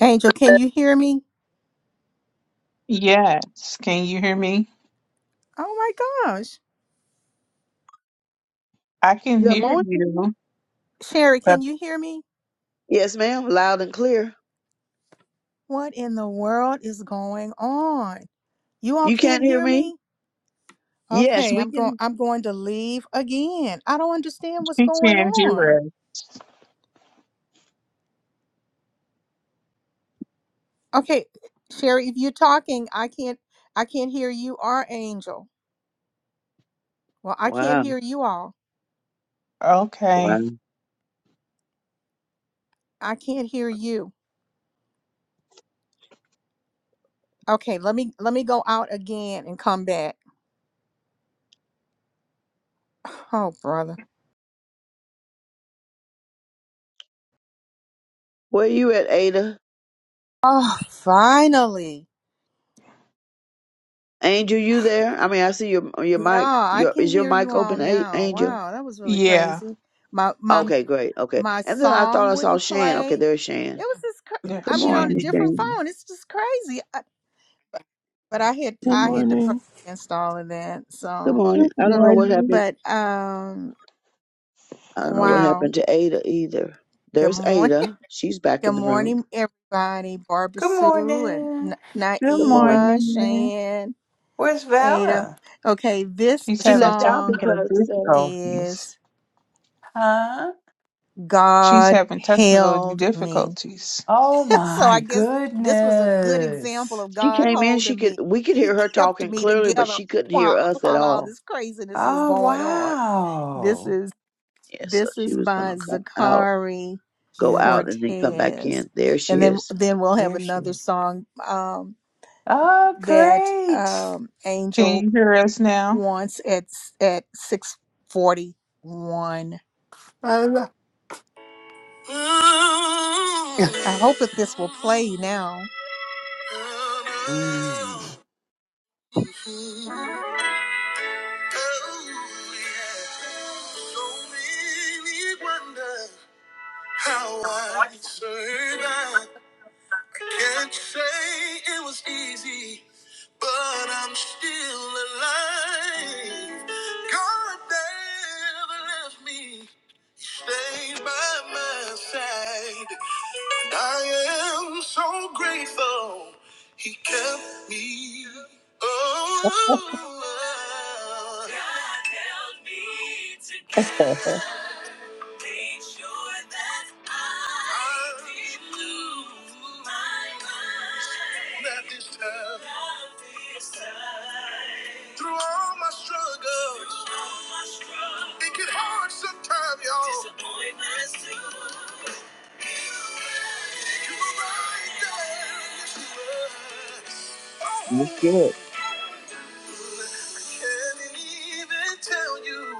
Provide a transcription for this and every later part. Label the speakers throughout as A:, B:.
A: Angel, can you hear me?
B: Yes, can you hear me?
A: Oh my gosh.
B: I can
C: Good
B: hear
C: morning.
B: you,
A: Sherry,
B: but
A: can you hear me?
C: Yes, ma'am. Loud and clear.
A: What in the world is going on? You all
C: You can't
A: can't
C: hear
A: hear
C: me?
A: me?
C: Yes,
A: Okay,
B: she,
C: we
A: I'm going
C: can.
A: I'm going to leave again. I don't understand what's
B: she
A: going
B: can't
A: on.
B: hear us.
A: Okay, Sherry, if you're talking, I can't I can't hear you or Angel. Well, I can't
C: Wow.
A: hear you all.
C: Wow.
B: Okay,
A: I can't hear you. Okay, let me let me go out again and come back. Oh, brother.
C: Where you at, Ada?
A: Oh, finally.
C: Angel, you there? I mean, I see your your
A: Yeah,
C: mic.
A: I
C: Your
A: can
C: is your
A: hear you
C: mic
A: all
C: open, A-
A: now.
C: Angel?
A: Wow, that was really
B: yeah,
A: crazy. My my
C: Okay, great. Okay.
A: my
C: And then I thought
A: song
C: I saw
A: wouldn't
C: Shan. Okay,
A: play.
C: there's
A: It
C: Shan.
A: was just cra-
B: yeah,
C: Good
A: I
B: she.
A: mean on a
B: ain't-
C: morning,
B: hear
A: different
C: Shan.
B: you.
A: phone. It's just crazy. I, but I had
D: Good
A: I
C: Yeah.
A: had to pray
D: morning,
A: against all of that.
C: Good
A: So,
B: Good
C: morning. I don't know what
B: morning.
C: happened.
A: but um
C: I don't know what
A: wow.
C: happened to Ada either.
A: Good
C: There's
A: morning.
C: Ada. She's back
A: Good
C: in the room.
A: morning everybody. Barbara
E: Good
A: Sue and
E: morning.
A: Na-
B: Good
C: Good morning.
A: Naima,
B: morning.
A: Shan,
E: Where's
A: Ada.
E: Valor?
A: Okay, this
B: She's
C: She
B: having
C: left out
A: song
B: technical
C: because uh,
A: is
B: difficulties.
E: Huh?
B: She's
A: God
B: having technical
A: held me.
B: difficulties.
E: Oh
A: so I
E: my
A: guess this was a good example
E: goodness.
A: of
C: She
A: God
C: came in. She
A: holding
C: could
A: me.
C: we could hear
A: He
C: her
A: kept
C: talking
A: me
C: clearly, but
A: together
C: she couldn't hear
A: while
C: us at
A: while all
C: all.
A: this craziness was
E: Oh
A: going on. This
E: wow.
A: is
C: Yeah, so
A: this
C: she
A: is
C: was
A: by
C: gonna come out,
A: Zakari
C: go
E: Yeah, that-
C: out, and then come back
A: Cortez.
C: in. There
A: And
C: she
A: then
C: is.
A: then we'll have
E: there she
A: another
E: is.
A: song um
E: Oh
A: that
E: great.
A: um
B: Can
A: Angel
B: you hear us now?
A: wants at at 641.
E: I lo-
A: I hope that this will play now. Oh,
E: Mm.
A: no. Mhm. Oh, yeah. So many wonder how I survived. Can't say it was easy, but I'm still alive. God never left me, stayed by my side. I am so grateful he kept me. Oh, God made sure that I didn't lose my mind. Not this time. Not this time. Through all my struggles. Through all my struggles. It get hard sometimes, y'all. Disappointments too. You were right there. Yes, you were.
C: That's good.
A: Oh. I can't even tell you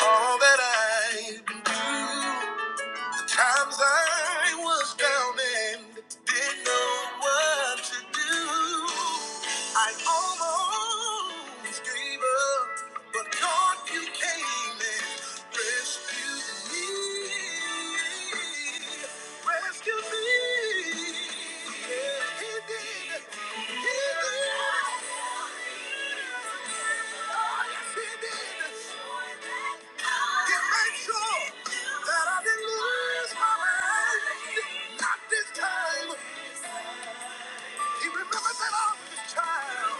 A: all that I've been through. The times I was down and didn't know what to do. I almost gave up, but God, you came and rescued me. Rescued me. That I didn't lose my mind. Not this time. He remembers that all of his child.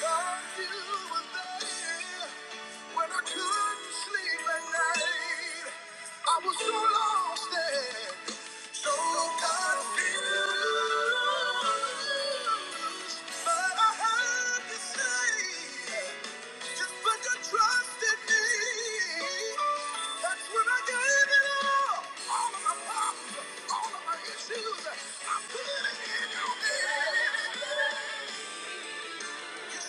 A: God, when I couldn't sleep at night. I was so lost and so confused. But I had to say, just put your trust in me. That's when I gave it all. All of my problems, all of my issues, I put it in your hands. Held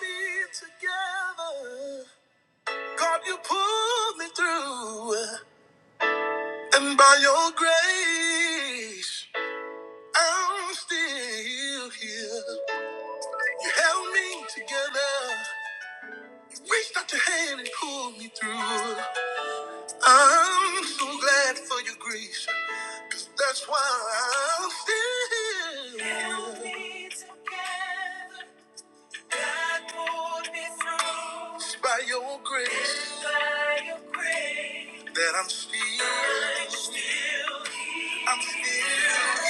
A: me together. God, you pulled me through, and by your grace, I'm still here. You held me together, you reached out your hand and pulled me through. I'm so glad for your grace. That's why I'm still. Held me together. God pulled me through. It's by your grace. It's by your grace. That I'm still. I'm still here. I'm still. here.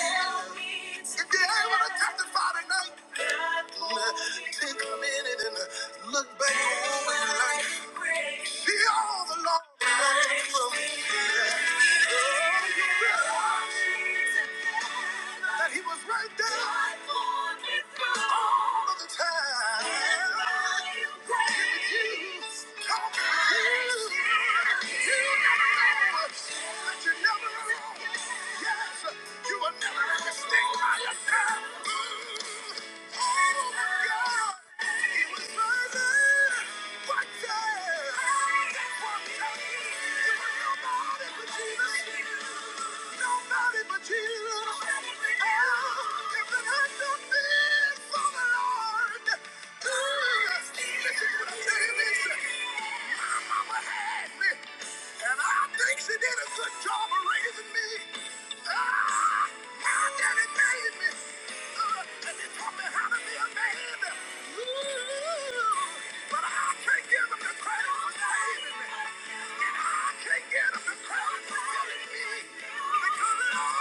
A: If you ain't gonna testify tonight. Take a minute and uh, look back over your life. See all the Lord brought you from. That He was right there all of the time. He with you, talking to you. You never know. but You never know. Yes. You will never let me by yourself. side. Ooh, oh my God, He was burning right there. That's why I'm telling you, there was nobody but Jesus. Nobody but Jesus. Oh, if it had not been for the Lord, ooh, listen to what I'm telling you. Listen. My mama had me, and I think she did a good job of raising me. God that it made me. Uh, and he taught me how to be a man. Ooh, but I can't give him the credit for saving me. And I can't give him the credit for killing me.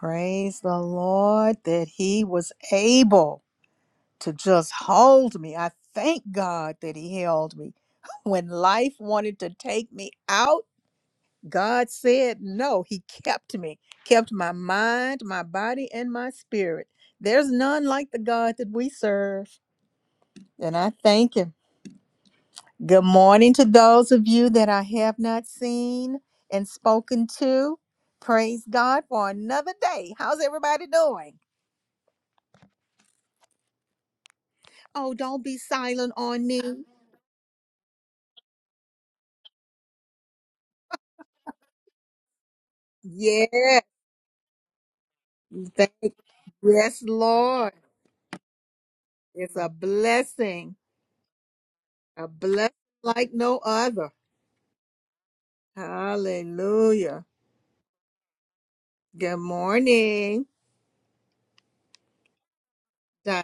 A: Praise the Lord that he was able to just hold me. I thank God that He held me. When life wanted to take me out, God said no. He kept me, kept my mind, my body, and my spirit. There's none like the God that we serve, and I thank Him. Good morning to those of you that I have not seen and spoken to. Praise God for another day. How's everybody doing? Oh, don't be silent on me. Yes, Thank yes, Lord. It's a blessing, a blessing like no other. Hallelujah. Good morning, Diane.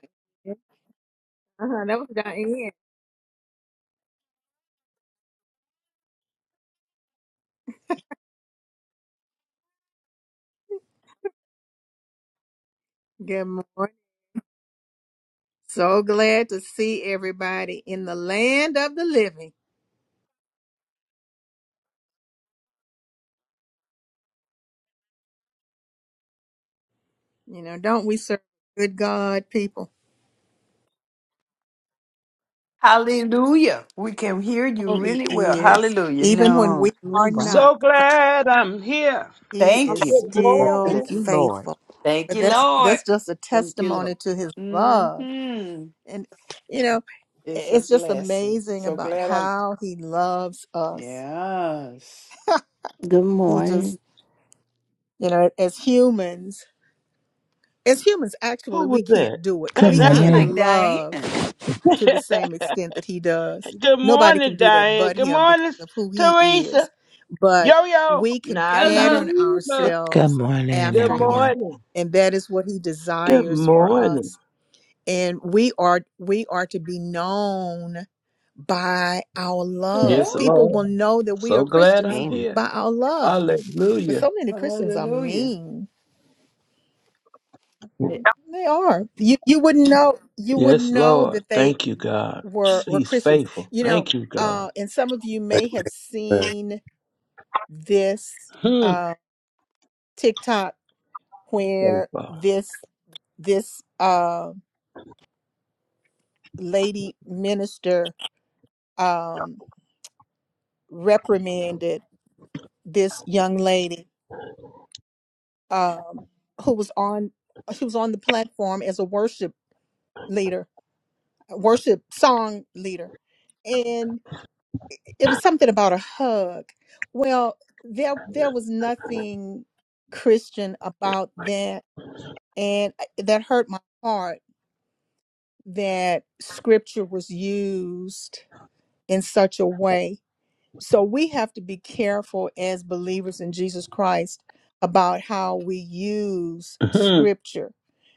A: Uh-huh, that was Diane. Good morning. So glad to see everybody in the land of the living. You know, don't we serve a good God, people?
E: Hallelujah. We can hear you
A: Oh, He
E: really well.
A: is.
E: Hallelujah.
A: Even when
E: No.
A: we are not,
F: So glad I'm here.
A: He
E: Thank
A: is
E: you.
F: Good
A: still
F: morning.
A: faithful.
E: Thank
A: But
E: you,
A: that's
E: Lord.
A: that's just a
E: Thank you,
A: testimony
E: Lord.
A: to His love
E: hmm
A: And, you know,
E: It's a
A: it's just
E: blessing.
A: amazing
E: So
A: about
E: glad I'm
A: how he loves us.
E: Yes.
G: Good
A: He
G: morning.
A: just, you know, as humans, as humans,
F: Who
A: actually,
F: was
A: we
F: that?
A: can't do it.
H: Good
E: It
A: We
F: that
E: sounds
A: can't
H: morning.
E: like
A: love
E: Diane.
A: to the
F: that's
A: same extent that he does.
F: Good
A: Nobody can
F: morning,
A: do that
F: Diane.
A: but
F: Good
A: him because
F: morning,
A: of who he
F: Teresa.
A: is. But
F: Yo yo.
A: we can
E: Your love.
A: pattern
F: Naiva.
H: Good
A: ourselves
H: morning,
F: Good
A: after
H: everyone.
A: him.
F: morning.
A: And that is what he
F: Good
A: desires for
F: morning.
A: us and we are we are to be known by our love
E: Yeah.
F: Yes,
A: people will
F: Lord.
A: know that we
F: So
A: are
F: glad
A: christians
F: I'm here.
A: by our love but
F: Hallelujah.
A: so many christians are
E: Hallelujah.
A: mean
E: It-
A: they are you you wouldn't know you wouldn't
F: Yes,
A: know
F: Lord.
A: that they
F: Thank you, God.
A: were were
F: He's
A: christians
F: faithful.
A: you know
F: Thank you, God.
A: uh and some of you may have
I: Amen.
A: seen this
F: Hmm.
A: uh tiktok where
F: Faithful.
A: this this uh lady minister um reprimanded this young lady um, who was on she was on the platform as a worship leader, a worship song leader, and it it was something about a hug. Well, there there was nothing Christian about that, and that hurt my heart that scripture was used in such a way so we have to be careful as believers in Jesus Christ about how we use
F: hmm
A: scripture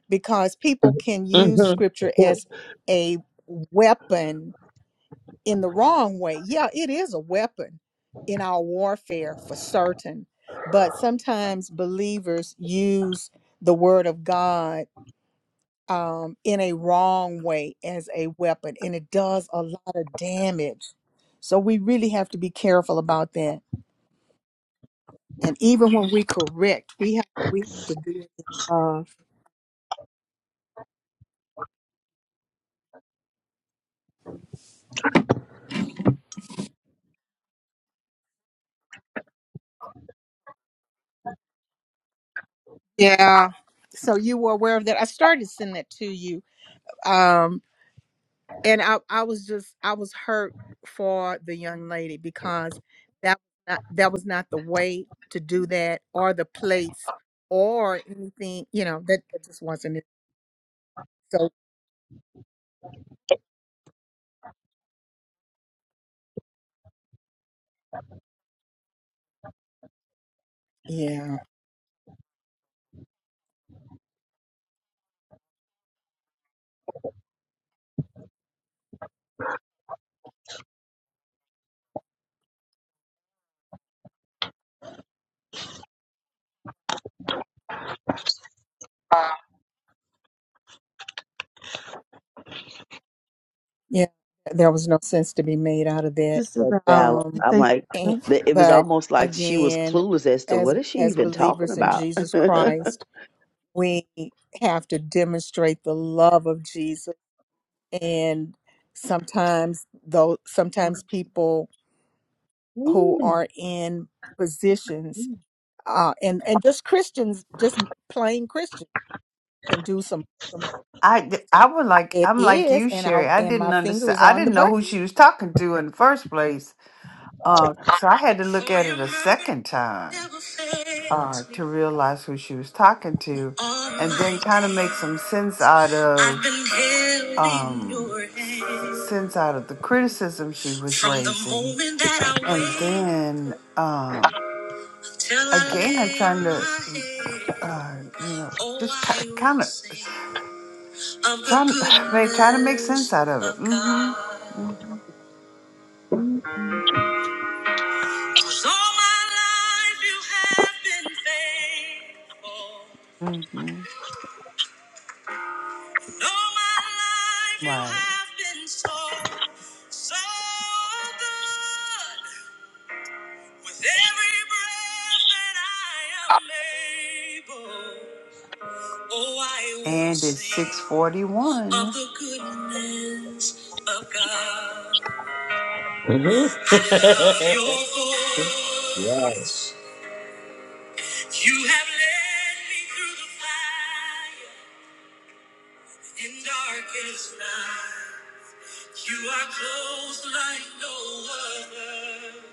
A: because people can use scripture
F: hmm
A: as a weapon in the wrong way. Yeah, it is a weapon in our warfare for certain, but sometimes believers use the word of God um, in a wrong way as a weapon, and it does a lot of damage. So we really have to be careful about that And even when we correct, we have we have to do it in love. Yeah. So you were aware of that. I started sending that to you. Um, and I, I was just I was hurt for the young lady because that not, that was not the way to do that or the place or anything, you know, that, that just wasn't it. So yeah. Yeah, there was no sense to be made out of that.
D: Sister
C: That
D: Val. Can
C: balance.
D: I
A: Um,
C: I'm
D: say
C: like,
A: and,
D: something?
C: the- it was
A: but
C: almost like she was
A: again,
C: clueless as to
A: as
C: what is she
A: as
C: even talking
A: believers in
C: about.
A: Jesus Christ, we have to demonstrate the love of Jesus. And sometimes, though, sometimes people who
C: Mm.
A: are in positions,
C: Amen.
A: uh, and and just Christians, just plain Christians, can do some. some-
E: I, I would like
A: It
E: I'm like
A: is,
E: you,
A: and I
E: Sherry. I
A: and my
E: didn't
A: finger
E: understand.
A: is
E: I
A: on the
E: didn't know who
A: button.
E: she was talking to in the first place. Uh, so I had to look at it a second time
A: never
E: uh,
A: fails me.
E: to realize who she was talking to,
A: All
E: and
A: my
E: then kind of make some sense
A: days,
E: out
A: I've
E: of
A: been held in
E: um
A: your
E: s-
A: hand.
E: sense out of the criticism she was
A: From the
E: raising,
A: moment that I
E: and then
A: wake up
E: um,
A: till I
E: again, I'm
A: lay
E: trying to,
A: my
E: uh,
A: head,
E: you know, just
A: oh,
E: kind of
A: I will sing of the
E: trying, make, trying to make sense
A: goodness
E: out of it.
A: of
E: Mm-hmm.
A: God.
E: Mm-hmm.
A: 'Cause all my life you have been faithful.
E: Mm-hmm.
A: All my life you
E: Right.
A: have been so, so good. With every breath that I am able, oh, I will
E: And it's
A: sing
E: six forty
A: of
E: one.
A: the goodness of God. I love
F: hmm
A: your
F: Yeah,
A: voice. You have led me through the fire and darkest night. You are close like no other.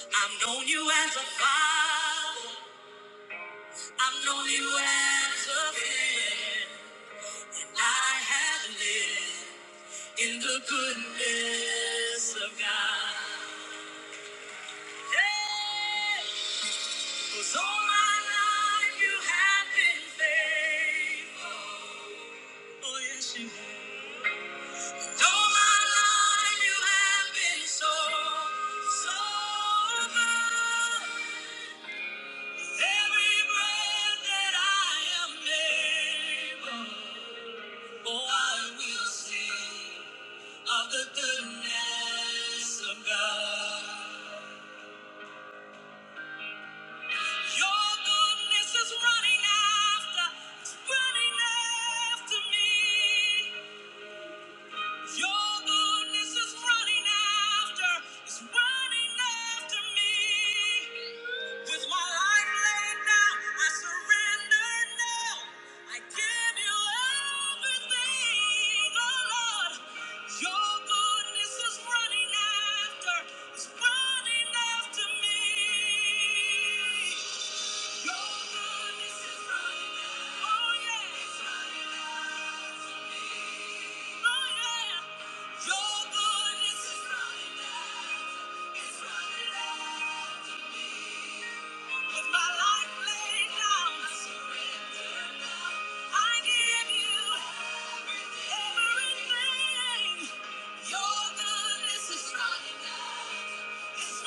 A: I've known you as a father. I've known you as a friend. And I have lived in the goodness of God. Yeah. 'Cause all my life you have been faithful. Oh, yes, you have. Though my life you have been so, so good. Every breath that I am able, oh, I will sing of the goodness of God. Your goodness is running after, it's running after me. Your goodness is running after, is running after me. With my life laid down, I surrender now. I give you everything, oh Lord. Your goodness is running after, is running after me. It's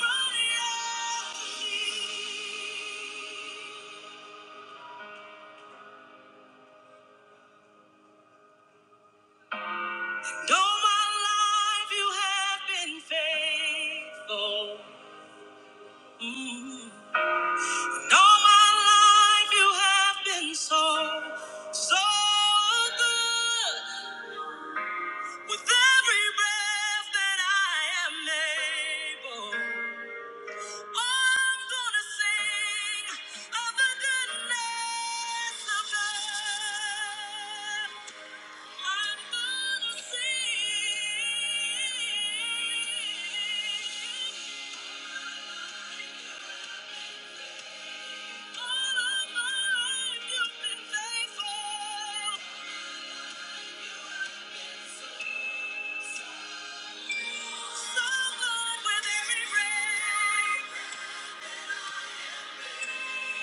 A: running out of me. all my life you have been faithful. Mm. all my life you have been so, so good. With every breath that I am able. Thank you.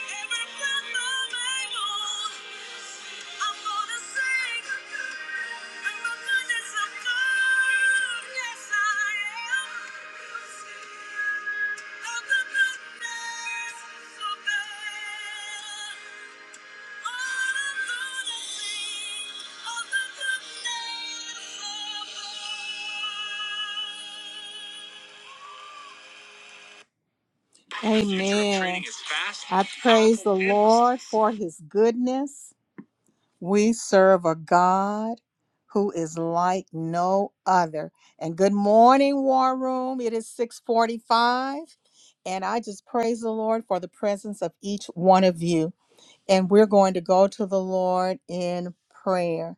A: Thank you. Amen. I praise the Lord for his goodness. We serve a God who is like no other. And good morning, War Room. It is 645. And I just praise the Lord for the presence of each one of you. And we're going to go to the Lord in prayer.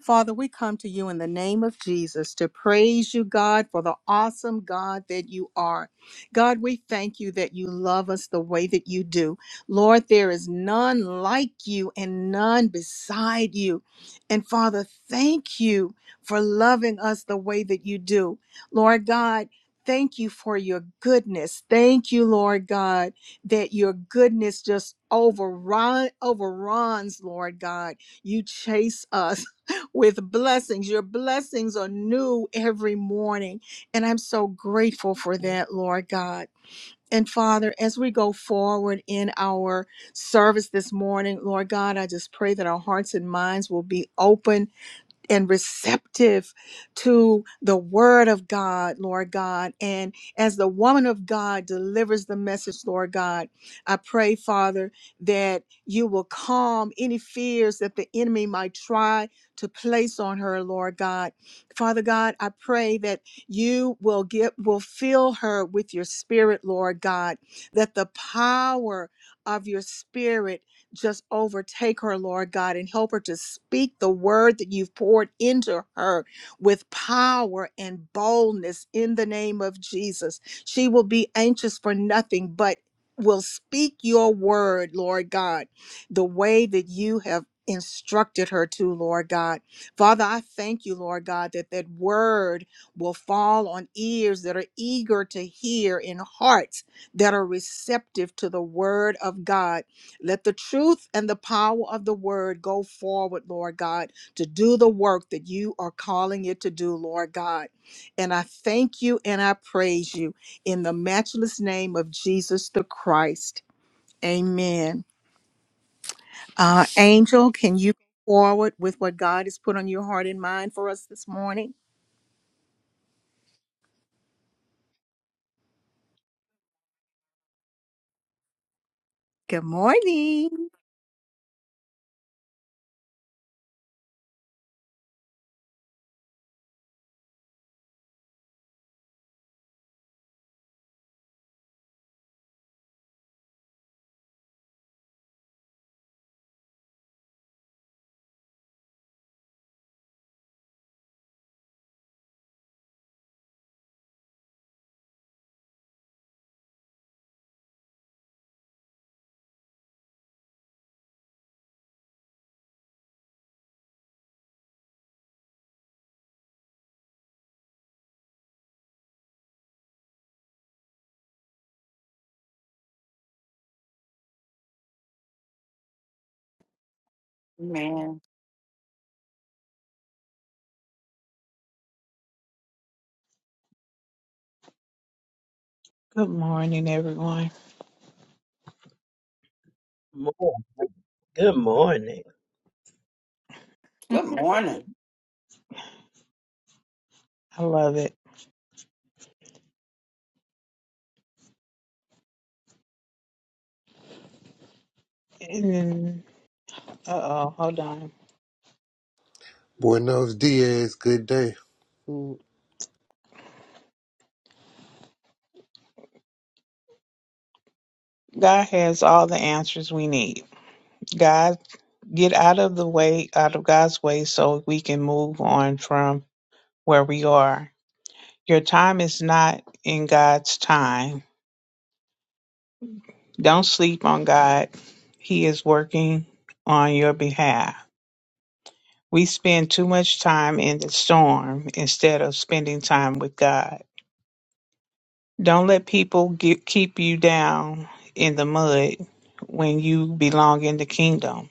A: Father, we come to you in the name of Jesus to praise you, God, for the awesome God that you are. God, we thank you that you love us the way that you do. Lord, there is none like you and none beside you. And Father, thank you for loving us the way that you do. Lord God, Thank you for your goodness. Thank you, Lord God, that your goodness just overrun, overruns, Lord God. You chase us with blessings. Your blessings are new every morning. And I'm so grateful for that, Lord God. And Father, as we go forward in our service this morning, Lord God, I just pray that our hearts and minds will be open and receptive to the word of God, Lord God. And as the woman of God delivers the message, Lord God, I pray, Father, that you will calm any fears that the enemy might try to place on her, Lord God. Father God, I pray that you will get will fill her with your spirit, Lord God, that the power of your spirit just overtake her, Lord God, and help her to speak the word that you've poured into her with power and boldness in the name of Jesus. She will be anxious for nothing, but will speak your word, Lord God, the way that you have instructed her to, Lord God. Father, I thank you, Lord God, that that word will fall on ears that are eager to hear and hearts that are receptive to the word of God let the truth and the power of the word go forward, Lord God, to do the work that you are calling it to do, Lord God. And I thank you and I praise you in the matchless name of Jesus the Christ. Amen. Uh, Angel, can you go forward with what God has put on your heart and mind for us this morning? Good morning.
E: Man,
B: Good morning, everyone.
F: Mo- Good morning.
E: good morning.
B: I love it. And then, uh oh, hold on.
I: Buenos dias. Good day. Mm.
B: God has all the answers we need. God. get out of the way, out of God's way, so we can move on from where we are. Your time is not in God's time. Don't sleep on God, He is working on your behalf. We spend too much time in the storm instead of spending time with God. Don't let people get, keep you down in the mud when you belong in the kingdom.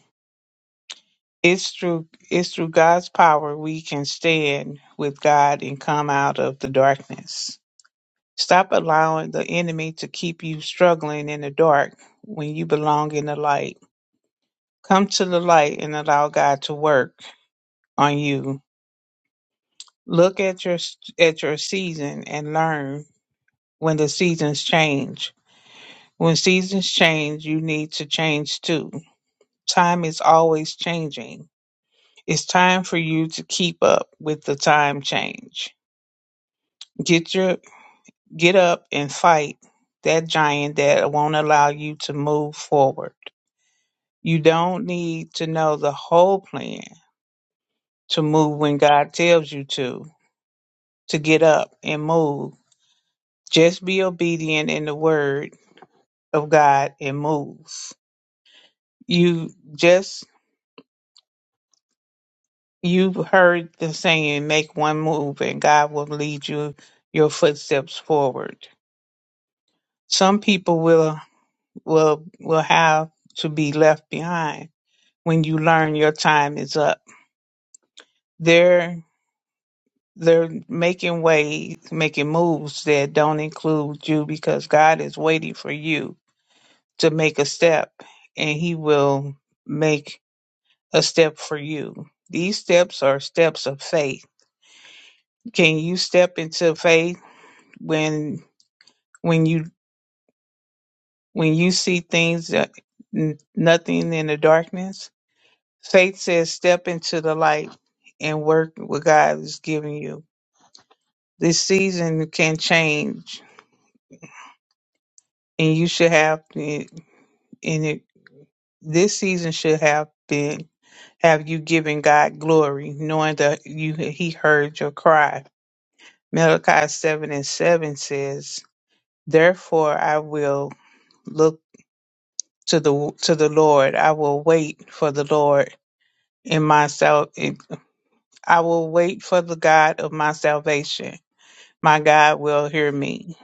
B: It's through it's through God's power we can stand with God and come out of the darkness. Stop allowing the enemy to keep you struggling in the dark when you belong in the light. Come to the light and allow God to work on you. Look at your at your season and learn when the seasons change. When seasons change, you need to change too. Time is always changing. It's time for you to keep up with the time change. Get your get up and fight that giant that won't allow you to move forward. You don't need to know the whole plan to move when God tells you to, to get up and move. Just be obedient in the word of God and move. You just you've heard the saying, make one move and God will lead you your footsteps forward. Some people will will will have to be left behind when you learn your time is up. They're they're making ways, making moves that don't include you because God is waiting for you to make a step and he will make a step for you. These steps are steps of faith. Can you step into faith when when you when you see things that n- nothing in the darkness? Faith says step into the light and work what God is giving you This season can change, and you should have and it, this season should have been have you giving God glory, knowing that you He heard your cry. Malachi seven and seven says, "Therefore I will look to the to the Lord. I will wait for the Lord in my sal- in- I will wait for the God of my salvation. My God will hear me."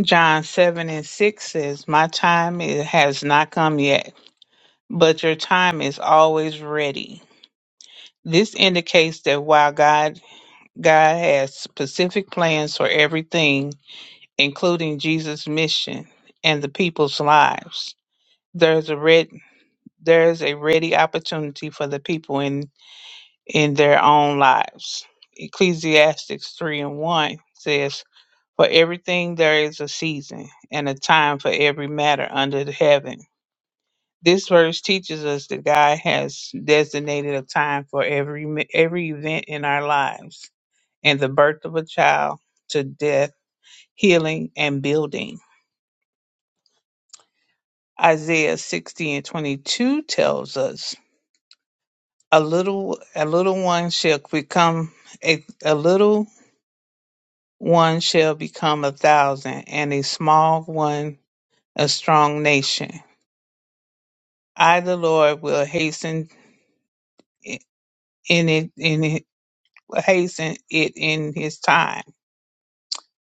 B: John 7 and 6 says, My time it has not come yet. but your time is always ready. This indicates that while God God has specific plans for everything, including Jesus' mission and the people's lives, there's a red there's a ready opportunity for the people in in their own lives. Ecclesiastics three and one says, For everything there is a season and a time for every matter under the heaven This verse teaches us that God has designated a time for every mi- every event in our lives, and the birth of a child to death, healing, and building. Isaiah 60 and 22 tells us, "A little a little one shall become a, a little one shall become a thousand, and a small one a strong nation. I, the Lord, will hasten i- in it in it, hasten it in His time."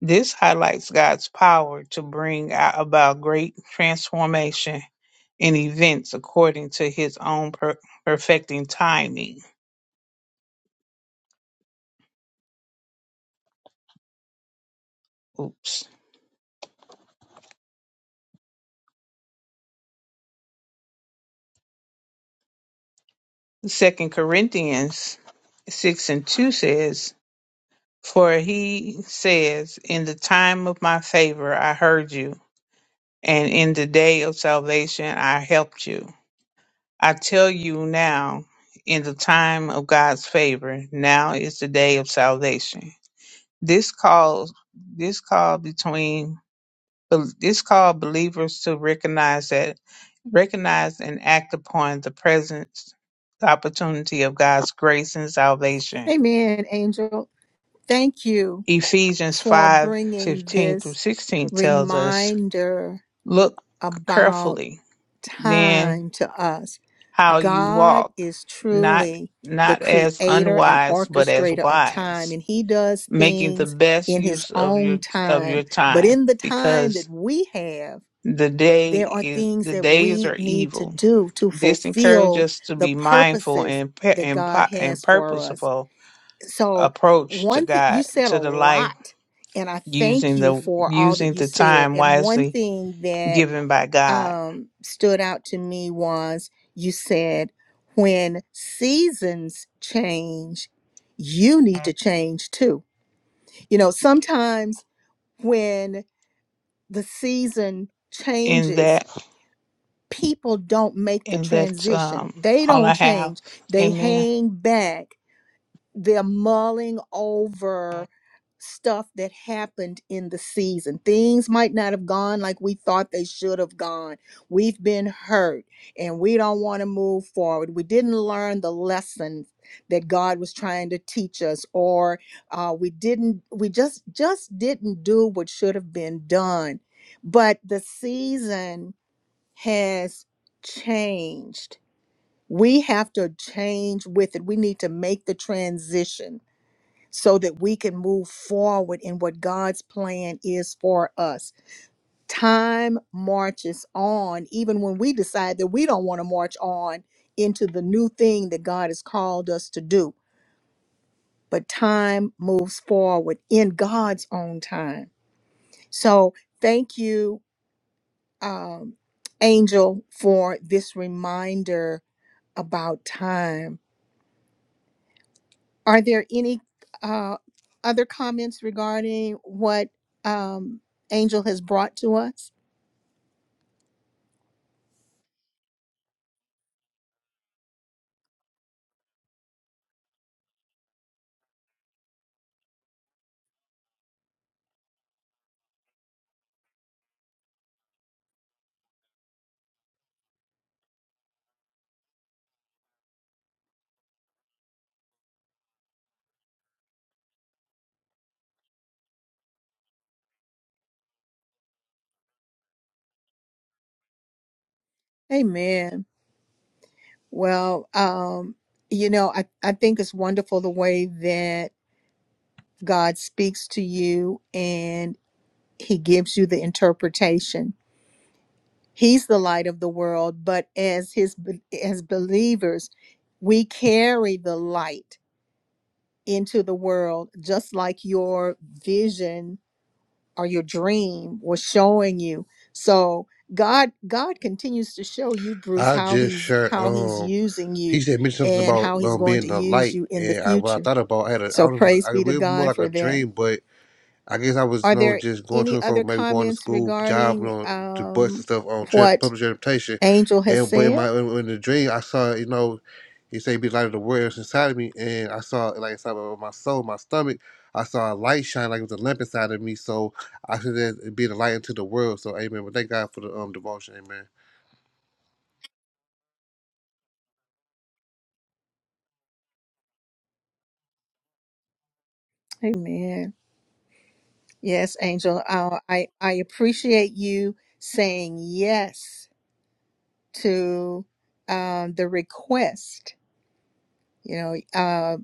B: This highlights God's power to bring a- about great transformation in events according to his own per- perfecting timing. Oops. Second Corinthians 6 and 2 says, For he says, In the time of my favor I heard you, and in the day of salvation I helped you. I tell you now, in the time of God's favor, now is the day of salvation. This calls this call between this call believers to recognize that recognize and act upon the presence the opportunity of God's grace and salvation.
A: Amen, Angel. Thank you
B: Ephesians
A: for
B: five
A: bringing
B: fifteen through
A: this
B: 16 tells us,
A: reminder
B: Look
A: about
B: carefully then
A: time to us.
B: how you
A: God
B: walk,
A: is
B: not
A: truly the
B: not as
A: creator and
B: unwise, but as
A: orchestrator of time,
B: wise,
A: and He does
B: making the
A: things
B: best
A: in His
B: use of your
A: own
B: of your
A: time. But
B: time,
A: in the time
B: because
A: that we have,
B: The day
A: there are
B: is
A: things
B: the
A: that
B: days
A: we
B: are
A: need to
B: evil.
A: do to
B: This encourages
A: fulfill
B: us to
A: the
B: be mindful
A: purposes
B: and pe-
A: that
B: and
A: God
B: po- and
A: has for us.
B: purposeful
A: So,
B: approach to
A: one thing
B: God
A: you said a
B: to the life
A: lot, and I thank
B: using
A: you
B: the
A: for all that
B: using
A: you
B: the
A: said.
B: time
A: And one
B: wisely
A: thing that
B: given by God.
A: um, stood out to me was you said, when seasons change, you need to change too. You know, sometimes when the season
B: In
A: changes,
B: that
A: people don't make the
B: in that
A: transition,
B: um
A: they
B: all I
A: don't
B: have.
A: change, they
B: Amen.
A: hang back they're mulling over stuff that happened in the season. Things might not have gone like we thought they should have gone. We've been hurt and we don't want to move forward. We didn't learn the lesson that God was trying to teach us or uh, we didn't we just just didn't do what should have been done. But the season has changed. We have to change with it. We need to make the transition so that we can move forward in what God's plan is for us. Time marches on, even when we decide that we don't want to march on into the new thing that God has called us to do. But time moves forward in God's own time. So thank you, um, Angel, for this reminder about time Are there any uh, other comments regarding what um, Angel has brought to us? Amen. Well, um, you know, I, I think it's wonderful the way that God speaks to you and he gives you the interpretation. He's the light of the world, but as his as believers, we carry the light into the world just like your vision or your dream was showing you so god god continues to show you bruce
I: I
A: how
I: just
A: he's
I: shared.
A: how he's
I: Um,
A: using
I: he
A: you
I: said mentioned something
A: and
I: about
A: how he's
I: um
A: going to
I: being a
A: use
I: light,
A: you in the
I: and I, what I
A: future
I: thought about, I had a, I
A: so
I: don't know, if it was-
A: praise
I: I, it
A: be to
I: was more
A: god
I: like a
A: for that
I: dream, but I guess I was
A: are
I: you know
A: there
I: just going to
A: any
I: and fro,
A: other
I: maybe going to
A: comments
I: school, job, you
A: regarding
I: know, to books and
A: um
I: stuff on trip,
A: what
I: public transportation,
A: angel has
I: and but in
A: said
I: my in, in the dream I saw you know, he said be light of the world inside of me, and I saw like inside of my soul, my stomach, I saw a light shine like it was a lamp inside of me, so I should then be the light into the world. So amen. But thank God for the um devotion, amen.
A: amen yes angel uh, i i appreciate you saying yes to um the request you know uh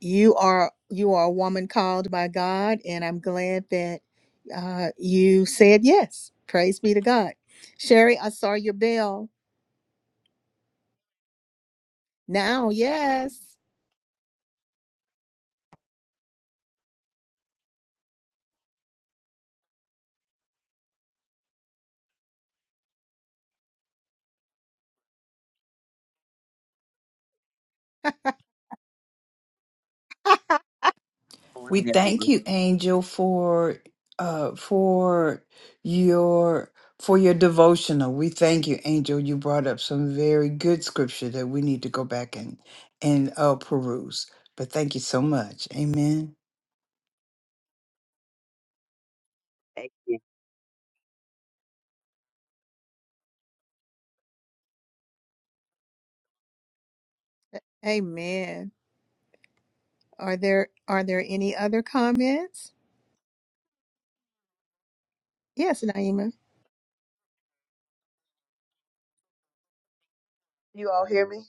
A: you are you are a woman called by god and i'm glad that uh you said yes praise be to god sherry i saw your bell now yes
E: We thank you, Angel, for uh for your for your devotional. We thank you, Angel. You brought up some very good scripture that we need to go back and and uh peruse. But thank you so much. Amen.
C: You
A: amen are there are there any other comments yes naima
C: You all hear me?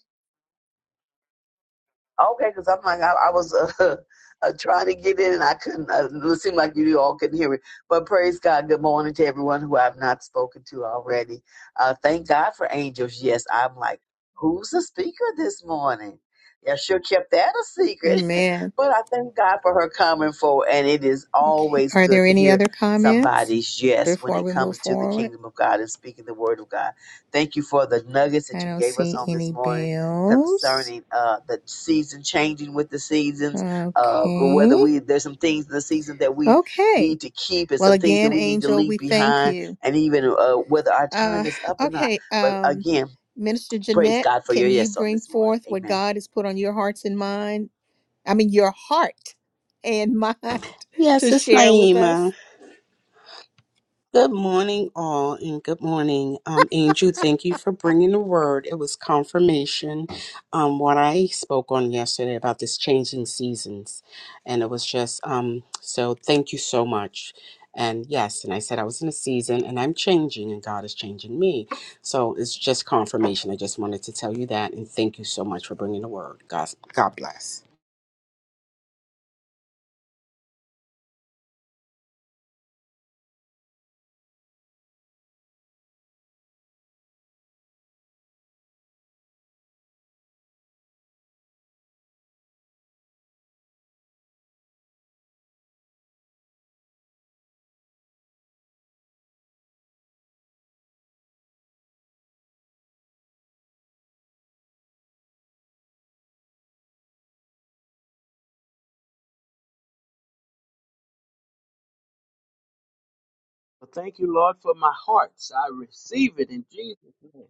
C: Okay, because I'm like, I, I was uh, uh, trying to get in and I couldn't. Uh, it seemed like you all couldn't hear me. But praise God. Good morning to everyone who I've not spoken to already. Uh, thank God for angels. Yes, I'm like, who's the speaker this morning? Yeah, sure kept that a secret.
A: amen
C: but I thank God for her coming forward. And it is
A: okay
C: always
A: are
C: good
A: there
C: to
A: any
C: hear
A: other comments
C: somebody's yes when
A: before
C: it
A: we move
C: comes to the
A: forward
C: kingdom of God and speaking the word of God. Thank you for the nuggets that
A: i
C: you
A: don't
C: gave us
A: see
C: on this
A: any
C: morning
A: bells
C: concerning uh, the season changing with the seasons, uh, or whether
A: okay
C: we there's some things in the season that we
A: okay
C: need to keep and
A: Well,
C: some things that
A: again,
C: we need to
A: Angel,
C: leave
A: we thank
C: behind,
A: you.
C: and even uh, whether our
A: Uh,
C: time is up or not.
A: okay,
C: But
A: um,
C: again,
A: Minister
C: praise
A: Jeanette,
C: God for your
A: can you
C: yes on
A: bring
C: this morning.
A: forth what
C: Amen.
A: God has put on your hearts and mind? I mean, your heart and mind
J: Yes,
A: to
J: it's
A: share with
J: Naima.
A: us?
J: Good morning, all, and good morning.
F: Well, thank you, Lord, for my hearts. I receive it in Jesus' name.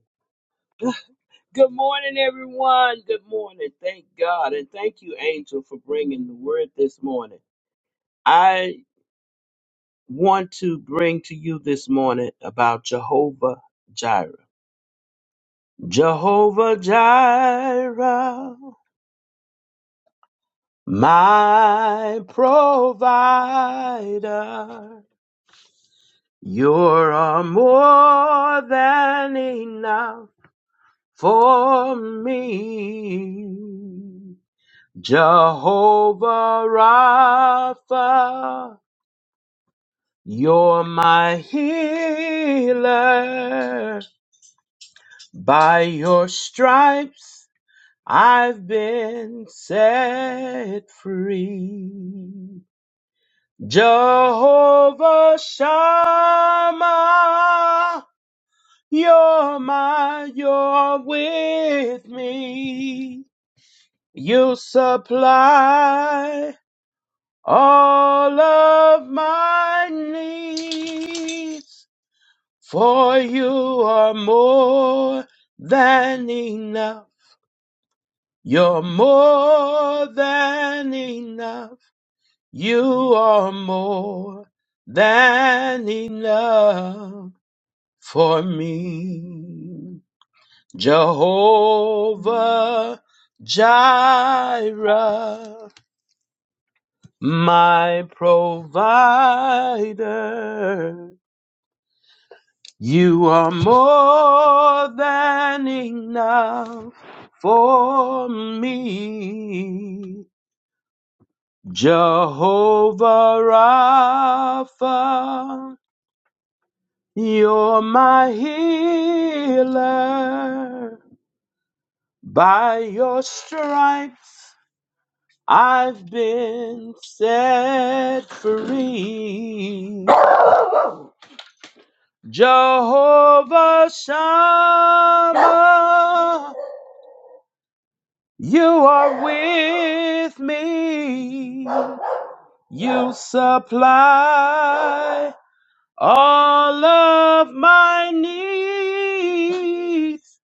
F: Good morning, everyone. Good morning. Thank God. And thank you, Angel, for bringing the word this morning. I want to bring to you this morning about Jehovah Jireh. Jehovah Jireh, my provider. You're more than enough. for me. Jehovah Rapha, you're my healer. By your stripes, I've been set free. Jehovah Shammah, you're my, you're with me. You supply all of my needs, for you are more than enough. You're more than enough. You are more than enough for me. Jehovah Jireh. my provider. You are more than enough for me. Jehovah Rapha, you're my healer. By your stripes, I've been set free. Jehovah Shammah, you are with me. You supply all of my needs,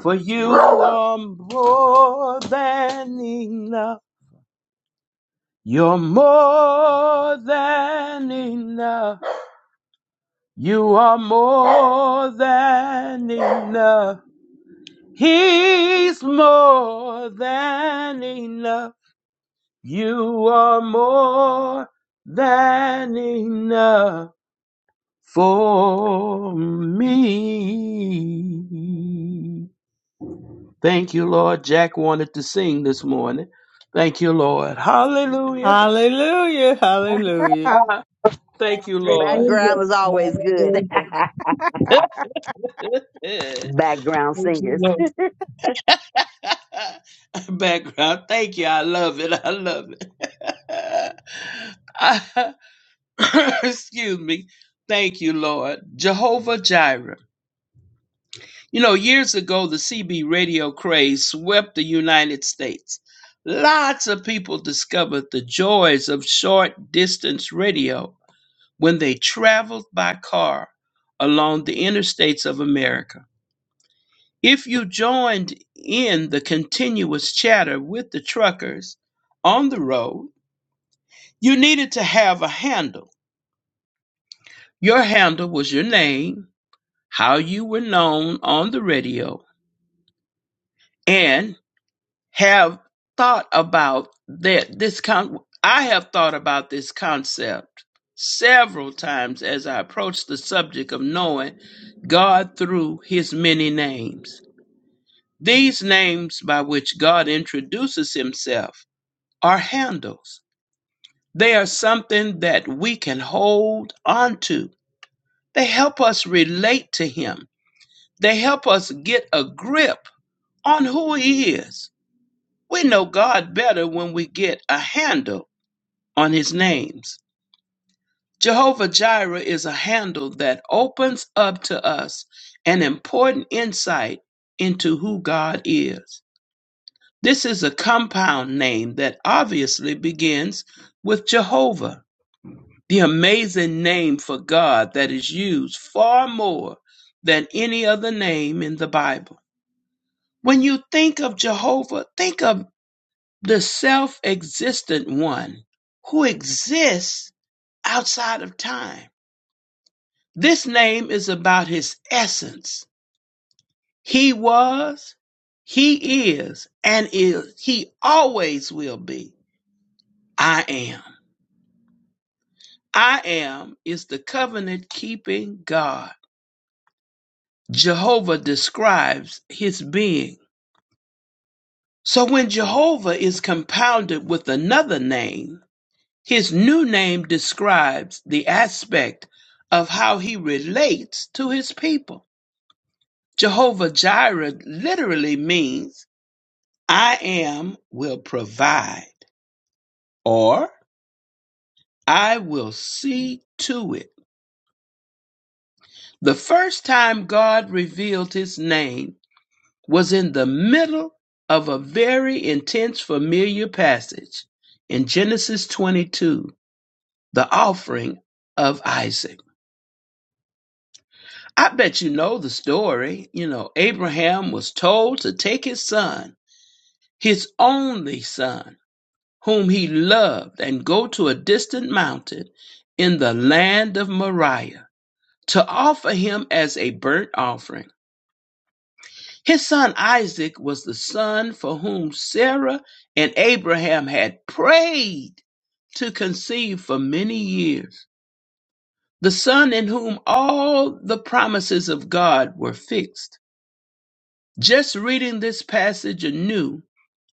F: for you are more than enough. You're more than enough. You are more than enough. He's more than enough. You are more than enough for me. Thank you, Lord. Jack wanted to sing this morning. Thank you, Lord. Hallelujah.
E: Hallelujah. Hallelujah.
A: All
F: Ah, Thank you, Lord.
C: Background
K: Hallelujah.
C: is always good.
K: Hallelujah.
F: Thank
C: Background
F: you,
C: singers.
F: Lord. Background. Thank you. I love it. I love it. Excuse me. Thank you, Lord. Jehovah Jireh. You know, years ago, the CB radio craze swept the United States. Lots of people discovered the joys of short distance radio when they traveled by car along the interstates of America. If you joined in the continuous chatter with the truckers on the road, you needed to have a handle. Your handle was your name how you were known on the radio and have thought about that this con I have thought about this concept several times as I approach the subject of knowing God through his many names. These names by which God introduces himself are handles. They are something that we can hold onto. They help us relate to him. They help us get a grip on who he is. We know God better when we get a handle on his names. Jehovah Jireh is a handle that opens up to us an important insight into who God is. This is a compound name that obviously begins with Jehovah, the amazing name for God that is used far more than any other name in the Bible. When you think of Jehovah, think of the self existent one who exists outside of time. This name is about his essence. He was, he is, and is, he always will be. I am. I am is the covenant keeping God. Jehovah describes his being. So when Jehovah is compounded with another name, His new name describes the aspect of how he relates to his people. Jehovah Jireh literally means, I am will provide, or I will see to it. The first time God revealed his name was in the middle of a very intense familiar passage in Genesis 22, the offering of Isaac. I bet you know the story. You know, Abraham was told to take his son, his only son, whom he loved, and go to a distant mountain in the land of Moriah to offer him as a burnt offering. His son Isaac was the son for whom Sarah and Abraham had prayed to conceive for many years, the son in whom all the promises of God were fixed. Just reading this passage anew,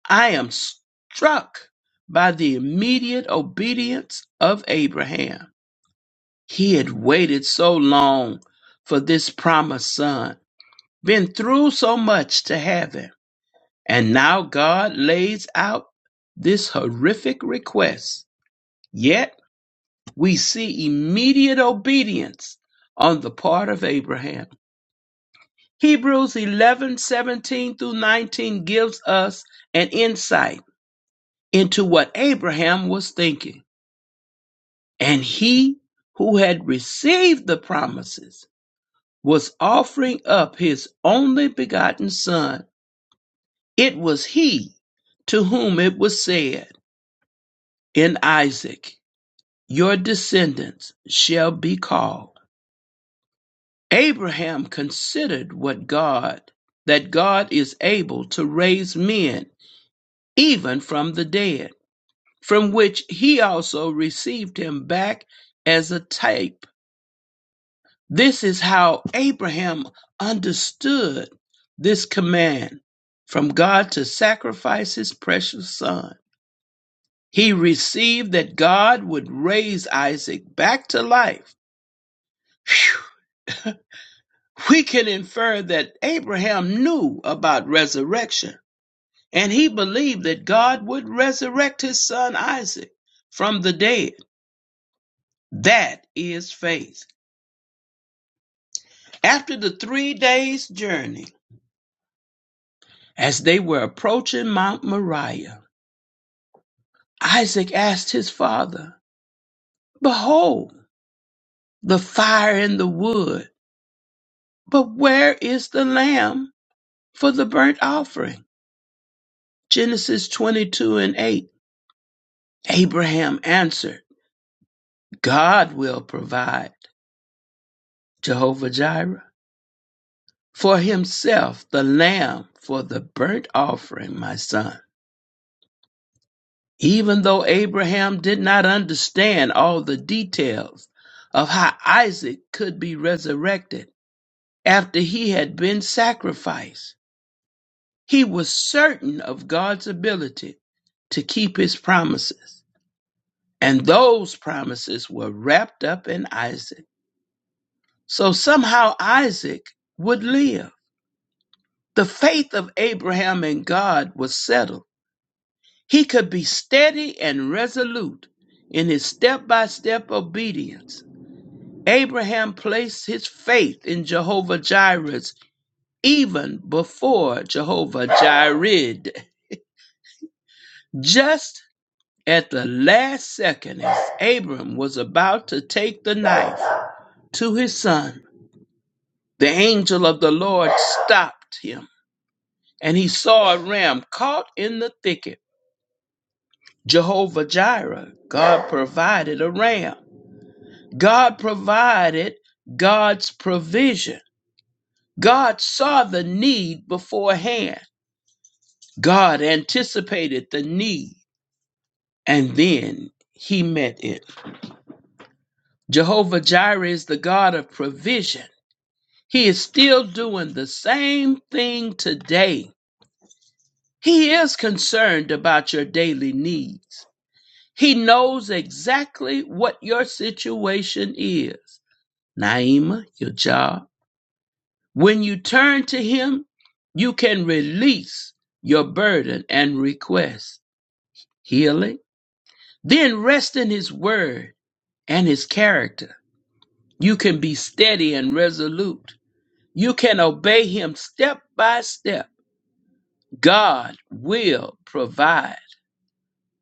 F: I am struck by the immediate obedience of Abraham. He had waited so long for this promised son, been through so much to have him, and now God lays out this horrific request. Yet we see immediate obedience on the part of Abraham. Hebrews 11 17 through 19 gives us an insight into what Abraham was thinking. And he who had received the promises was offering up his only begotten son. It was he to whom it was said in Isaac, Your descendants shall be called. Abraham considered what God, that God is able to raise men even from the dead, from which he also received him back as a type This is how Abraham understood this command from God to sacrifice his precious son. He received that God would raise Isaac back to life. Phew. We can infer that Abraham knew about resurrection, and he believed that God would resurrect his son Isaac from the dead. That is faith. After the three days' journey, as they were approaching Mount Moriah, Isaac asked his father, Behold, the fire and the wood, but where is the lamb for the burnt offering? Genesis 22 and 8. Abraham answered, God will provide, Jehovah Jireh, for himself the lamb for the burnt offering, my son. Even though Abraham did not understand all the details of how Isaac could be resurrected after he had been sacrificed, He was certain of God's ability to keep his promises. And those promises were wrapped up in Isaac. So somehow Isaac would live. The faith of Abraham in God was settled. He could be steady and resolute in his step by step obedience. Abraham placed his faith in Jehovah Jireh even before Jehovah Jireh, just At the last second, as Abram was about to take the knife to his son, the angel of the Lord stopped him, and he saw a ram caught in the thicket. Jehovah Jireh, God provided a ram. God provided God's provision. God saw the need beforehand. God anticipated the need, and then he met it. Jehovah Jireh is the God of provision. He is still doing the same thing today. He is concerned about your daily needs. He knows exactly what your situation is. Naima, your job. When you turn to Him, you can release your burden and request healing. Then rest in His word and His character. You can be steady and resolute. You can obey Him step by step God will provide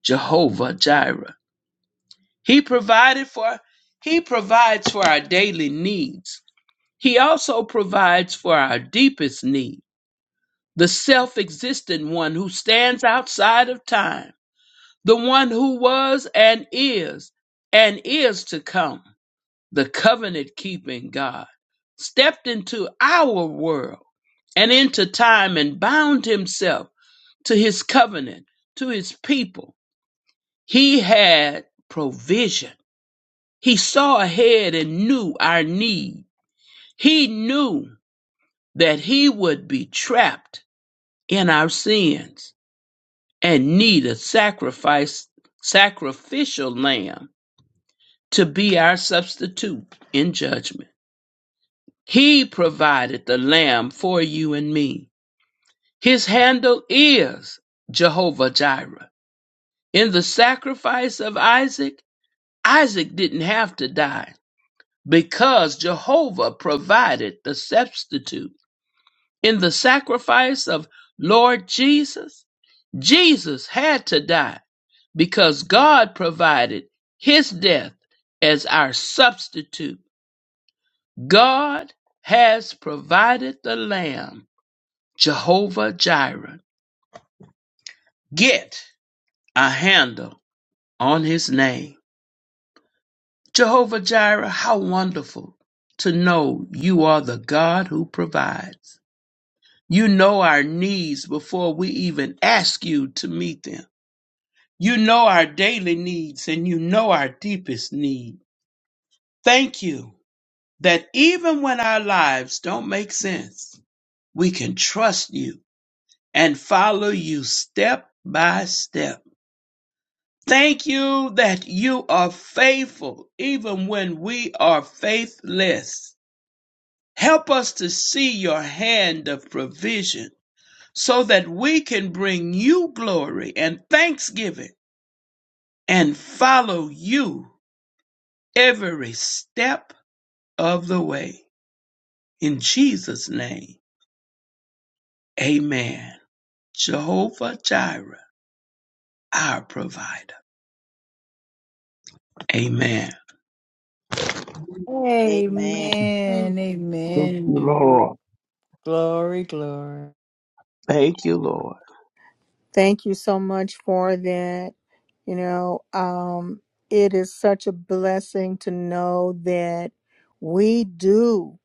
F: Jehovah Jireh. He provided for he provides for our daily needs. He also provides for our deepest need, the self-existent one who stands outside of time, the one who was and is and is to come, the covenant-keeping God stepped into our world and into time and bound himself to his covenant, to his people He had provision. He saw ahead and knew our need. He knew that he would be trapped in our sins and need a sacrifice, sacrificial lamb to be our substitute in judgment. He provided the lamb for you and me. His handle is Jehovah Jireh. In the sacrifice of Isaac, Isaac didn't have to die. because Jehovah provided the substitute. In the sacrifice of Lord Jesus, Jesus had to die because God provided his death as our substitute. God has provided the Lamb, Jehovah Jireh. Get a handle on his name. Jehovah Jireh, how wonderful to know you are the God who provides. You know our needs before we even ask you to meet them. You know our daily needs and you know our deepest need. Thank you that even when our lives don't make sense, we can trust you and follow you step by step. Thank you that you are faithful even when we are faithless. Help us to see your hand of provision so that we can bring you glory and thanksgiving and follow you every step of the way. In Jesus' name, amen. Jehovah Jireh, our provider. Amen.
K: Hallelujah. Amen.
A: right.
E: Amen.
F: Thank you,
E: Amen.
F: Lord.
E: Glory, glory.
F: Thank you, Lord.
A: Thank you so much for that. You know, um, it is such a blessing to know that we do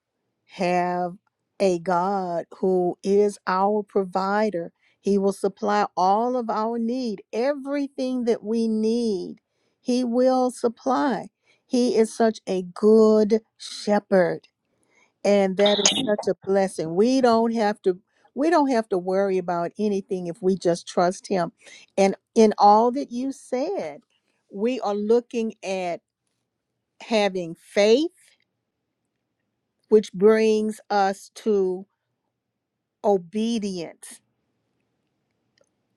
A: have a God who is our provider. He will supply all of our need, everything that we need, He will supply. He is such a good shepherd and that is such a blessing we don't have to we don't have to worry about anything if we just trust him and in all that you said we are looking at having faith which brings us to obedience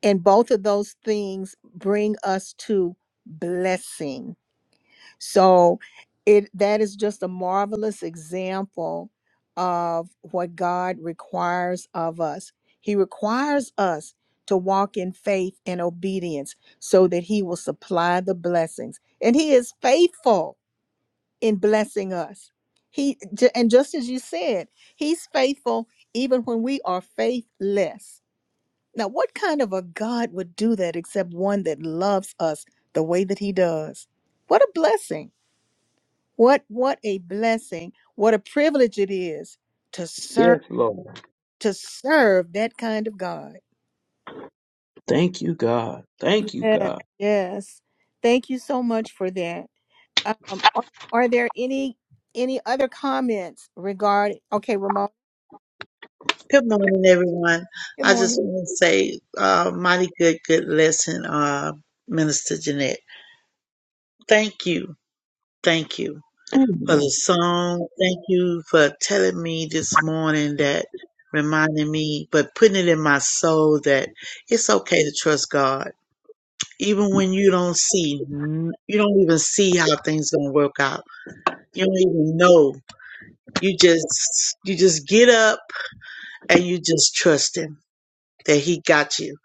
A: and both of those things bring us to blessing So it that is just a marvelous example of what God requires of us. He requires us to walk in faith and obedience so that he will supply the blessings. And he is faithful in blessing us. He ju- and just as you said, he's faithful even when we are faithless. Now, what kind of a God would do that except one that loves us the way that he does? What a blessing. What what a blessing. What a privilege it is to serve
F: Yes, Lord.
A: to serve that kind of God.
F: Thank you, God. Thank you,
A: Yes,
F: God.
A: yes. Thank you so much for that. Um, are, are there any any other comments regarding okay, Ramon,
K: Good morning, everyone.
A: good
K: I just
A: morning.
K: want to say, uh, mighty good, good lesson, uh, Minister Jeanette. Thank you. Thank you for the
F: Amen.
K: song. Thank you for telling me this morning that reminding me, but putting it in my soul that it's okay to trust God. Even when you don't see, you don't even see how things going to work out. You don't even know You just you just get up and you just trust him that he got you.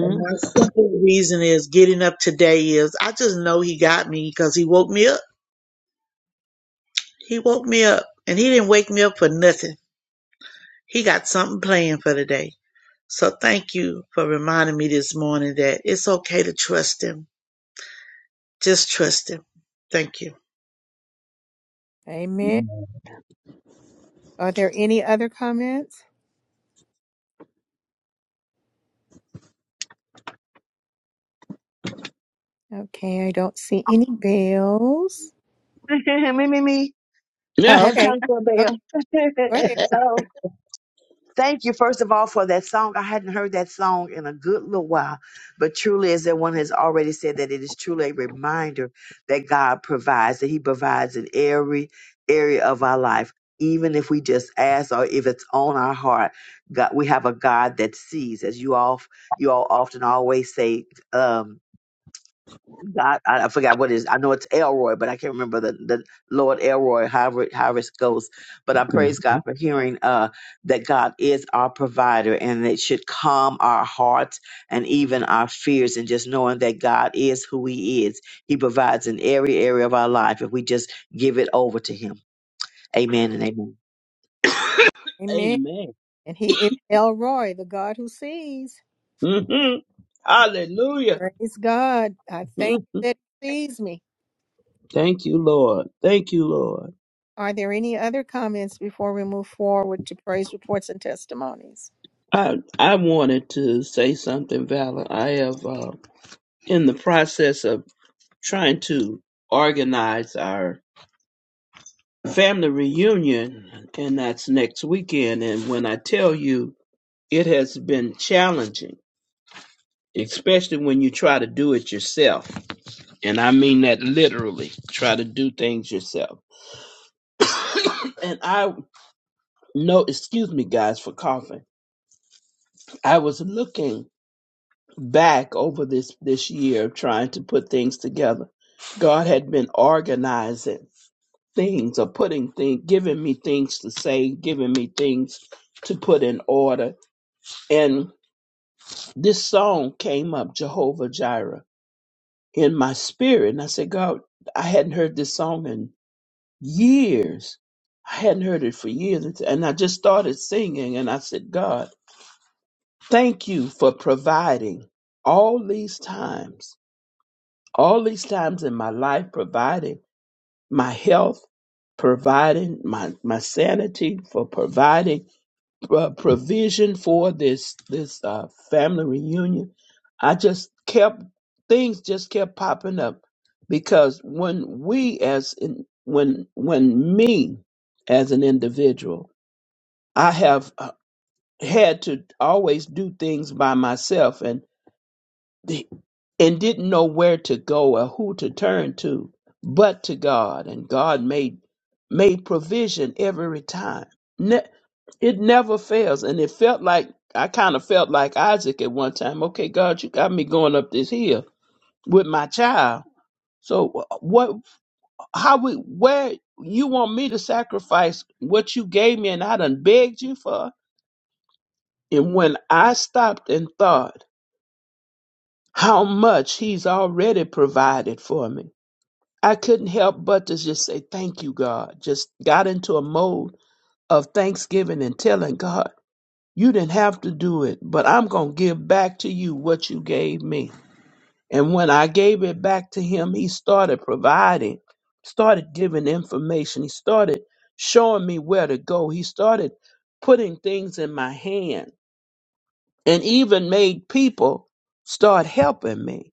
K: And my simple reason is getting up today is I just know he got me because he woke me up. He woke me up and he didn't wake me up for nothing. He got something planned for today. So thank you for reminding me this morning that it's okay to trust him. Just trust him. Thank you.
A: Amen. Are there any other comments? Okay, I don't see any bells.
C: me, me, me.
F: Yeah.
A: Oh,
C: Have
A: okay.
C: time for a
A: Okay,
C: bell.
A: go ahead.
C: Oh, Thank you, first of all, for that song. I hadn't heard that song in a good little while, but truly, as that one has already said, that it is truly a reminder that God provides, that He provides in every area of our life, even if we just ask or if it's on our heart. God, we have a God that sees, as you all you all often always say. Um, God, I, I forgot what it is. I know it's Elroy, but I can't remember the, the Lord Elroy, however, however it goes. But I praise God for hearing uh, that God is our provider and it should calm our hearts and even our fears and just knowing that God is who He is. He provides in every area of our life if we just give it over to Him. Amen and amen.
A: Amen.
F: Amen.
A: And he is Elroy, the God who sees.
F: hmm Hallelujah.
A: Praise God. I thank
F: Mhm.
A: you that he sees me.
F: Thank you, Lord. Thank you, Lord.
A: Are there any other comments before we move forward to praise reports and testimonies?
F: I I wanted to say something, Valor. I have uh, in the process of trying to organize our family reunion, and that's next weekend. And when I tell you, it has been challenging, especially when you try to do it yourself, and I mean that literally. Try to do things yourself, and I no excuse me, guys, for coughing. I was looking back over this this year of trying to put things together. God had been organizing things or putting things, giving me things to say, giving me things to put in order. And this song came up, Jehovah Jireh, in my spirit. And I said, God, I hadn't heard this song in years. I hadn't heard it for years. And I just started singing and I said, God, thank you for providing all these times all these times in my life, providing my health, providing my, my sanity, for providing uh, provision for this this uh, family reunion. I just kept things just kept popping up because when we as in, when when me as an individual, I have uh, had to always do things by myself and the- and didn't know where to go or who to turn to but to God and God made made provision every time ne- it never fails and it felt like I kind of felt like Isaac at one time okay God you got me going up this hill with my child so what how we where you want me to sacrifice what you gave me and I done begged you for and when I stopped and thought how much he's already provided for me I couldn't help but to just say, Thank you, God. Just got into a mode of thanksgiving and telling God, You didn't have to do it, but I'm going to give back to you what you gave me. And when I gave it back to him, he started providing, started giving information. He started showing me where to go. He started putting things in my hand and even made people start helping me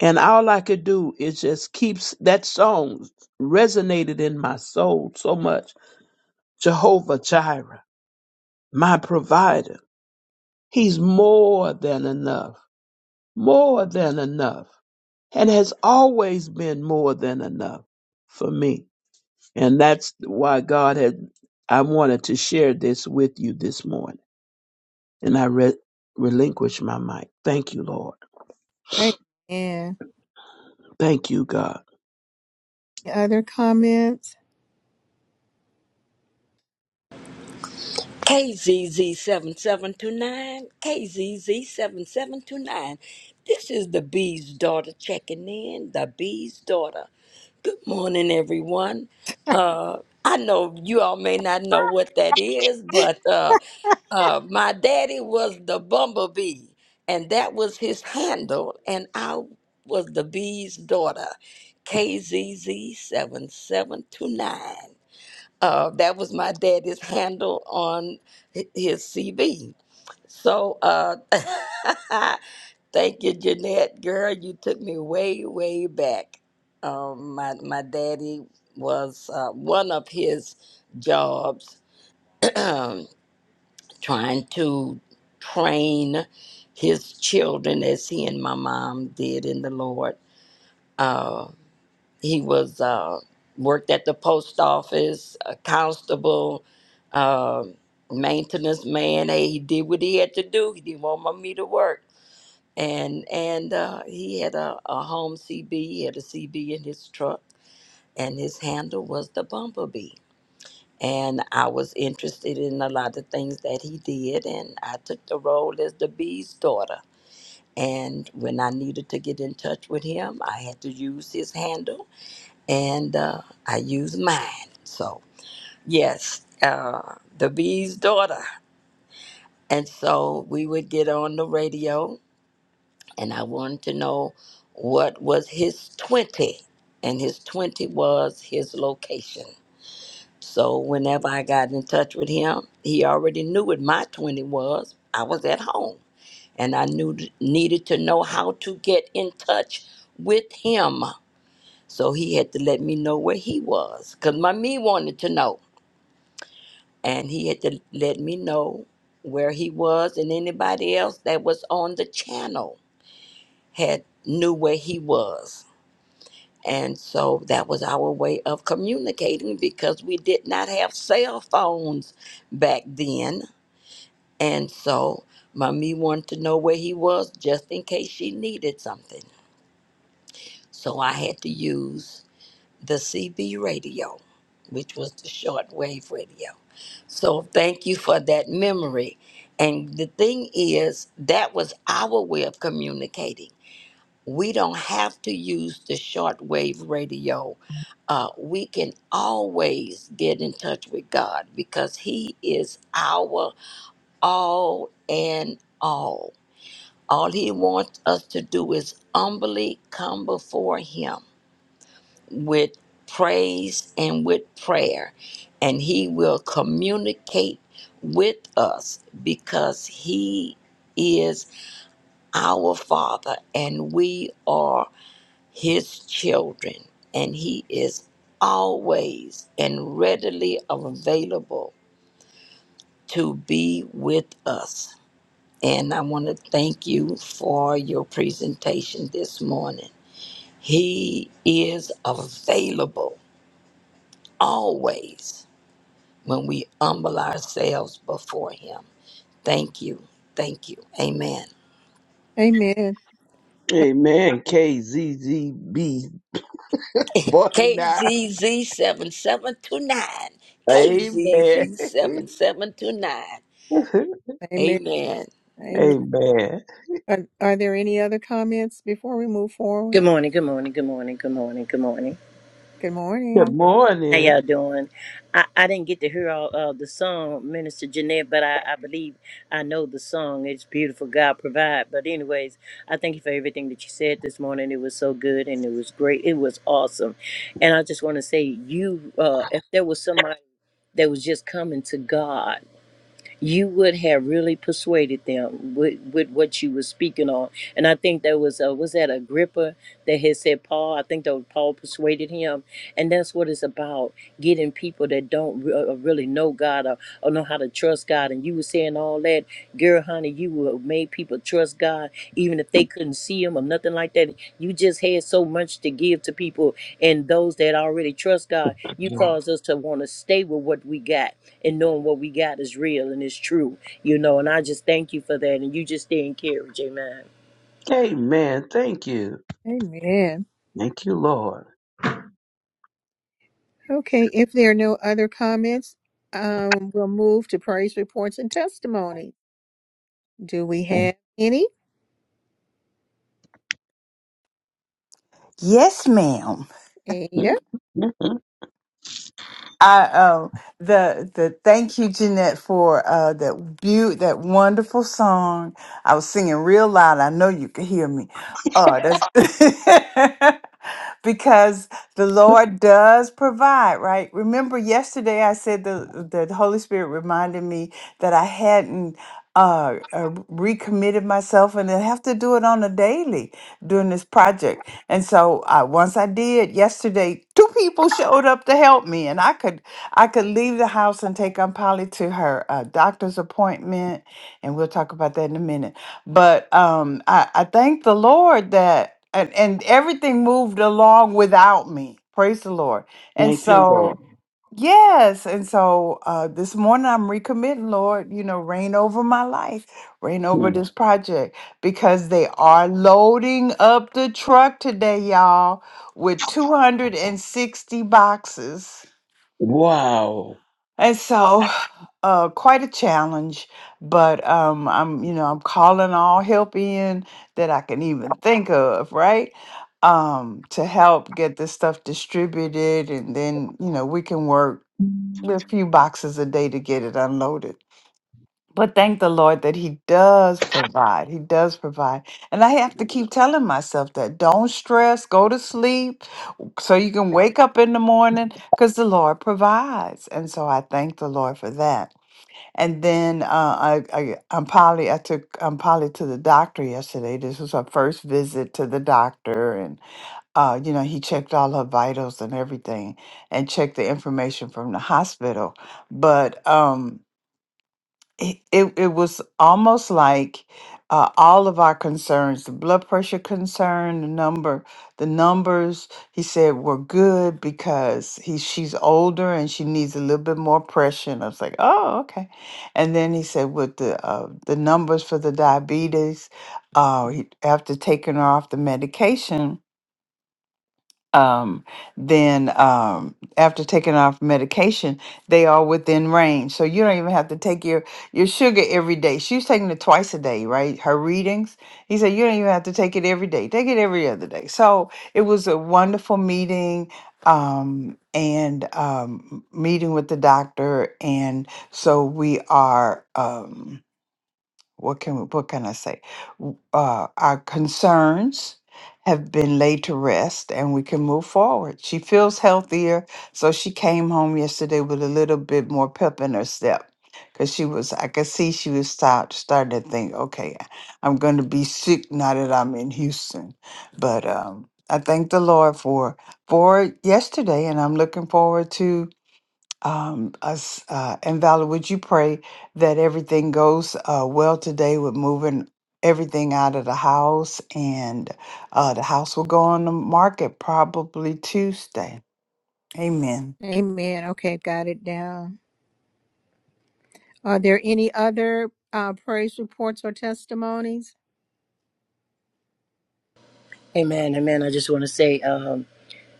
F: and all I could do is just keep s- that song resonated in my soul so much. Jehovah Jireh, my provider. He's more than enough, more than enough, and has always been more than enough for me. And that's why God had, I wanted to share this with you this morning. And I re- relinquish my mic. Thank you, Lord.
A: Amen.
F: Thank you, God.
A: Any other comments?
L: KZZ7729, KZZ7729. This is the Bee's daughter checking in, the Bee's daughter. Good morning, everyone. Uh, I know you all may not know what that is, but uh, uh, my daddy was the bumblebee, and that was his handle, and I was the Bee's daughter, KZZ7729. Uh, that was my daddy's handle on hi- his CV. So uh, thank you, Jeanette. Girl, you took me way, way back. Um, my, my daddy was uh, one of his jobs trying to train his children as he and my mom did in the Lord. Uh, he was uh, worked at the post office, a constable, um, maintenance man. Hey, he did what he had to do. He didn't want me to work, and and uh, he had a, a home CB. He had a CB in his truck, and his handle was the bumblebee. And I was interested in a lot of things that he did, and I took the role as the bee's daughter. And when I needed to get in touch with him, I had to use his handle and uh, I use mine. So, yes, uh, the bee's daughter. And so we would get on the radio, and I wanted to know what was his 20. And his 20 was his location. So whenever I got in touch with him, he already knew what my 20 was. I was at home, and I knew needed to know how to get in touch with him. So he had to let me know where he was, because my me wanted to know. and he had to let me know where he was and anybody else that was on the channel had knew where he was and so that was our way of communicating because we did not have cell phones back then and so mommy wanted to know where he was just in case she needed something so i had to use the cb radio which was the shortwave radio So thank you for that memory. And the thing is, that was our way of communicating. We don't have to use the shortwave radio. Uh, we can always get in touch with God because He is our all and all. All He wants us to do is humbly come before Him with praise and with prayer, and He will communicate with us because He is our Father and we are His children, and He is always and readily available to be with us. And I want to thank you for your presentation this morning. He is available always when we humble ourselves before Him. Thank you. Thank you. Amen.
A: Amen.
F: Amen. KZZB 49.
L: KZZ7729.
F: Amen.
L: KZZ7729.
A: Amen.
L: Amen.
A: Amen.
F: Amen.
A: Are, are there any other comments before we move forward?
M: Good morning, good morning, good morning, good morning, good morning.
A: Good
F: Good
A: morning.
M: How
F: morning.
M: y'all doing? I, I didn't get to hear all uh, the song, Minister Jeanette, but I, I believe I know the song. It's beautiful, God provide. But anyways, I thank you for everything that you said this morning. It was so good and it was great. It was awesome. And I just want to say you, uh, if there was somebody that was just coming to God, you would have really persuaded them with, with what you were speaking on. And I think there was uh was that Agrippa that had said Paul. I think that was Paul persuaded him, and that's what it's about: getting people that don't re- uh, really know God or, or know how to trust God. And you were saying all that, girl, honey, you would have made people trust God even if they couldn't see Him or nothing like that. You just had so much to give to people, and those that already trust God, you caused us to want to stay with what we got and knowing what we got is real and is true, you know. And I just thank you for that. And you just stay encouraged. Amen.
F: Amen. Thank you.
A: Amen.
F: Thank you, Lord.
A: Okay, if there are no other comments, um, we'll move to praise reports and testimony. Do we have any?
E: Yes, ma'am.
A: Ada?
F: Mhm. Mhm.
E: I um the the thank you Jeanette for uh that beaut that wonderful song. I was singing real loud. I know you could hear me. Oh, that's because the Lord does provide, right? Remember yesterday I said the the Holy Spirit reminded me that I hadn't uh, uh recommitted myself and I have to do it on a daily during this project. And so I once I did yesterday, two people showed up to help me and I could I could leave the house and take Aunt Polly to her uh, doctor's appointment and we'll talk about that in a minute. But um I, I thank the Lord that and, and everything moved along without me. Praise the Lord. And
F: Thank you,
E: so
F: Lord.
E: Yes. And so uh, this morning I'm recommitting, Lord, you know, reign over my life, reign over
F: Mm.
E: this project because they are loading up the truck today, y'all, with 260 boxes.
F: Wow.
E: And so uh, quite a challenge, but um, I'm, you know, I'm calling all help in that I can even think of, right? Um, to help get this stuff distributed and then, you know, we can work a few boxes a day to get it unloaded. But thank the Lord that He does provide. He does provide. And I have to keep telling myself that don't stress, go to sleep so you can wake up in the morning because the Lord provides. And so I thank the Lord for that. And then uh, I, I, I'm Polly, I took I'm Polly to the doctor yesterday. This was her first visit to the doctor uh, you know, he checked all her vitals and everything and checked the information from the hospital. But um, it, it, it was almost like uh, all of our concerns, the blood pressure concern, the number, the numbers, he said were good because he, she's older and she needs a little bit more pressure. And I was like, oh, okay. And then he said with the, uh, the numbers for the diabetes, uh, he, after taking her off the medication, um, then um, after taking off medication, they are within range. So you don't even have to take your your sugar every day. She was taking it twice a day, right? Her readings. He said you don't even have to take it every day. Take it every other day. So it was a wonderful meeting um and um meeting with the doctor and so we are um what can we, what can I say? W- Uh, our concerns have been laid to rest, and we can move forward. She feels healthier, so she came home yesterday with a little bit more pep in her step. Cause she was, I could see she was start, starting to think, okay, I'm going to be sick now that I'm in Houston. But um, I thank the Lord for for yesterday, and I'm looking forward to um, us. Uh, and Valor, would you pray that everything goes uh, well today with moving everything out of the house? And uh, the house will go on the market probably Tuesday. Amen.
A: Amen. Okay, got it down. Are there any other uh, praise reports or testimonies?
M: Amen. Amen. I just want to say, um,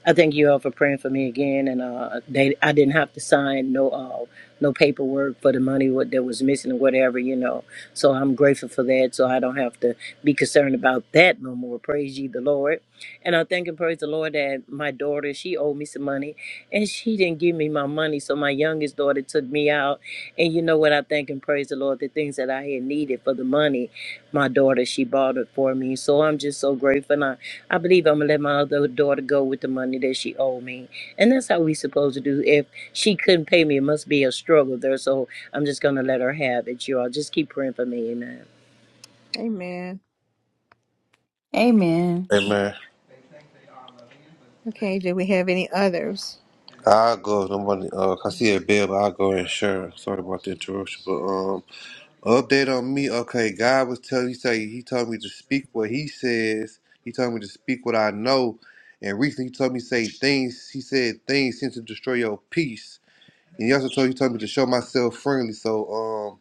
M: I thank you all for praying for me again, and uh, they I didn't have to sign no uh, no paperwork for the money what that was missing or whatever, you know. So I'm grateful for that, so I don't have to be concerned about that no more. Praise ye the Lord, and I thank and praise the Lord that my daughter she owed me some money, and she didn't give me my money, so my youngest daughter took me out, and you know what? I thank and praise the Lord the things that I had needed for the money, my daughter she bought it for me, so I'm just so grateful. I believe I'm gonna let my other daughter go with the money that she owed me. And that's how we supposed to do. If she couldn't pay me, it must be a struggle there. So I'm just gonna let her have it. You all just keep praying for me. Amen.
A: Amen.
E: Amen.
I: Amen.
A: Okay, do we have any others?
I: I'll go. No money. Uh, I see a bill, but I'll go and share. Sorry about the interruption, but um. Update on me. Okay, God was telling you say he told me to speak what he says. He told me to speak what I know. And recently he told me say things he said things sent to destroy your peace. And he also told he told me to show myself friendly. So um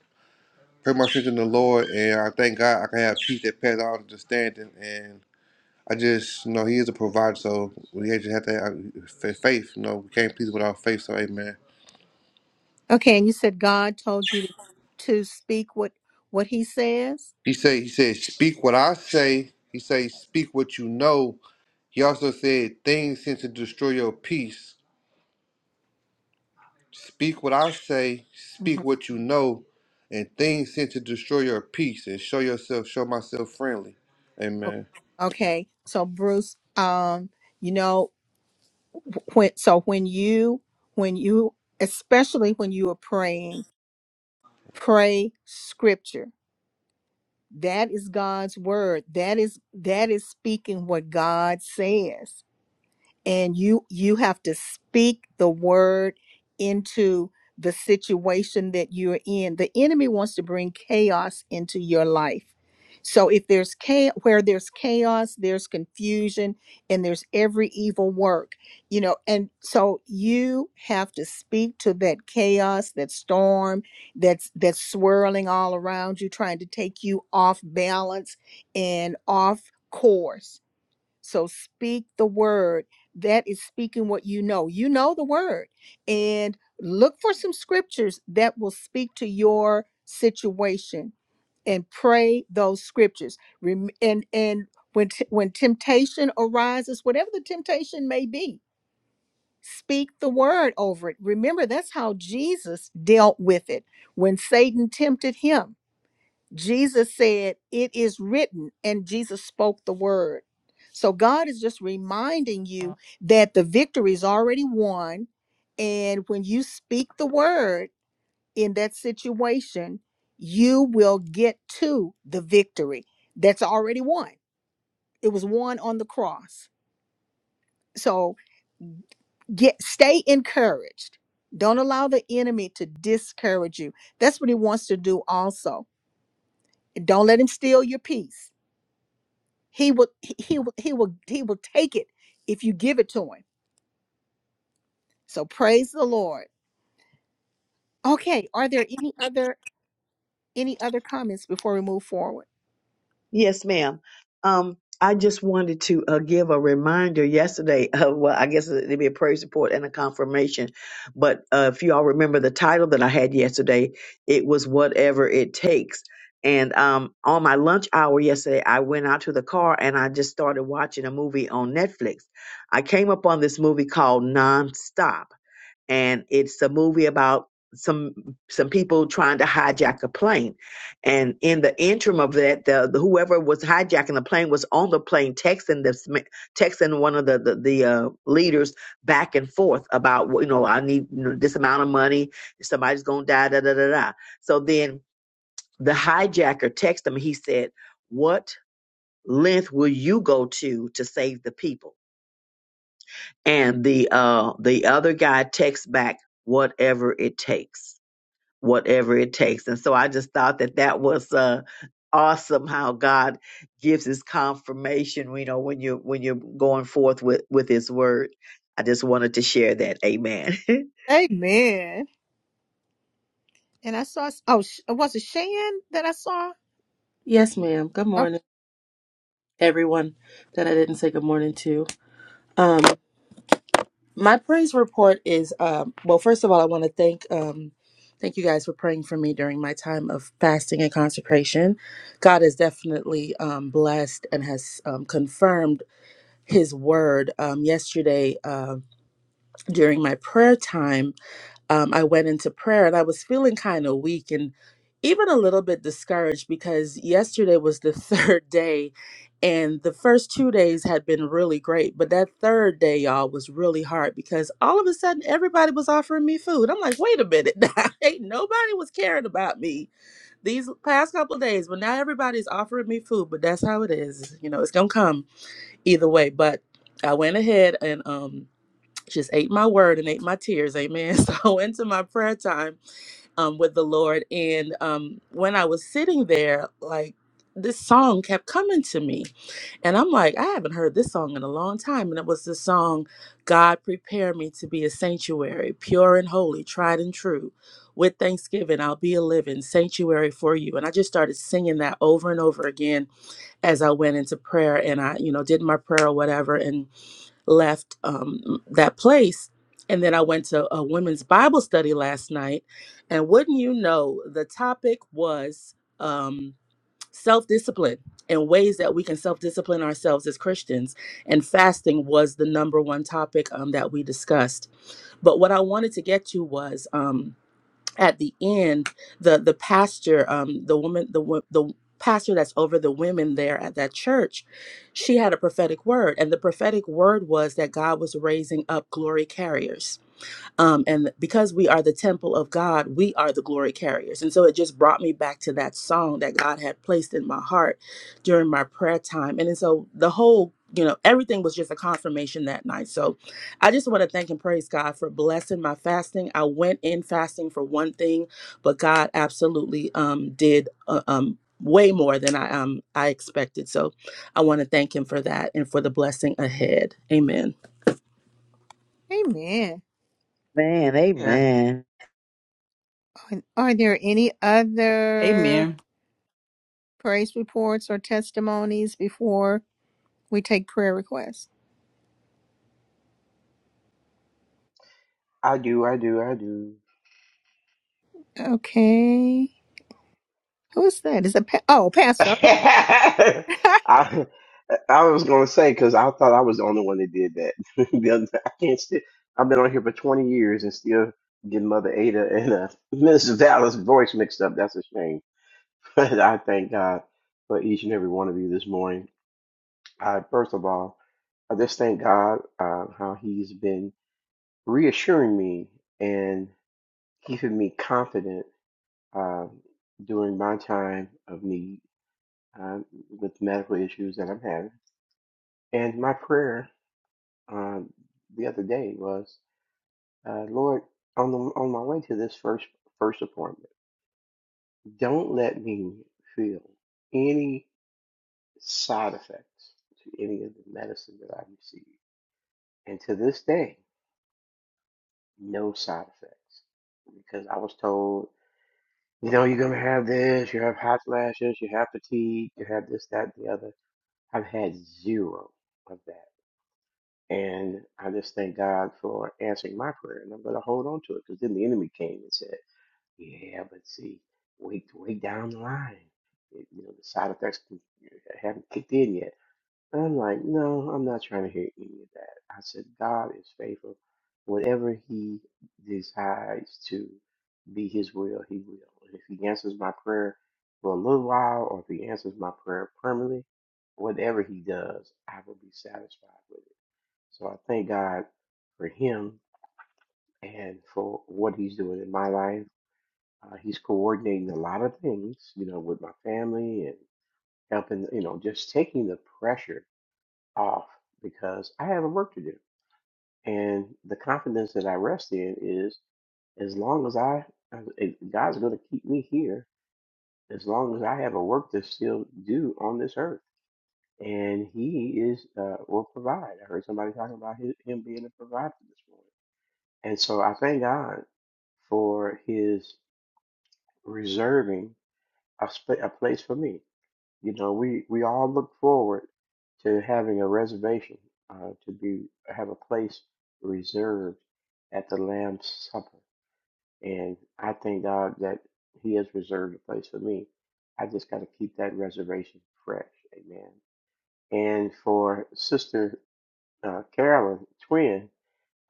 I: pray my strength in the Lord and I thank God I can have peace that passes all understanding and I just you know he is a provider, so we just have to have fa- faith. You know, we can't please without faith, so amen.
A: Okay, and you said God told you to, to speak what what He says.
I: He said he said, Speak what I say. He say, Speak what you know He also said, Things sent to destroy your peace. Speak what I say, speak
A: Mhm.
I: what you know, and things sent to destroy your peace, and show yourself, show myself friendly. Amen.
A: Okay, so Bruce, um, you know when so when you when you especially when you are praying pray scripture that is god's word that is that is speaking what god says and you you have to speak the word into the situation that you're in the enemy wants to bring chaos into your life so if there's chaos where there's chaos there's confusion and there's every evil work you know and so you have to speak to that chaos that storm that's that's swirling all around you trying to take you off balance and off course so speak the word. That is speaking what you know. You know the word. And look for some scriptures that will speak to your situation and pray those scriptures. Rem- And and when t- when temptation arises, whatever the temptation may be, speak the word over it. Remember that's how Jesus dealt with it when Satan tempted him Jesus said, It is written, and Jesus spoke the word. So God is just reminding you that the victory is already won. And when you speak the word in that situation, you will get to the victory that's already won. It was won on the cross. So get stay encouraged. Don't allow the enemy to discourage you. That's what he wants to do also. Don't let him steal your peace He will he will he will he will take it if you give it to him. So praise the Lord. Okay, are there any other any other comments before we move forward?
C: Yes, ma'am. Um, I just wanted to uh, give a reminder yesterday of, well, I guess it'd be a praise report and a confirmation. But uh, if you all remember the title that I had yesterday, it was Whatever It Takes. And um, on my lunch hour yesterday, I went out to the car and I just started watching a movie on Netflix. I came upon this movie called Nonstop and it's a movie about some some people trying to hijack a plane and in the interim of that the, the whoever was hijacking the plane was on the plane texting this texting one of the the, the uh, leaders back and forth about well, you know i need you know, this amount of money somebody's gonna die da da da da so then the hijacker texted him he said what length will you go to to save the people and the uh the other guy texts back whatever it takes whatever it takes and so i just thought that that was uh awesome how god gives his confirmation you know when you're when you're going forth with with his word i just wanted to share that amen
A: Amen. And I saw oh Sh- was it Shan that I saw?
D: Yes, ma'am. Good
A: Oh,
D: morning, everyone that I didn't say good morning to. Um, my praise report is um, well. First of all, I want to thank um, thank you guys for praying for me during my time of fasting and consecration. God has definitely um, blessed and has um, confirmed His word. Um, yesterday, uh, during my prayer time. um, I went into prayer and I was feeling kind of weak and even a little bit discouraged because yesterday was the third day and the first two days had been really great. But that third day, y'all, was really hard because all of a sudden everybody was offering me food. I'm like, wait a minute, ain't nobody was caring about me these past couple of days, but now everybody's offering me food. But that's how it is. You know, it's going to come either way. But I went ahead and, um, just ate my word and ate my tears amen so I went to my prayer time um, with the lord and um, when i was sitting there like this song kept coming to me and i'm like i haven't heard this song in a long time and it was the song god prepare me to be a sanctuary pure and holy tried and true with thanksgiving i'll be a living sanctuary for you and i just started singing that over and over again as i went into prayer and i you know did my prayer or whatever and left um, that place. And then I went to a women's Bible study last night. And wouldn't you know, the topic was um, self discipline and ways that we can self discipline ourselves as Christians. And fasting was the number one topic um, that we discussed. But what I wanted to get to was. Um, at the end the the pastor um the woman the wo- the pastor that's over the women there at that church she had a prophetic word and the prophetic word was that God was raising up glory carriers um, and because we are the temple of God, we are the glory carriers. And so it just brought me back to that song that God had placed in my heart during my prayer time. And then so the whole, you know, everything was just a confirmation that night. So I just want to thank and praise God for blessing my fasting. I went in fasting for one thing, but God absolutely um, did uh, um, way more than I um, I expected. So I want to thank Him for that and for the blessing ahead. Amen.
A: amen.
C: man
F: Yeah.
C: amen
A: Are are there any other?
E: Amen.
A: praise reports or testimonies before we take prayer requests.
N: I do, I do, I do.
A: Okay. Who's that? Is it pa- oh, pastor.
N: I I was gonna say because I thought I was the only one that did that. The other- I can't still. I've been on here for twenty years and still get Mother Ada and uh, Miss Dallas' voice mixed up. That's a shame. But I thank God for each and every one of you this morning. I first of all, I just thank God uh, how He's been reassuring me and keeping me confident uh, during my time of need um, with medical issues that I'm having. And my prayer um, the other day was, uh, Lord, on the, on my way to this first first appointment, don't let me feel any side effects to any of the medicine that I receive. And to this day, no side effects because I was told, you know, you're gonna have this, you have hot flashes, you have fatigue, you have this, that, and the other. I've had zero of that. And I just thank God for answering my prayer, and I'm going to hold on to it because then the enemy came and said, "Yeah, but see, wait, wait down the line, It- you know, the side effects can- haven't kicked in yet." And I'm like, "No, I'm not trying to hear any of that." I said, "God is faithful. Whatever He decides to be His will, He will. And if He answers my prayer for a little while, or if He answers my prayer permanently, whatever He does, I will be satisfied with it." So I thank God for him and for what he's doing in my life. Uh, he's coordinating a lot of things, you know, with my family and helping, you know, just taking the pressure off because I have a work to do. And the confidence that I rest in is as long as I, as- as God's going to keep me here, as long as I have a work to still do on this earth. And he is, uh, will provide. I heard somebody talking about his, him being a provider this morning. And so I thank God for his reserving a, sp- a place for me. You know, we, we all look forward to having a reservation, uh, to be have a place reserved at the Lamb's Supper. And I thank God that he has reserved a place for me. I just got to keep that reservation fresh. Amen. And for Sister uh, Carolyn, twin,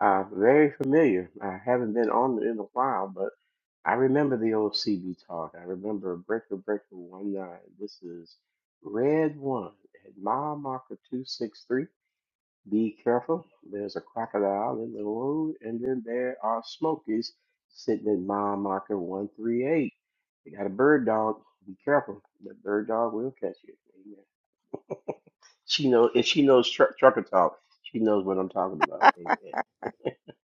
N: uh, very familiar. I haven't been on it in a while, but I remember the old CB talk. I remember Breaker Breaker One Nine. This is Red One at mile marker two six three. Be careful. There's a crocodile in the road, and then there are smokies sitting at mile marker one three eight. They got a bird dog. Be careful. That bird dog will catch you. Amen. She knows if she knows tr- trucker talk. She knows what I'm talking about. Amen.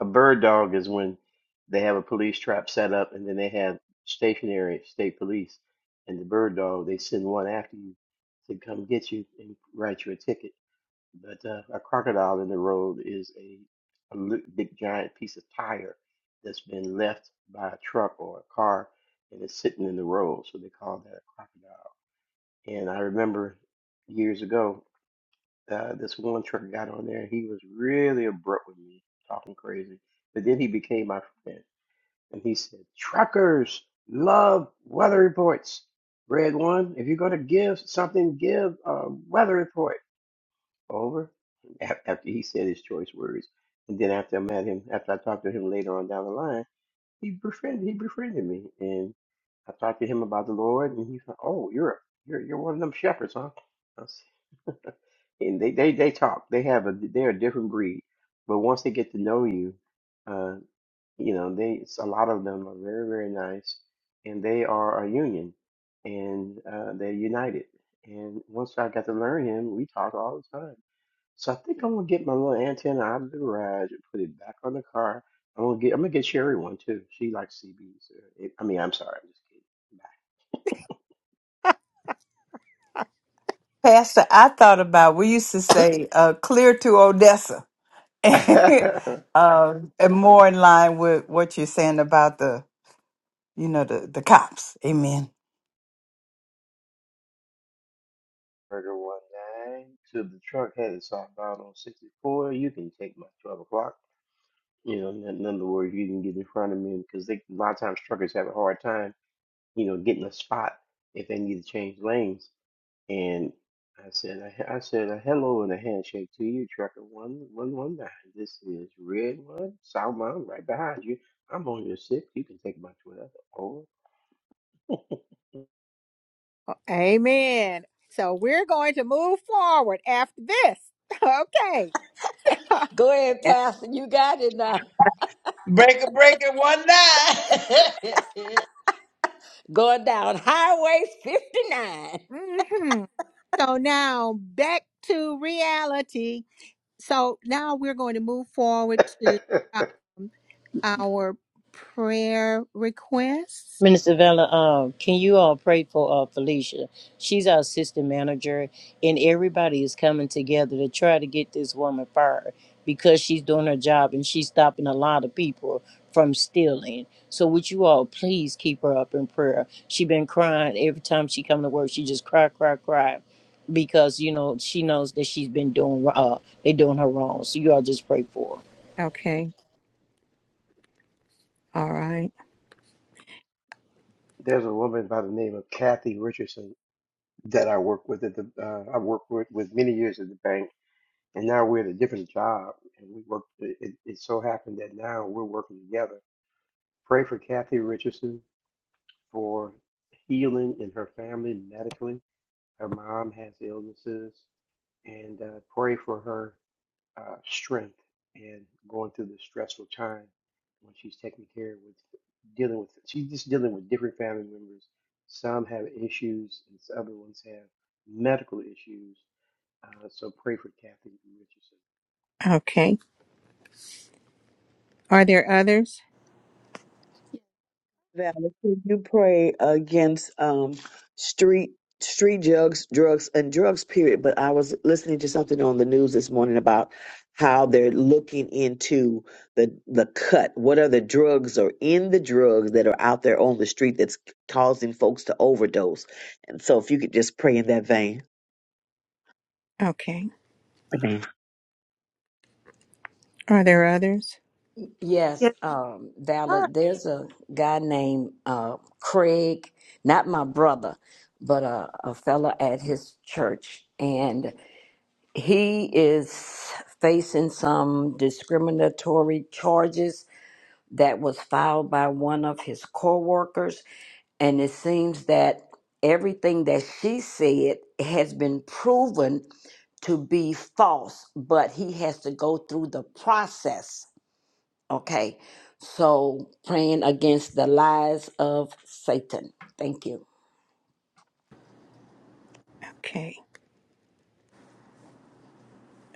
N: A bird dog is when they have a police trap set up and then they have stationary state police and the bird dog, they send one after you to come get you and write you a ticket. But uh, a crocodile in the road is a, a li- big giant piece of tire that's been left by a truck or a car and it's sitting in the road. So they call that a crocodile. And I remember years ago uh, this one truck got on there. He was really abrupt with me, talking crazy. But then he became my friend, and he said, "Truckers love weather reports." Red one, if you're gonna give something, give a weather report. Over. Af- After he said his choice words, and then after I met him, after I talked to him later on down the line, he befriended he befriended me, and I talked to him about the Lord, and he's like, "Oh, you're a, you're you're one of them shepherds, huh?" and they, they they talk. They have a they're a different breed, but once they get to know you, uh, you know they it's- a lot of them are very very nice, and they are a union, and uh, they're united. And once I got to learn him, we talk all the time. So I think I'm gonna get my little antenna out of the garage and put it back on the car. I'm gonna get I'm gonna get Sherry one too. She likes CBs. Uh, it- I mean, I'm sorry, I'm
E: Pastor, I thought about we used to say uh, clear to Odessa,
N: just kidding. Bye.
E: um, and more in line with what you're saying about the you know the the cops. Amen.
N: Murder one nine to the truck headed southbound on 64. You can take my 12 o'clock. You know, in in other words, you can get in front of me because they a lot of times truckers have a hard time, you know, getting a spot if they need to change lanes. And I said, I, I said a hello and a handshake to you, trucker one one one nine. This is red one southbound right behind you. I'm on your six. You can take my 12 over.
A: Amen. So we're going to move forward after this. Okay.
L: Go ahead, Pastor. You got it now.
F: Breaker, breaker, one night.
L: Going down Highway 59.
A: hmm So now back to reality. So now we're going to move forward to um, our prayer requests.
M: Minister Vella, um, can you all pray for uh, Felicia? She's our assistant manager, and everybody is coming together to try to get this woman fired because she's doing her job and she's stopping a lot of people from stealing. So would you all please keep her up in prayer? she been crying every time she come to work. She just cry, cry, cry because you know she knows that she's been doing uh, they doing her wrong. So you all just pray for her.
A: Okay. All right.
N: There's a woman by the name of Kathy Richardson that I work with at the uh, I worked with with many years at the bank, and now we're at a different job, and we work. It, it it so happened that now we're working together. Pray for Kathy Richardson for healing in her family medically. Her mom has illnesses, and uh, pray for her uh, strength and going through this stressful time when she's taking care with dealing with. She's just dealing with different family members. Some have issues, and other ones have medical issues uh, so pray for Kathy Richardson.
A: Okay. Are there others?
C: Val, could you pray against um, street street drugs, drugs, and drugs? Period. But I was listening to something on the news this morning about how they're looking into the the cut. What are the drugs or in the drugs that are out there on the street that's causing folks to overdose? And so, if you could just pray in that vein.
A: Okay.
C: Amen.
A: Are there others?
L: Yes, um, Valor,
D: Yes.
L: there's a guy named uh, Craig, not my brother, but a, a fella at his church. And He is facing some discriminatory charges that was filed by one of his co-workers and it seems that everything that she said has been proven to be false, but he has to go through the process. Okay. So praying against the lies of Satan. Thank you.
A: Okay.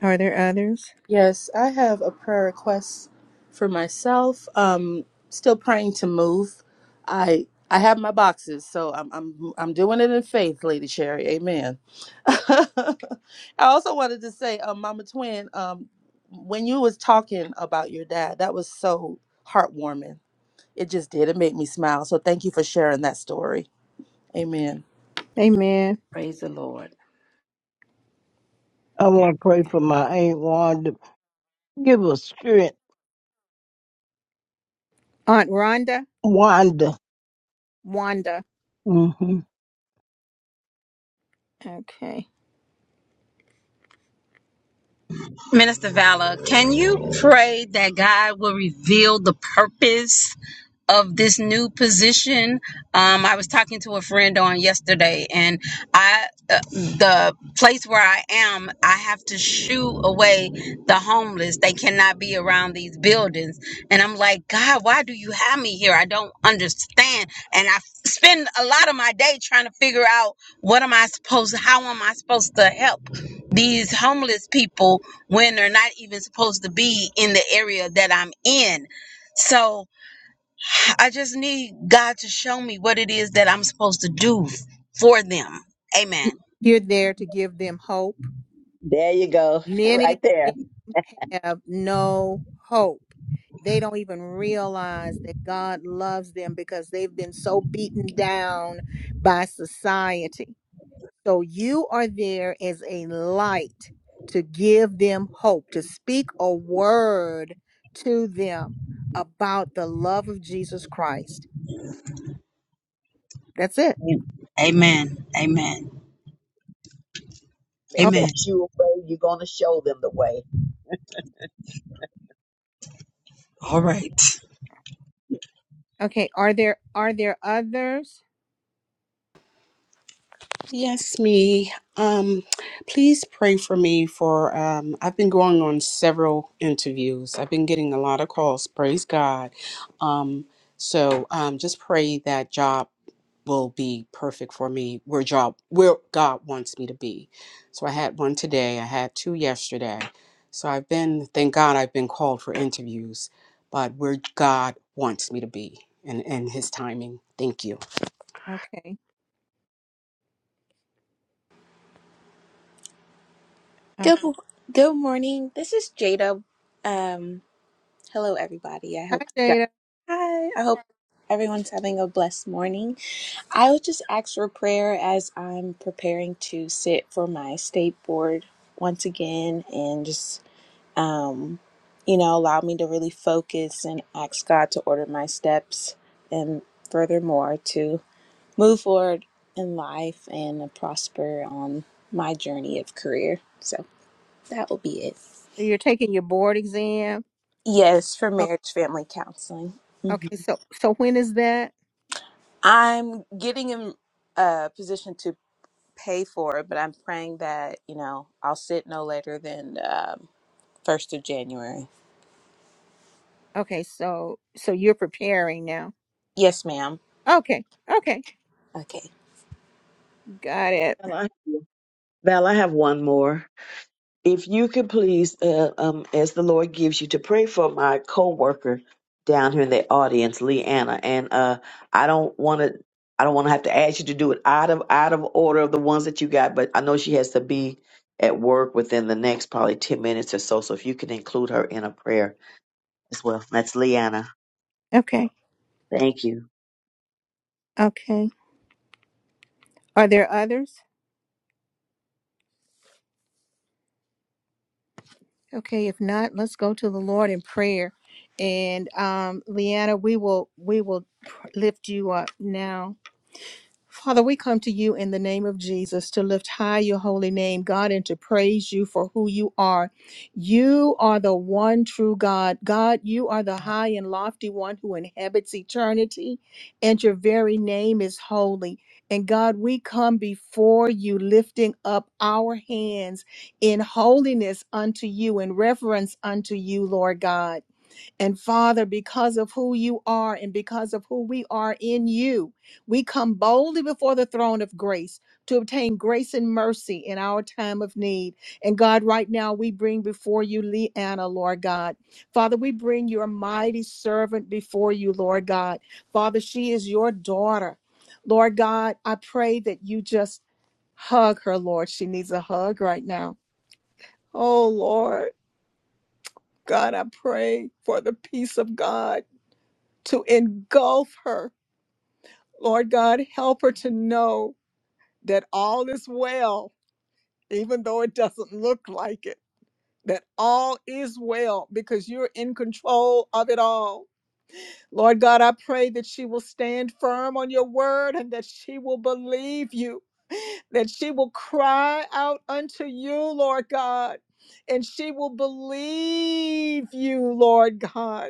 A: Are there others?
D: Yes, I have a prayer request for myself. Um, still praying to move. I I have my boxes, so I'm I'm I'm doing it in faith, Lady Sherry. Amen. I also wanted to say, um, Mama Twin, um, when you was talking about your dad, that was so heartwarming. It just did. It made me smile. So thank you for sharing that story. Amen.
A: Amen.
L: Praise the Lord.
O: I want to pray for my Aunt Wanda. Give her strength,
A: Aunt Rhonda,
O: Wanda.
A: Wanda.
O: hmm
A: Okay.
P: Minister Vala, can you pray that God will reveal the purpose of this new position? Um, I was talking to a friend on yesterday, and I uh, the place where I am, I have to shoo away the homeless. They cannot be around these buildings, and I'm like, God, why do you have me here? I don't understand, and I f- spend a lot of my day trying to figure out what am I supposed, how am I supposed to help these homeless people when they're not even supposed to be in the area that I'm in. So I just need God to show me what it is that I'm supposed to do for them.
A: You-
P: Amen.
A: You're there to give them hope.
C: There you go,
A: Many
C: right there.
A: of them have no hope. They don't even realize that God loves them because they've been so beaten down by society. So you are there as a light to give them hope, to speak a word to them about the love of Jesus Christ. That's it.
P: Amen. Amen.
C: They
A: Okay.
P: Amen.
C: put you away. You're going to show them the way.
P: All right.
A: Okay. Are there are there others? Okay.
Q: Good,
A: Okay.
Q: mo- good morning. This is Jada. Um, hello, everybody. I
A: Hi,
Q: hope you guys.
A: Jada.
Q: Hi. I hope everyone's having a blessed morning. I would just ask for prayer as I'm preparing to sit for my state board once again, and just um, you know, allow me to really focus and ask God to order my steps, and furthermore to move forward in life and prosper on my journey of career. So that will be it.
A: You're taking your board exam.
Q: Yes, for
A: O-
Q: marriage family counseling. Mhm.
A: Okay. So so when is that?
Q: I'm getting in a position to pay for it, but I'm praying that, you know, I'll sit no later than um, 1st of January.
A: Okay. So so you're preparing now.
Q: Yes, ma'am.
A: Okay. Okay.
Q: Okay.
A: Got it.
C: Val, I, Val, I have one more. If you could please, uh, um, as the Lord gives you, to pray for my coworker down here in the audience, Leanna, and uh, I don't want to. I don't want to have to ask you to do it out of out of order of the ones that you got, but I know she has to be at work within the next probably ten minutes or so. So if you can include her in a prayer as well, that's Leanna.
A: Okay.
C: Thank you.
A: Okay. Are there others? Okay, if not, let's go to the Lord in prayer. And um, Leanna, we will we will lift you up now. Father, we come to you in the name of Jesus to lift high your holy name, God, and to praise you for who you are. You are the one true God. God, you are the high and lofty one who inhabits eternity, and your very name is holy. And God, we come before you lifting up our hands in holiness unto you, in reverence unto you, Lord God. And Father, because of who you are and because of who we are in you, we come boldly before the throne of grace to obtain grace and mercy in our time of need. And God, right now we bring before you Leanna, Lord God. Father, we bring your mighty servant before you, Lord God. Father, she is your daughter. Lord God, I pray that you just hug her, Lord. She needs a hug right now. Oh, Lord. God, I pray for the peace of God to engulf her. Lord God, help her to know that all is well, even though it doesn't look like it, that all is well because you're in control of it all. Lord God, I pray that she will stand firm on your word and that she will believe you, that she will cry out unto you, Lord God, and she will believe you, Lord God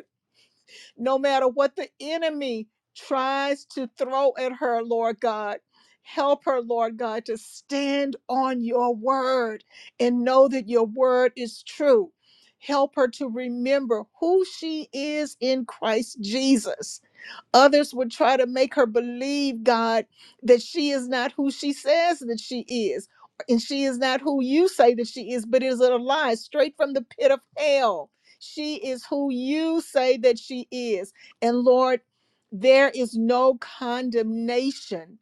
A: no matter what the enemy tries to throw at her, Lord God. Help her, Lord God, to stand on your word and know that your word is true. Help her to remember who she is in Christ Jesus Others would try to make her believe, God, that she is not who she says that she is, and she is not who you say that she is, but it is a lie straight from the pit of hell. She is who you say that she is. And Lord, there is no condemnation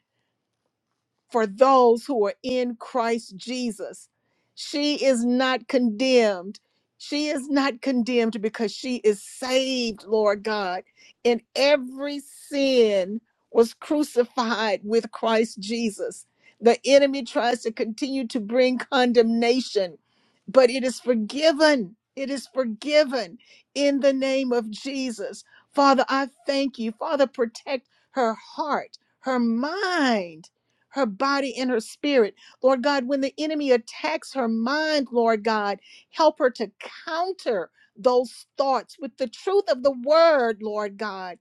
A: for those who are in Christ Jesus. She is not condemned. She is not condemned because she is saved, Lord God. And every sin was crucified with Christ Jesus. The enemy tries to continue to bring condemnation, but it is forgiven. It is forgiven in the name of Jesus. Father, I thank you. Father, protect her heart, her mind her body and her spirit. Lord God, when the enemy attacks her mind, Lord God, help her to counter those thoughts with the truth of the word, Lord God.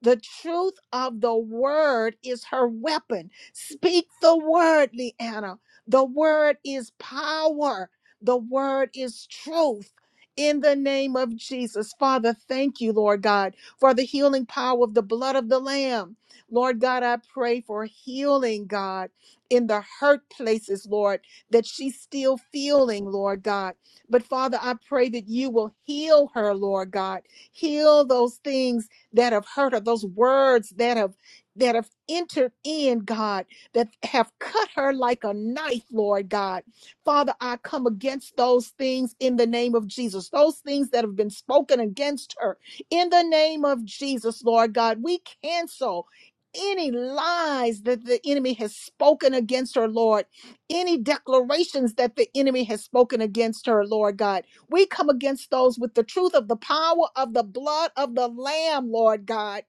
A: The truth of the word is her weapon. Speak the word, Leanna. The word is power. The word is truth. In the name of Jesus, Father, thank you, Lord God, for the healing power of the blood of the Lamb. Lord God, I pray for healing, God, in the hurt places, Lord, that she's still feeling, Lord God. But Father, I pray that you will heal her, Lord God. Heal those things that have hurt her, those words that have that have entered in, God, that have cut her like a knife, Lord God. Father, I come against those things in the name of Jesus. Those things that have been spoken against her in the name of Jesus, Lord God. We cancel any lies that the enemy has spoken against her, Lord, any declarations that the enemy has spoken against her, Lord God. We come against those with the truth of the power of the blood of the Lamb, Lord God.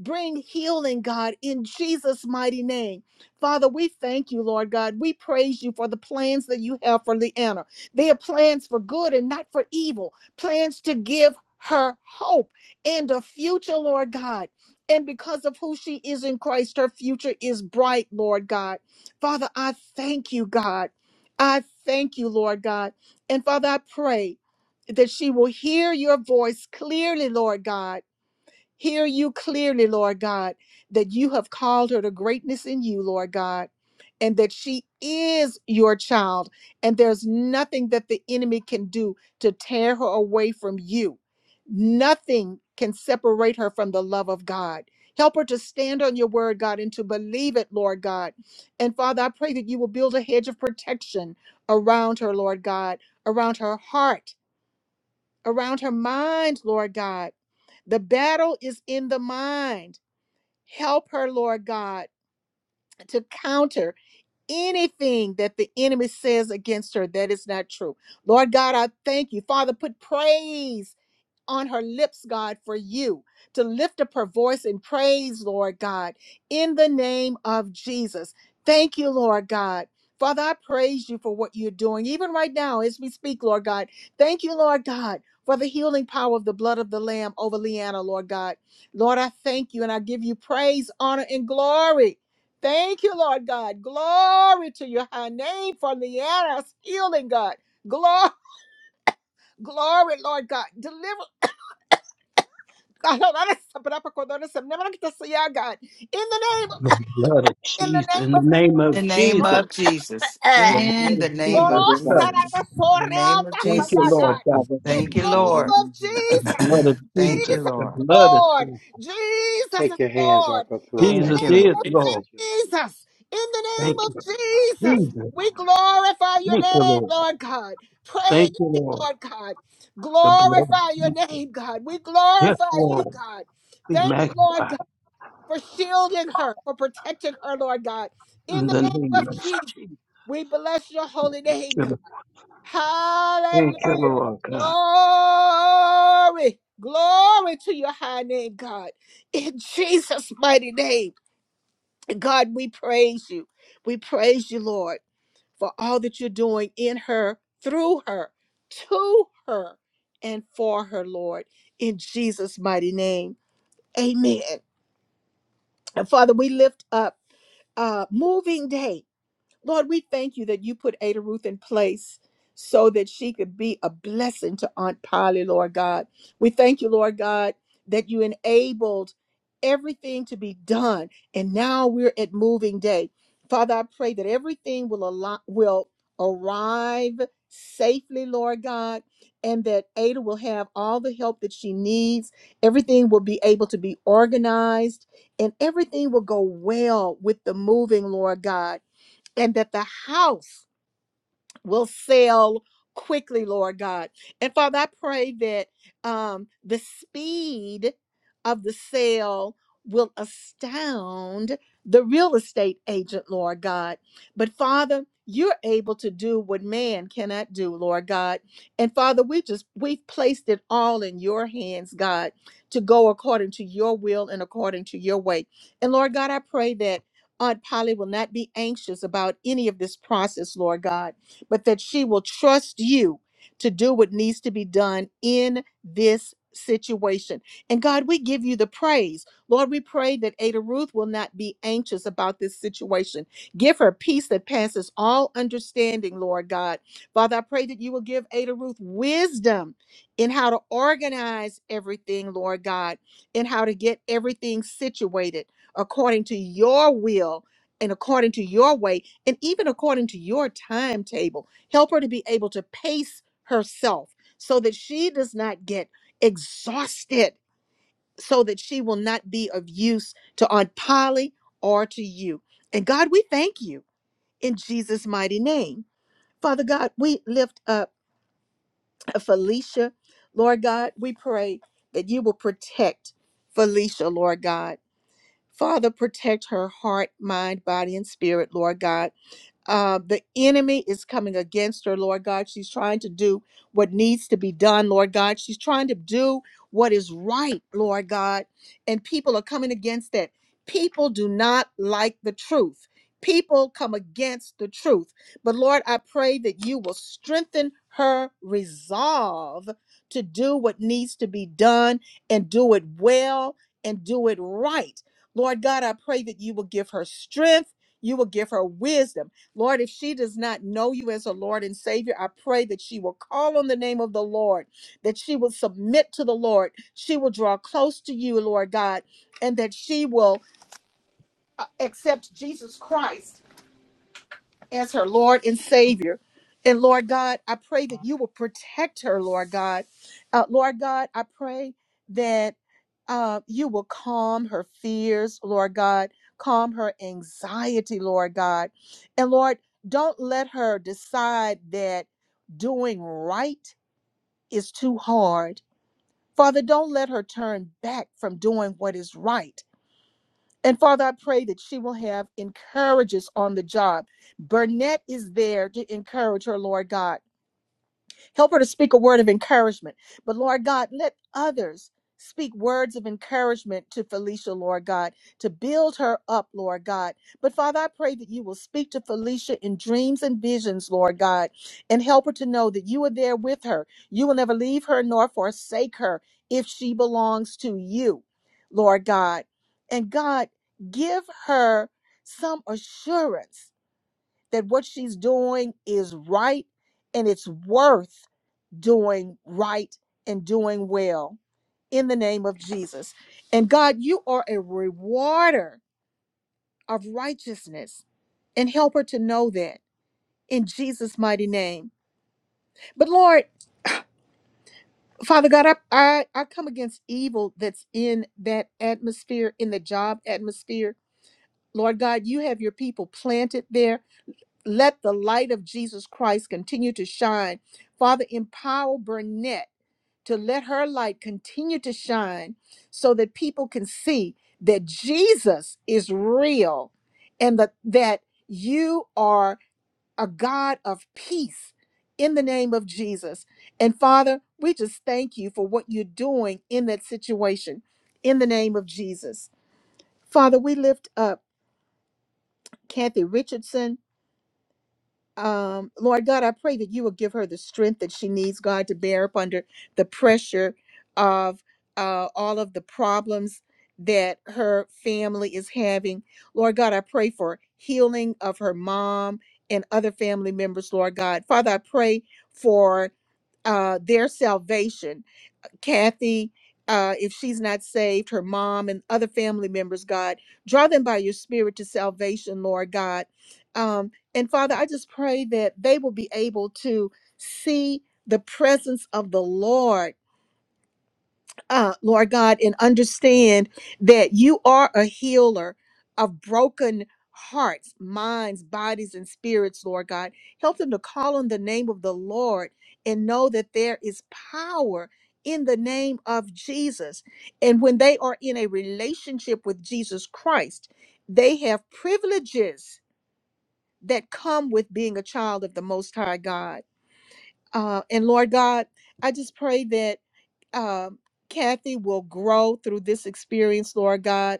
A: Bring healing, God, in Jesus' mighty name. Father, we thank you, Lord God. We praise you for the plans that you have for Leanna. They are plans for good and not for evil, plans to give her hope and a future, Lord God. And because of who she is in Christ, her future is bright, Lord God. Father, I thank you, God. I thank you, Lord God. And Father, I pray that she will hear your voice clearly, Lord God Hear you clearly, Lord God, that you have called her to greatness in you, Lord God, and that she is your child, and there's nothing that the enemy can do to tear her away from you. Nothing can separate her from the love of God. Help her to stand on your word, God, and to believe it, Lord God. And Father, I pray that you will build a hedge of protection around her, Lord God, around her heart around her mind, Lord God. The battle is in the mind. Help her, Lord God, to counter anything that the enemy says against her that is not true. Lord God, I thank you. Father, put praise on her lips, God, for you to lift up her voice in praise, Lord God, in the name of Jesus. Thank you, Lord God. Father, I praise you for what you're doing, even right now as we speak, Lord God. Thank you, Lord God, for the healing power of the blood of the Lamb over Leanna, Lord God. Lord, I thank you and I give you praise, honor, and glory. Thank you, Lord God. Glory to your high name for Leanna's healing, God. Glory, glory, Lord God. Deliverance. God. hold on a second, but I put God on a second. Never gonna get to see ya, God. In the
F: The
A: name
F: blood of
A: in the
F: Jesus.
A: name
F: In the
A: of Jesus,
F: name of
E: In the name
A: Lord,
F: Jesus.
E: of Jesus.
A: uh,
F: The blood
E: In
F: of
E: the
C: If
E: name
A: Lord,
C: they
F: Jesus.
E: of
A: oh,
C: do right,
A: son,
F: Cover.
C: then
E: Jesus.
A: I'm
E: In the
A: sorry,
E: name of
A: I'm sorry,
F: Thank you,
A: yeah,
E: Jesus.
F: Lord
A: God.
F: God.
C: have their
A: In
E: Thank
C: time.
E: you,
C: Is
A: the
C: that what
A: name
E: Lord.
C: you
A: of
C: do?
F: The blood of
A: Jesus,
E: Thank
F: Jesus.
E: you,
A: Jesus
F: The
E: Lord.
A: is
F: blood of
A: Lord,
F: Jesus.
A: Jesus
N: Take
A: is
N: your hands off
A: Lord.
N: her throat
A: In
F: Jesus
N: right
E: Thank
A: the
E: you,
N: now
A: name
F: is
N: in
A: of
E: Lord.
N: the name of
F: Lord.
N: Jesus.
A: Jesus, in the
F: Thank
A: name of
F: you,
A: Jesus,
F: Jesus.
A: we glorify your
F: Thank you,
A: name,
F: Lord.
A: Lord God.
F: Thank
A: Praise
F: you,
A: you,
F: Lord.
A: Lord God.
F: The
A: Glorify
F: blood.
A: your name, God. We
F: Yes,
A: glorify you,
F: Lord,
A: God.
F: be
A: Thank you, Lord
F: magnified
A: for shielding her, for protecting her, Lord God. In
F: in
A: the
F: the
A: name
F: name
A: of
F: of
A: Jesus,
F: Jesus.
A: we bless your holy name, God.
F: Thank you,
A: Hallelujah.
F: Lord God.
A: Glory. Glory to your high name, God. In Jesus' mighty name, God, we praise you. We praise you, Lord, for all that you're doing in her, through her, to her, and for her, Lord. In Jesus' mighty name. Amen. And Father, we lift up. uh, moving day. Lord, we thank you that you put Ada Ruth in place so that she could be a blessing to Aunt Polly, Lord God. We thank you, Lord God, that you enabled everything to be done. And now we're at moving day. Father, I pray that everything will allow, will arrive safely, Lord God, and that Ada will have all the help that she needs. Everything will be able to be organized and everything will go well with the moving, Lord God and that the house will sell quickly, Lord God. And Father, I pray that um, the speed of the sale will astound the real estate agent, Lord God. But Father, you're able to do what man cannot do, Lord God. And Father, we just we've placed it all in your hands, God, to go according to your will and according to your way. And Lord God, I pray that Aunt Polly will not be anxious about any of this process, Lord God but that she will trust you to do what needs to be done in this situation. And God, we give you the praise. Lord, we pray that Ada Ruth will not be anxious about this situation. Give her peace that passes all understanding, Lord God. Father, I pray that you will give Ada Ruth wisdom in how to organize everything, Lord God, and how to get everything situated according to your will and according to your way and even according to your timetable, help her to be able to pace herself so that she does not get exhausted, so that she will not be of use to Aunt Polly or to you. And God, we thank you in Jesus' mighty name. Father God, we lift up Felicia. Lord God, we pray that you will protect Felicia, Lord God. Father, protect her heart, mind, body, and spirit, Lord God uh, the enemy is coming against her, Lord God. She's trying to do what needs to be done, Lord God. She's trying to do what is right, Lord God. And people are coming against that. People do not like the truth. People come against the truth. But Lord, I pray that you will strengthen her resolve to do what needs to be done and do it well and do it right. Lord God, I pray that you will give her strength. You will give her wisdom. Lord, if she does not know you as a Lord and Savior, I pray that she will call on the name of the Lord, that she will submit to the Lord, she will draw close to you, Lord God, and that she will uh, accept Jesus Christ as her Lord and Savior. And Lord God, I pray that you will protect her, Lord God. Uh, Lord God, I pray that uh, you will calm her fears, Lord God, calm her anxiety, Lord God. And Lord, don't let her decide that doing right is too hard. Father, don't let her turn back from doing what is right. And Father, I pray that she will have encouragers on the job. Burnett is there to encourage her, Lord God. Help her to speak a word of encouragement. But Lord God, let others speak words of encouragement to Felicia, Lord God, to build her up, Lord God. But Father, I pray that you will speak to Felicia in dreams and visions, Lord God, and help her to know that you are there with her. You will never leave her nor forsake her if she belongs to you, Lord God. And God, give her some assurance that what she's doing is right and it's worth doing right and doing well in the name of Jesus. And God, you are a rewarder of righteousness and help her to know that in Jesus' mighty name. But Lord, Father God, I, I, I come against evil that's in that atmosphere, in the job atmosphere. Lord God, you have your people planted there. Let the light of Jesus Christ continue to shine. Father, empower Burnett to let her light continue to shine so that people can see that Jesus is real and that, that you are a God of peace in the name of Jesus. And Father, we just thank you for what you're doing in that situation in the name of Jesus. Father, we lift up Kathy Richardson um, Lord God, I pray that you will give her the strength that she needs, God, to bear up under the pressure of uh, all of the problems that her family is having. Lord God, I pray for healing of her mom and other family members, Lord God. Father, I pray for uh, their salvation. Kathy, uh, if she's not saved, her mom and other family members, God, draw them by your spirit to salvation, Lord God. Um, and Father, I just pray that they will be able to see the presence of the Lord uh, Lord God, and understand that you are a healer of broken hearts, minds, bodies, and spirits, Lord God. Help them to call on the name of the Lord and know that there is power in the name of Jesus. And when they are in a relationship with Jesus Christ, they have privileges that come with being a child of the Most High God uh, and Lord God, I just pray that um, Kathy will grow through this experience, Lord God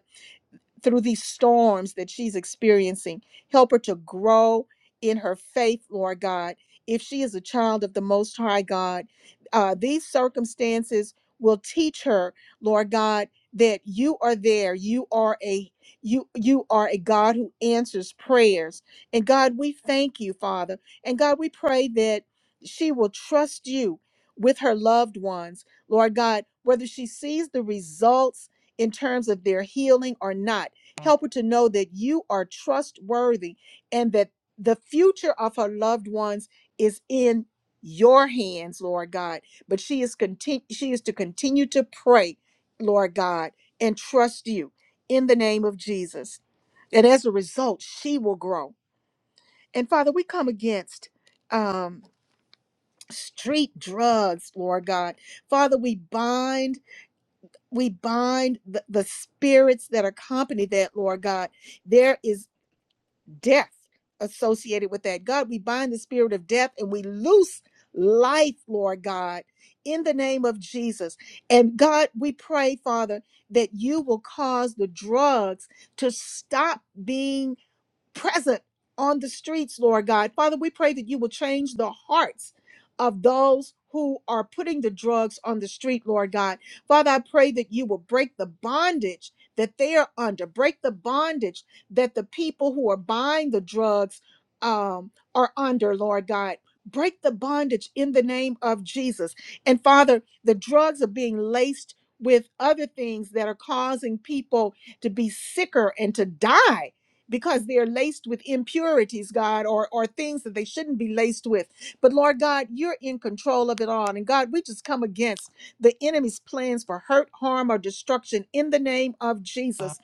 A: through these storms that she's experiencing. Help her to grow in her faith, Lord God. If she is a child of the Most High God, uh, these circumstances will teach her, Lord God, that you are there. You are a you you are a God who answers prayers. And God, we thank you, Father. And God, we pray that she will trust you with her loved ones, Lord God, whether she sees the results in terms of their healing or not. Help her to know that you are trustworthy and that the future of her loved ones is in your hands, Lord God. But she is continue she is to continue to pray, Lord God, and trust you in the name of Jesus. And as a result, she will grow. And Father, we come against um street drugs, Lord God. Father, we bind we bind the, the spirits that accompany that, Lord God. There is death associated with that. God, we bind the spirit of death and we loose life, Lord God, in the name of Jesus. And God, we pray, Father, that you will cause the drugs to stop being present on the streets, Lord God. Father, we pray that you will change the hearts of those who are putting the drugs on the street, Lord God. Father, I pray that you will break the bondage that they are under, break the bondage that the people who are buying the drugs um, are under, Lord God. Break the bondage in the name of Jesus. And Father, the drugs are being laced with other things that are causing people to be sicker and to die because they're laced with impurities, God, or, or things that they shouldn't be laced with. But Lord God, you're in control of it all. And God, we just come against the enemy's plans for hurt, harm, or destruction in the name of Jesus.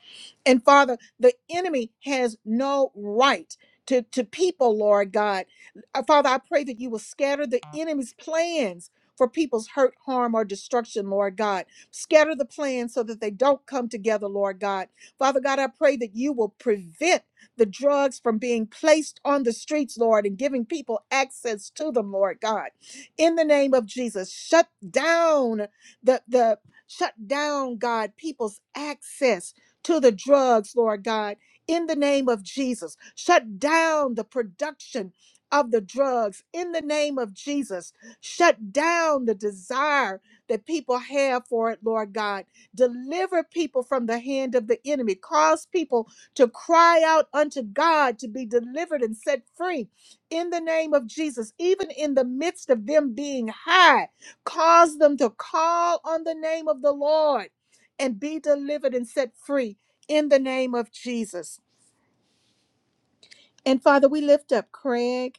A: And Father, the enemy has no right. To, to people, Lord God. Uh, Father, I pray that you will scatter the enemy's plans for people's hurt, harm, or destruction, Lord God. Scatter the plans so that they don't come together, Lord God Father God, I pray that you will prevent the drugs from being placed on the streets, Lord, and giving people access to them, Lord God. In the name of Jesus, shut down the the shut down, God, people's access to the drugs, Lord God. In the name of Jesus, shut down the production of the drugs. In the name of Jesus, shut down the desire that people have for it, Lord God Deliver people from the hand of the enemy. Cause people to cry out unto God to be delivered and set free in the name of Jesus, even in the midst of them being high. Cause them to call on the name of the Lord and be delivered and set free in the name of Jesus. And Father, we lift up Craig.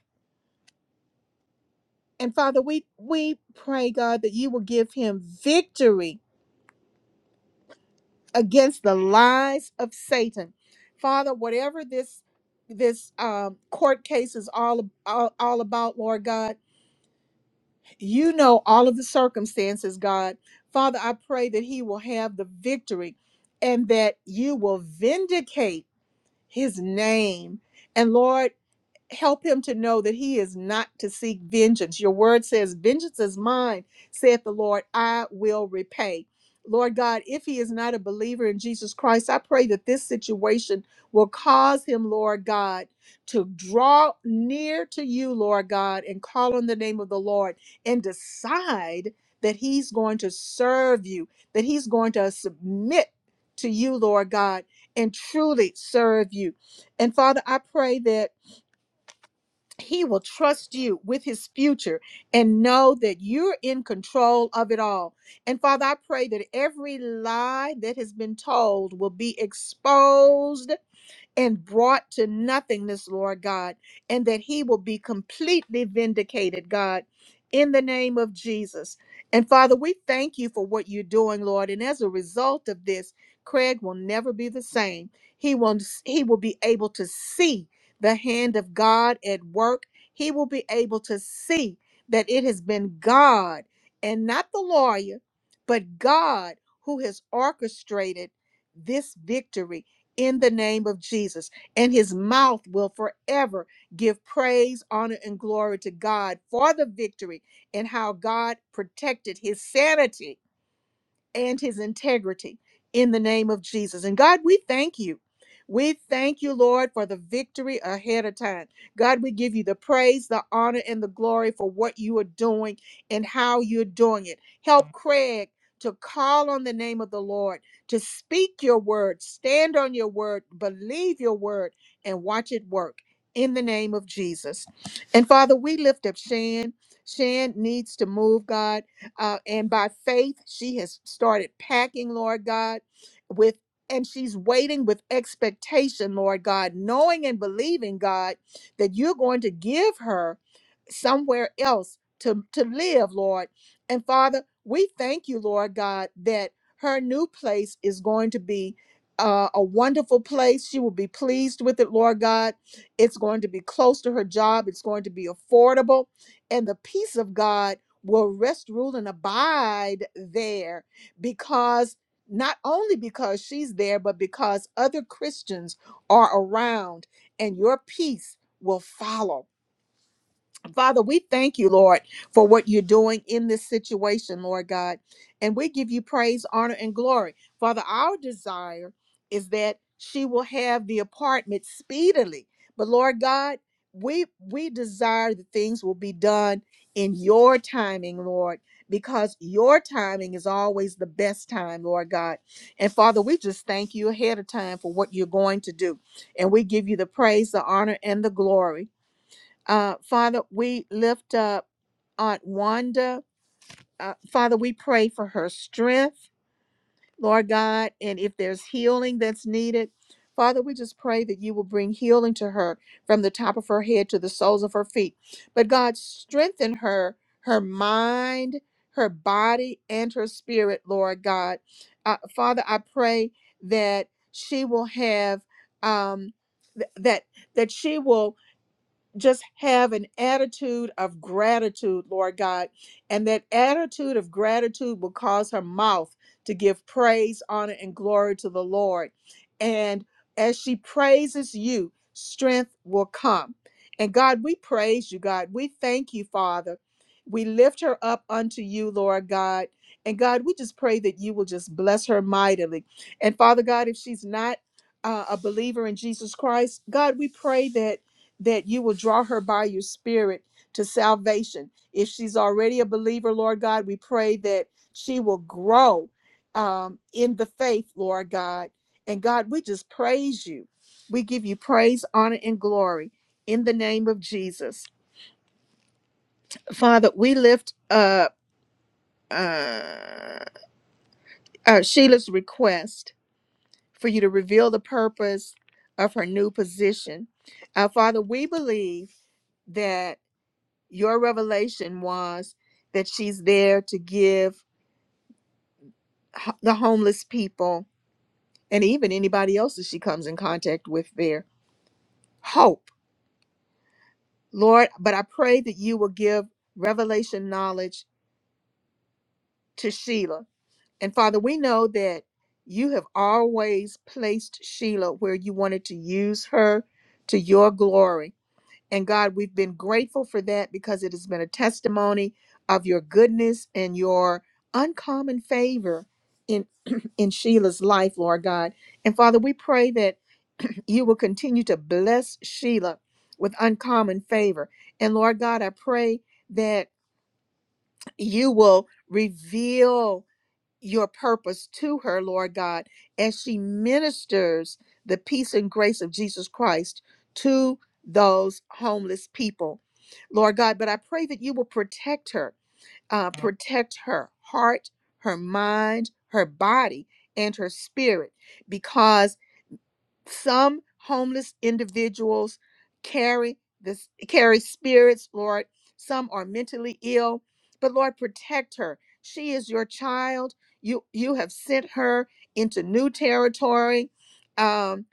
A: And Father, we, we pray, God, that you will give him victory against the lies of Satan. Father, whatever this this um, court case is all, all all about, Lord God, you know all of the circumstances, God. Father, I pray that he will have the victory and that you will vindicate his name. And Lord, help him to know that he is not to seek vengeance. Your word says, Vengeance is mine, saith the Lord, I will repay. Lord God, if he is not a believer in Jesus Christ, I pray that this situation will cause him, Lord God, to draw near to you, Lord God, and call on the name of the Lord and decide that he's going to serve you, that he's going to submit to you, Lord God, and truly serve you. And Father, I pray that he will trust you with his future and know that you're in control of it all. And Father, I pray that every lie that has been told will be exposed and brought to nothingness, Lord God, and that he will be completely vindicated, God, in the name of Jesus. And Father, we thank you for what you're doing, Lord. And as a result of this, Craig will never be the same. He will, he will be able to see the hand of God at work. He will be able to see that it has been God and not the lawyer, but God who has orchestrated this victory in the name of Jesus, and his mouth will forever give praise, honor, and glory to God for the victory and how God protected his sanity and his integrity in the name of Jesus. And God, we thank you. We thank you, Lord, for the victory ahead of time. God, we give you the praise, the honor, and the glory for what you are doing and how you're doing it. Help Craig to call on the name of the Lord, to speak your word, stand on your word, believe your word, and watch it work in the name of Jesus. And Father, we lift up Shan. Shan needs to move, God. Uh, and by faith, she has started packing, Lord God, with and she's waiting with expectation, Lord God, knowing and believing, God, that you're going to give her somewhere else to, to live, Lord. And Father, we thank you, Lord God, that her new place is going to be uh, a wonderful place. She will be pleased with it, Lord God. It's going to be close to her job, it's going to be affordable, and the peace of God will rest, rule, and abide there because. Not only because she's there, but because other Christians are around, and your peace will follow. Father, we thank you, Lord, for what you're doing in this situation, Lord God. And we give you praise, honor, and glory. Father, our desire is that she will have the apartment speedily. But Lord God, we we desire that things will be done in your timing, Lord, because your timing is always the best time, Lord God. And Father, we just thank you ahead of time for what you're going to do. And we give you the praise, the honor, and the glory. Uh, Father, we lift up Aunt Wanda. Uh, Father, we pray for her strength, Lord God, and if there's healing that's needed, Father, we just pray that you will bring healing to her from the top of her head to the soles of her feet. But God, strengthen her, her mind, her body, and her spirit, Lord God. Uh, Father, I pray that she will have um, th- that that she will just have an attitude of gratitude, Lord God. And that attitude of gratitude will cause her mouth to give praise, honor, and glory to the Lord. And as she praises you, strength will come. And God, we praise you, God. We thank you, Father. We lift her up unto you, Lord God. And God, we just pray that you will just bless her mightily. And Father God, if she's not uh, a believer in Jesus Christ, God, we pray that that you will draw her by your spirit to salvation. If she's already a believer, Lord God, we pray that she will grow um, in the faith, Lord God. And God, we just praise you. We give you praise, honor, and glory in the name of Jesus. Father, we lift up uh, uh, Sheila's request for you to reveal the purpose of her new position. Uh, Father, we believe that your revelation was that she's there to give h- the homeless people and even anybody else that she comes in contact with their hope lord but i pray that you will give revelation knowledge to sheila and father we know that you have always placed sheila where you wanted to use her to your glory And God, we've been grateful for that because it has been a testimony of your goodness and your uncommon favor in in Sheila's life, Lord God. And Father, we pray that you will continue to bless Sheila with uncommon favor. And Lord God, I pray that you will reveal your purpose to her, Lord God, as she ministers the peace and grace of Jesus Christ to those homeless people, Lord God. But I pray that you will protect her, uh, Mhm. protect her heart, her mind, her body, and her spirit, because some homeless individuals carry this carry spirits, Lord. Some are mentally ill, but Lord, protect her. She is your child. You you have sent her into new territory. Um,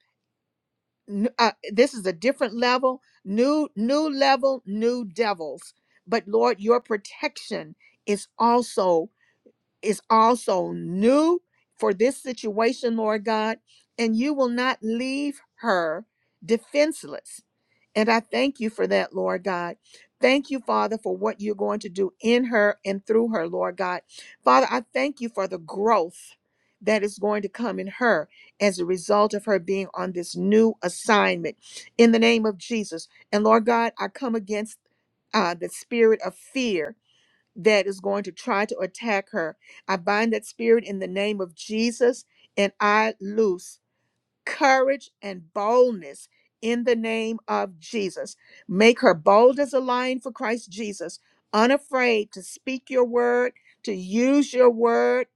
A: n- uh, this is a different level, new new level, new devils. But Lord, your protection is also is also new for this situation, Lord God, and you will not leave her defenseless. And I thank you for that, Lord God. Thank you, Father, for what you're going to do in her and through her, Lord God. Father, I thank you for the growth that is going to come in her as a result of her being on this new assignment in the name of Jesus. And Lord God, I come against uh, the spirit of fear that is going to try to attack her. I bind that spirit in the name of Jesus and I loose courage and boldness in the name of Jesus. Make her bold as a lion for Christ Jesus, unafraid to speak your word, to use your word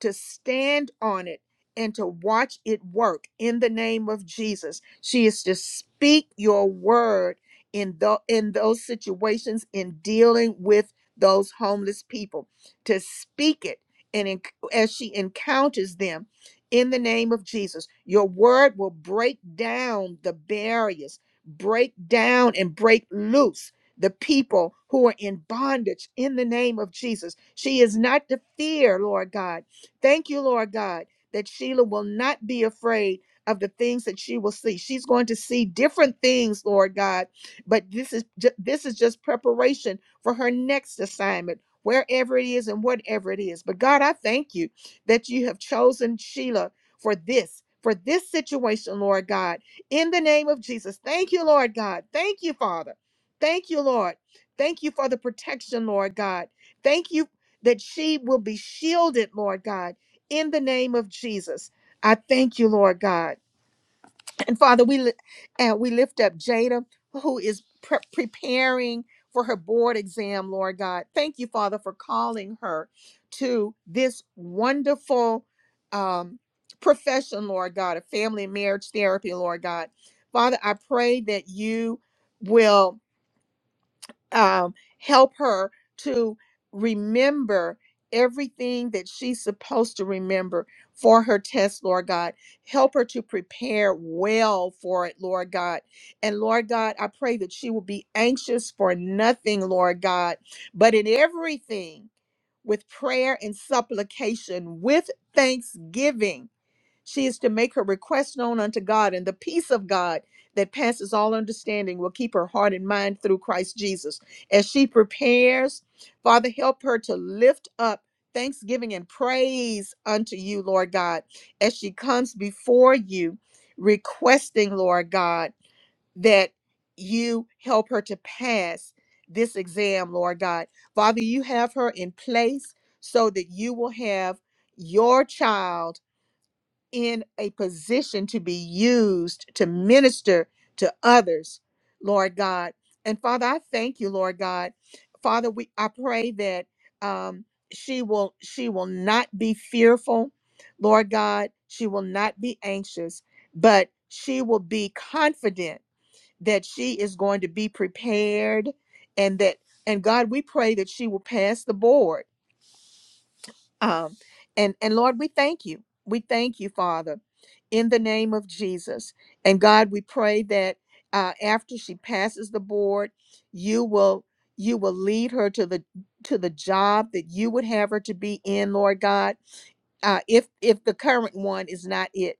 A: to stand on it and to watch it work in the name of Jesus. She is to speak your word in the in those situations in dealing with those homeless people. To speak it and enc- as she encounters them in the name of Jesus. Your word will break down the barriers, break down and break loose the people who are in bondage in the name of Jesus. She is not to fear, Lord God Thank you, Lord God, that Sheila will not be afraid of the things that she will see. She's going to see different things, Lord God, but this is ju- this is just preparation for her next assignment. Wherever it is and whatever it is. But God, I thank you that you have chosen Sheila for this, for this situation, Lord God, in the name of Jesus. Thank you, Lord God. Thank you, Father. Thank you, Lord. Thank you for the protection, Lord God. Thank you that she will be shielded, Lord God, in the name of Jesus. I thank you, Lord God. And Father, we li- and we lift up Jada, who is pre- preparing for her board exam, Lord God. Thank you, Father, for calling her to this wonderful um, profession, Lord God, of family and marriage therapy, Lord God. Father, I pray that you will um, help her to remember everything that she's supposed to remember for her test, Lord God. Help her to prepare well for it, Lord God. And Lord God, I pray that she will be anxious for nothing, Lord God, but in everything with prayer and supplication, with thanksgiving she is to make her request known unto God, and the peace of God that passes all understanding will keep her heart and mind through Christ Jesus. As she prepares, Father, help her to lift up thanksgiving and praise unto you, Lord God, as she comes before you, requesting, Lord God, that you help her to pass this exam, Lord God. Father, you have her in place so that you will have your child in a position to be used to minister to others, Lord God. And Father, I thank you, Lord God. Father, we I pray that um, she will she will not be fearful, Lord God. She will not be anxious, but she will be confident that she is going to be prepared and that and God, we pray that she will pass the board um, and and Lord, we thank you. We thank you, Father, in the name of Jesus. And God, we pray that uh, after she passes the board, you will you will lead her to the to the job that you would have her to be in, Lord God uh, if if the current one is not it.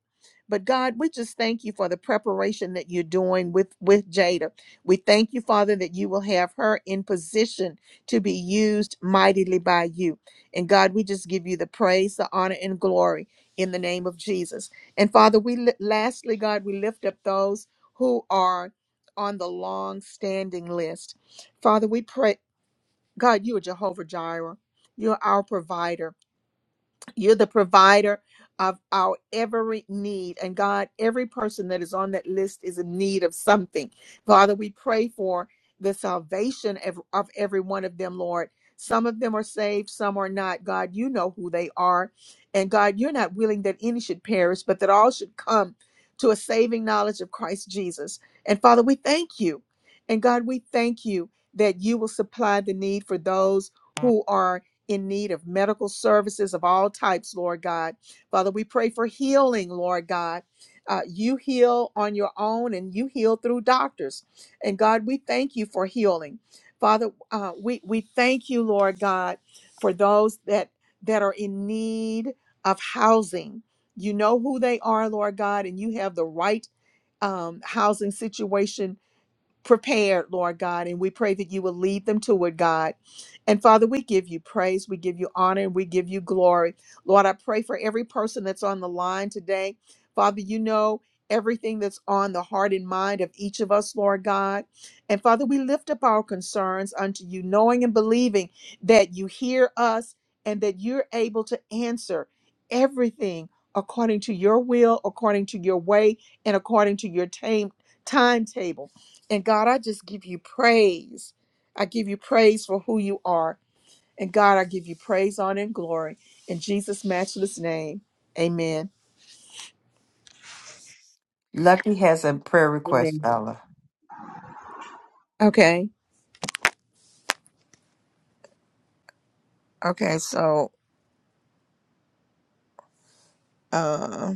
A: But God, we just thank you for the preparation that you're doing with with Jada. We thank you, Father, that you will have her in position to be used mightily by you. And God, we just give you the praise, the honor, and glory in the name of Jesus. And Father, we li- lastly, God, we lift up those who are on the long standing list. Father, we pray, God, you are Jehovah Jireh. You're our provider. You're the provider of our every need. And God, every person that is on that list is in need of something. Father, we pray for the salvation of, of every one of them, Lord. Some of them are saved, some are not. God, you know who they are. And God, you're not willing that any should perish, but that all should come to a saving knowledge of Christ Jesus. And Father, we thank you. And God, we thank you that you will supply the need for those who are in need of medical services of all types, Lord God. Father, we pray for healing, Lord God. Uh, you heal on your own and you heal through doctors. And God, we thank you for healing. Father, uh, we, we thank you, Lord God, for those that, that are in need of housing. You know who they are, Lord God, and you have the right um, housing situation prepared, Lord God, and we pray that you will lead them to it, God. And Father, we give you praise, we give you honor, and we give you glory. Lord, I pray for every person that's on the line today. Father, you know everything that's on the heart and mind of each of us, Lord God. And Father, we lift up our concerns unto you, knowing and believing that you hear us and that you're able to answer everything according to your will, according to your way, and according to your time timetable. And God, I just give you praise. I give you praise for who you are. And God, I give you praise, honor, and glory. In Jesus' matchless name. Amen.
E: Lucky has a prayer request,
C: Amen.
E: Ella.
A: Okay. Okay. So uh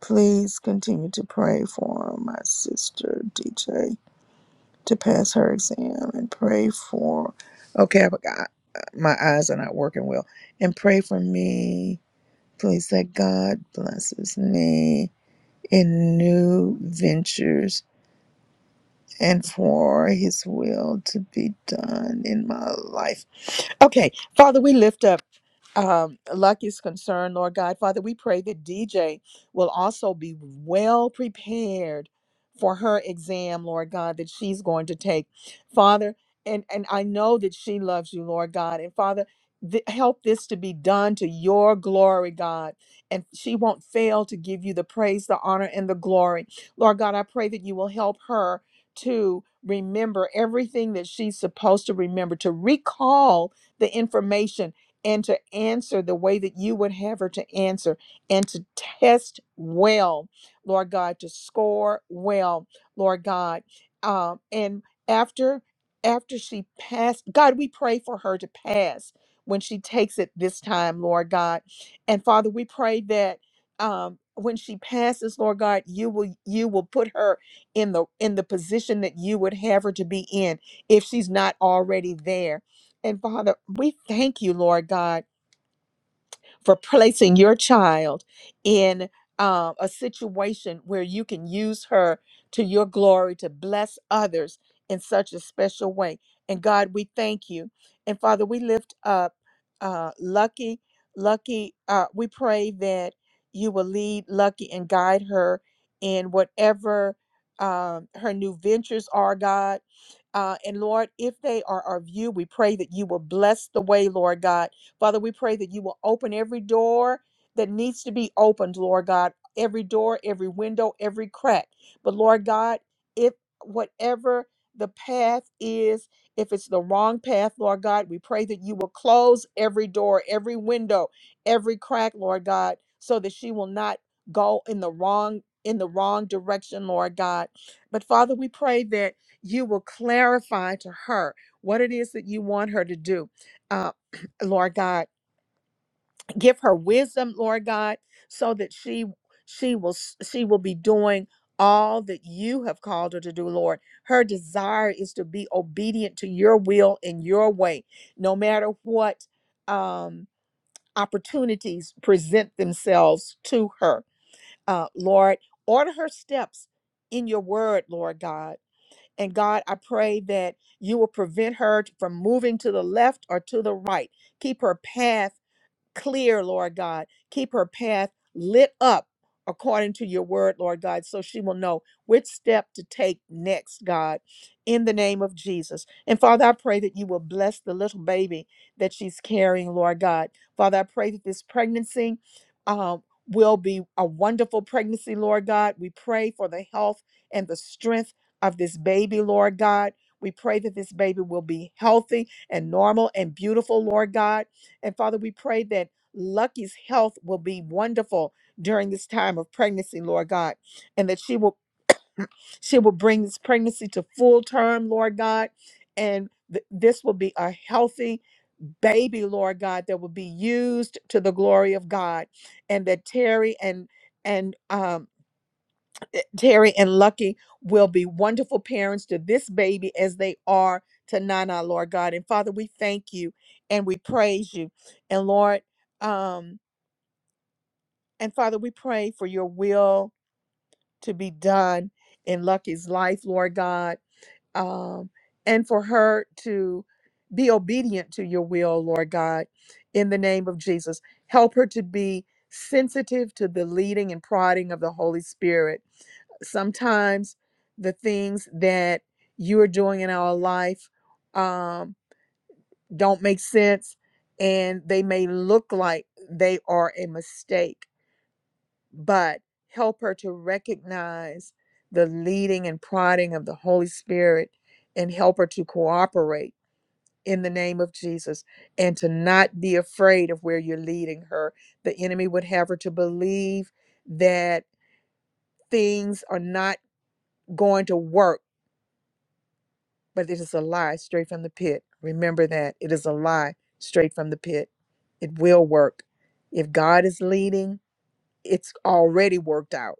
A: please continue to pray for my sister DJ to pass her exam and pray for okay, I forgot my eyes are not working well. And pray for me. Please that God blesses me in new ventures and for his will to be done in my life. Okay, Father, we lift up um, Lucky's concern, Lord God. Father, we pray that DJ will also be well prepared for her exam, Lord God, that she's going to take. Father, and, and I know that she loves you, Lord God. And Father, th- help this to be done to your glory, God. And she won't fail to give you the praise, the honor, and the glory. Lord God, I pray that you will help her to remember everything that she's supposed to remember, to recall the information and to answer the way that you would have her to answer and to test well, Lord God, to score well, Lord God. Um, and after after she passed, God, we pray for her to pass when she takes it this time, Lord God. And Father, we pray that um when she passes, Lord God, you will you will put her in the in the position that you would have her to be in if she's not already there. And Father, we thank you, Lord God for placing your child in uh, a situation where you can use her to your glory to bless others in such a special way. And God, we thank you. And Father, we lift up uh, Lucky. Lucky, uh, we pray that you will lead Lucky and guide her in whatever um, her new ventures are, God. Uh, and Lord, if they are of you, we pray that you will bless the way, Lord God Father, we pray that you will open every door that needs to be opened, Lord God, every door, every window, every crack. But Lord God, if whatever the path is, if it's the wrong path, Lord God, we pray that you will close every door, every window, every crack, Lord God, so that she will not go in the wrong in the wrong direction, Lord God. But Father, we pray that you will clarify to her what it is that you want her to do. Uh, Lord God give her wisdom lord god so that she she will s- she will be doing all that you have called her to do lord her desire is to be obedient to your will and your way no matter what um opportunities present themselves to her uh lord order her steps in your word lord god and god i pray that you will prevent her from moving to the left or to the right keep her path clear, Lord God. Keep her path lit up according to your word, Lord God, so she will know which step to take next, God, in the name of Jesus. And Father, I pray that you will bless the little baby that she's carrying, Lord God. Father, I pray that this pregnancy um, will be a wonderful pregnancy, Lord God. We pray for the health and the strength of this baby, Lord God. We pray that this baby will be healthy and normal and beautiful, Lord God. And Father, we pray that Lucky's health will be wonderful during this time of pregnancy, Lord God, and that she will she will bring this pregnancy to full term, Lord God, and th- this will be a healthy baby, Lord God, that will be used to the glory of God, and that Terry and and um eh, Terry and Lucky will be wonderful parents to this baby as they are to Nana, Lord God. And Father, we thank you and we praise you. And Lord, um, and Father, we pray for your will to be done in Lucky's life, Lord God um, and for her to be obedient to your will, Lord God, in the name of Jesus. Help her to be sensitive to the leading and prodding of the Holy Spirit. Sometimes the things that you are doing in our life um, don't make sense and they may look like they are a mistake but help her to recognize the leading and prodding of the Holy Spirit and help her to cooperate in the name of Jesus and to not be afraid of where you're leading her. The enemy would have her to believe that things are not going to work, but it is a lie straight from the pit. Remember that it is a lie straight from the pit. It will work. If God is leading, it's already worked out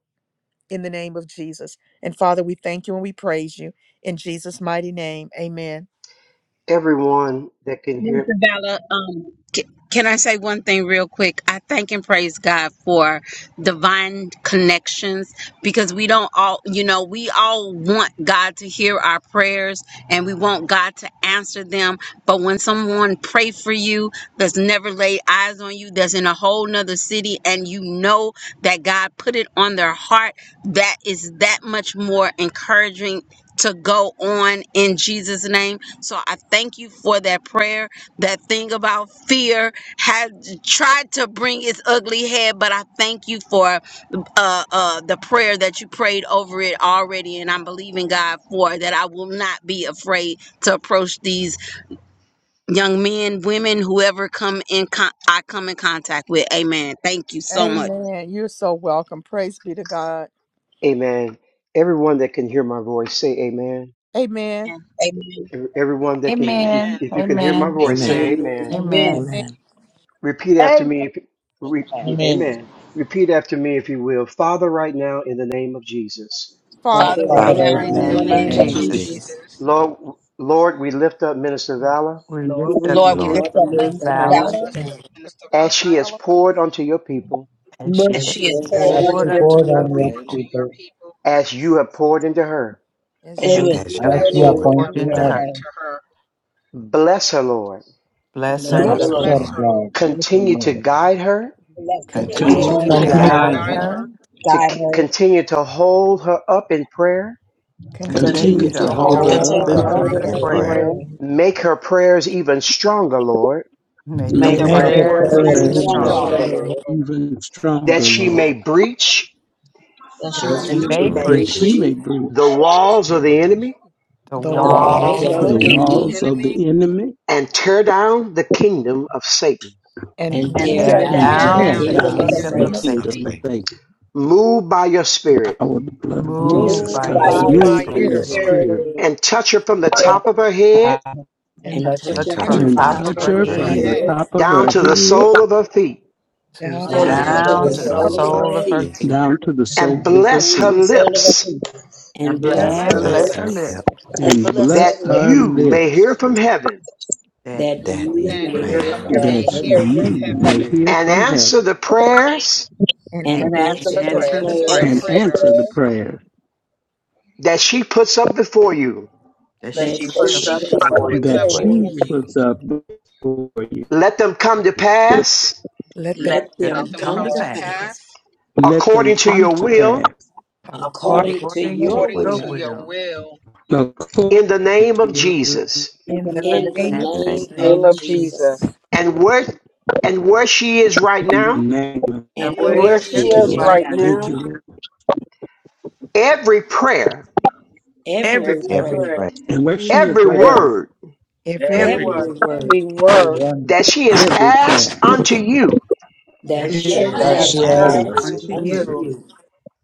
A: in the name of Jesus. And Father, we thank you and we praise you in Jesus' mighty name. Amen.
N: Everyone that can hear,
P: Minister Vala, um, c- can I say one thing real quick? I thank and praise God for divine connections because we don't all, you know, we all want God to hear our prayers and we want God to answer them. But when someone pray for you that's never laid eyes on you, that's in a whole nother city, and you know that God put it on their heart, that is that much more encouraging to go on in Jesus' name. So I thank you for that prayer that thing about fear had tried to bring its ugly head, but I thank you for uh, uh, the prayer that you prayed over it already, and I'm believing God for that. I will not be afraid to approach these young men, women, whoever come in con- I come in contact with. Amen. Thank you so much.
A: Amen. You're so welcome. Praise be to God.
N: amen. Everyone that can hear my voice, say amen.
A: Amen.
P: Amen. Amen.
N: Every- Everyone that can, if you,
E: Amen.
N: if you can hear my
E: Amen.
N: voice,
H: Amen.
N: say amen.
L: Amen.
E: Amen.
P: Amen.
A: Amen.
H: Amen.
N: Repeat after
O: Amen.
N: me, if, re,
R: I mean,
N: amen. Repeat after me, if you will. Father, right now, in the name of Jesus.
A: Father,
P: Father,
L: Father,
P: right
R: Father,
L: right
H: Father,
P: now
R: right
H: right
E: In
L: now,
E: the
R: now
L: in
P: in
L: the
R: in
H: now,
E: name
P: the
H: in
R: the
H: the
E: of
P: name
L: name
R: name
P: of
L: of
H: name
R: of
H: of Jesus,
R: Jesus,
P: Jesus,
E: Jesus.
L: Jesus.
N: Lord, Lord, we lift up Minister Valor
E: We lift
C: Lord,
E: up
C: we
P: Lord, we
H: Lord,
P: lift
C: lift
L: God
C: up
P: up
E: the
C: this
L: lift
P: Minister
L: up
H: I
E: valor
C: valley.
L: Minister
P: Valor
L: Pam,
N: as she has poured onto your people,
E: and
O: Bless,
E: she
P: as
L: and she
P: she
E: has
P: is
L: is
C: Yes,
H: bless
P: poured
H: you
L: forward
R: as
P: onto
E: poured
R: you
L: unto
P: your
E: unto
L: you,
R: poured
H: to
E: her
H: your
P: people,
R: on
C: Lord,
R: your
H: people
E: people.
R: people,
N: as you have poured into her.
A: as
P: as
A: you
O: bless,
L: and
P: you
E: And
C: If
E: you
P: is
H: as
L: she
C: you
E: have
H: you
R: as
L: is
C: have
H: have
P: poured
R: we
P: into
L: good.
H: poured
C: poured,
R: appoint
E: poured
C: you
R: you
H: into
E: into
C: have
R: as
H: her.
E: her.
P: her.
N: Bless her, Lord.
E: Bless her,
L: Bless
C: let
L: her
C: the
E: Lord.
H: Bless her,
R: blesser,
C: Lord
L: heart.
H: Lord.
R: God,
F: Yes,
N: Continue to
F: Lord.
N: guide her,
P: Bless
A: continue,
P: her.
L: Continue
H: Continue
C: continue
L: to
E: Continue
F: Continue
H: to
C: to
E: to
F: to
L: guide
R: continue to
C: guide
H: guide
L: her.
C: us,
H: her.
E: guide
F: guide her.
E: her.
N: to
P: Guide
N: c-
P: her.
N: continue to hold her up in prayer.
A: continue
E: Continue
C: continue
F: Continue
L: Continue
H: Continue
F: to
E: to
C: to
L: to
H: to
F: hold
L: hold
C: hold
L: her
H: hold
F: her up
P: Continue
C: her
E: hold
H: her
P: to
F: in
L: up
H: up
E: her up
C: up
L: in
P: hold
E: in
A: Gary,
F: prayer.
P: her
H: in
C: in
P: up
L: prayer.
P: in
H: prayer.
E: prayer.
C: prayer,
P: prayer.
R: pray.
N: Make her prayers even stronger, Lord,
E: Make her
P: Make
C: make
P: her
L: Make
F: Make
L: her
H: Make
C: her
R: make
F: her
H: her
R: a
P: prayers
L: prayer
H: prayer
E: prayers
C: prayers
R: prayer
P: even
E: even
H: even
L: even
C: even
R: real
P: stronger,
F: prayers
H: stronger,
L: stronger,
E: stronger,
C: stronger,
H: Lord.
P: Lord,
C: Lord,
L: Lord,
F: even
N: that
F: stronger,
N: she
F: Lord,
N: may breach
P: that she
E: that
L: that
P: may
C: that
E: she
L: she
H: That
P: reach
H: she
C: she
E: may
H: may
L: may
C: may
F: that
E: break
H: be
F: she
L: breach
C: read
F: may
N: the
F: breach
N: walls of the enemy
E: the
A: the
P: the
C: the
L: the
A: one
H: the wall
P: walls
H: of
L: walls
P: of
C: walls
P: the
E: walls
L: of
C: of
E: of
L: the
H: the
C: the
F: the
E: the
H: enemy
P: enemy
E: enemy
C: enemy
L: enemy
F: walls of the enemy
N: and tear down the kingdom of Satan.
A: and
L: and
E: and
C: and
P: and
L: tear
H: into
A: tear
E: tear
P: tear
C: tear
L: down
F: and
C: down
P: down
C: the
P: the
L: the
F: tear
E: down the
P: kingdom
H: the
C: kingdom
P: of
L: kingdom of
C: of
F: down
H: kingdom
E: kingdom
F: the
C: Satan.
P: Satan.
E: of
A: them up
L: Satan.
E: Satan.
H: of
F: kingdom of
H: Satan.
F: Satan.
N: Move by your
F: The
N: spirit
F: power of the blood
A: from
F: of
E: Move
H: Lord,
L: Move
F: Jesus
P: Move
E: by
C: Move
P: by
E: your
F: covers.
L: by
C: by
H: By
P: your
H: your
L: your
C: your
E: spirit,
F: Move by
E: Lord.
H: spirit,
F: your
A: here
C: spirit,
L: spirit
P: spirit,
C: Lord,
H: Lord,
F: spirit
N: and touch her from the top of her head
C: and
A: and
L: and
C: touch her
L: touch
H: and
E: Touch
L: her
E: her
C: from
H: touch
L: from
C: the
H: her
E: from the
A: two
L: the
F: and
H: from
C: top
E: top
H: the
L: top
C: of
H: top
E: of
F: touch
C: her
E: her
L: of
H: of
F: her
H: her
C: head
L: her
A: right
F: from
E: head
H: head
F: the
L: head
F: top of
N: down
F: her
N: to the
F: head
N: sole of her feet
E: to
A: down
C: onto
O: brother.
R: time
C: the
R: to
L: down
H: down
R: the
P: touch her
L: to
H: to
E: down
H: the
L: the
P: from
E: to
R: prayer,
C: soles
P: the
E: the
C: of
P: top
A: from
C: her
L: sole
P: of
H: soles
L: of
P: her
C: feet,
H: of
L: her
E: sole
P: head
H: her
E: of her
H: feet,
L: feet
E: feet.
F: down to the
N: and
F: soles of her
N: bless
P: down
N: her
P: to
F: feet,
P: the sole of her
N: lips
P: feet.
C: and
L: and
A: left
C: bless
H: and
L: bless
E: And
L: her
C: her
H: bless
E: bless her
H: her
C: lips.
L: lips
E: lips
H: lips,
F: and
P: And Lord,
N: that
F: bless
P: Lord,
F: her
N: you may hear
F: lips,
N: from heaven
E: that
L: that
C: And
H: that
C: She
A: and
H: you
L: you
C: will
L: may
E: you
C: hear
H: may
L: hear
C: from
H: hear
L: from
A: here
H: from
C: heaven
F: that
P: you
H: heaven.
L: heaven
P: know
H: And
F: you
H: that
F: may
H: you,
F: hear
N: and
F: from
N: answer
F: heaven
N: the prayers
A: and
E: and
A: in.
L: and
C: and answer
L: answer
C: the
L: the
C: prayer
F: and
L: prayers
F: answer the prayers
N: that she puts up before you
C: that
L: that
C: she puts
L: she
H: the
C: up
L: puts
C: before
L: up
C: you.
F: that
H: way,
L: before
F: she
L: you.
F: puts up before you.
N: Let them come to pass
A: let them
C: Let
L: Let
C: them
E: let
C: come
L: them
E: them
C: to
E: come
C: pass
L: come
E: to
L: to
E: pass.
L: pass
F: Let them
N: according to
F: come
N: your
F: to pass
N: will
A: guard
C: according
E: according
L: according
H: according
C: to
L: to
C: the
A: you
H: to
E: to
H: your
E: your
L: your
C: will
H: will,
L: will
E: will.
F: according
N: in the
F: to
N: name of
F: your will
N: Jesus.
A: in the
C: and
E: In
C: the
E: the
L: in the
A: name of
H: your name,
C: decisions
E: master's
L: name
E: name
L: of
E: of Jesus.
L: Jesus.
N: And where and where she is right
F: in the
N: now,
F: name of
C: and
E: And
L: And
C: where
H: and what
L: where
C: he
L: she
E: every,
F: thank
H: is
F: you,
C: is
F: Lord.
C: right
L: is
H: right.
C: now.
L: right
F: Thank you,
L: now,
F: Lord.
N: every prayer,
E: every,
L: every
C: Every
H: Every
L: prayer,
R: every
C: prayer,
H: prayer,
F: And where she is
N: every
F: right now,
N: word
A: every
C: every
H: every word
C: word
L: every
E: every.
L: word
R: everyone
N: that she has
F: every
N: asked
F: prayer,
N: unto you,
A: that I
C: that
L: that
C: she
F: every
L: she
C: has
H: that she
R: that
L: has
R: she
H: has
R: has
C: asked
H: asked
C: him to
L: asked
H: unto
E: And
H: you,
L: unto
F: word
E: you
L: you,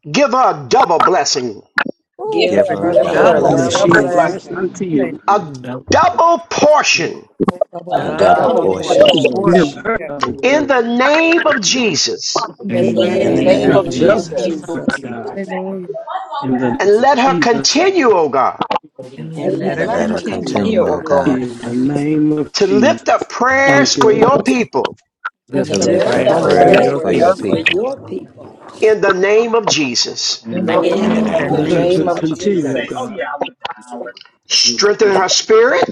N: give her a double blessing,
A: oh
H: give
L: give
E: give a
C: do,
H: her
L: her
H: a
C: give
R: to
L: a
H: double
E: dou-
C: her a
R: bless.
F: that
H: blessing,
L: double
C: double
F: she has
L: blessing,
F: asked
C: blessing,
F: unto
A: hallelujah,
F: you,
S: And
N: a double portion
A: double
C: a
H: a
L: a
H: double
P: what?
L: double
C: double
E: double
H: portion,
L: portion
C: portion.
F: give
E: portion
F: her
A: prayer
F: double
N: in the
F: blessing,
N: name of Jesus.
A: in the
C: In the
L: in
H: in
L: the
C: name
H: the
E: in
C: of
H: name
S: name
H: of
E: the
F: a
C: Jesus,
L: name of
S: you.
F: double
H: Jesus.
E: name of
F: for
L: Jesus.
F: God
E: Jesus.
A: hallelujah
F: In the
N: And
F: name of
N: let her
F: Jesus,
N: continue, O God,
A: and
E: And
L: and
A: let me
E: let
C: Lord,
L: let
C: I
E: her
H: And
L: her
H: let
C: thank
H: her
C: you,
E: continue, oh
C: Jesus.
H: continue, O
C: And
E: God,
L: continue, oh
H: God,
L: God,
F: in the name of
N: to lift
F: Jesus.
N: up prayers
F: Thank you,
N: for your
F: Lord.
N: people
A: lift
S: With
H: to
L: to
E: to
A: up
S: the
P: To
H: lift
C: it's
E: live
P: make
L: lift
C: a
H: up
R: Papa,
P: that
E: the
L: up
S: prayers for
C: prayer
R: obey
H: prayers
P: prayers
S: your
C: for
H: for
P: for
C: your
E: prayers
L: prayers
H: your
P: your
E: we
S: people.
P: people,
L: for
C: people.
H: people,
E: pray
L: your people
N: in the name of Jesus.
S: In
C: In
A: in
C: the
P: the
A: the
S: name
C: name
H: in
L: in
C: of
H: the
L: the
P: name
E: in
P: of
E: the
H: name
C: Jesus,
H: of
F: Let
P: Jesus,
F: her
L: name
F: to
H: Jesus.
E: name
L: of
E: of Jesus.
F: continue,
L: Jesus.
F: God,
N: Strengthen her spirit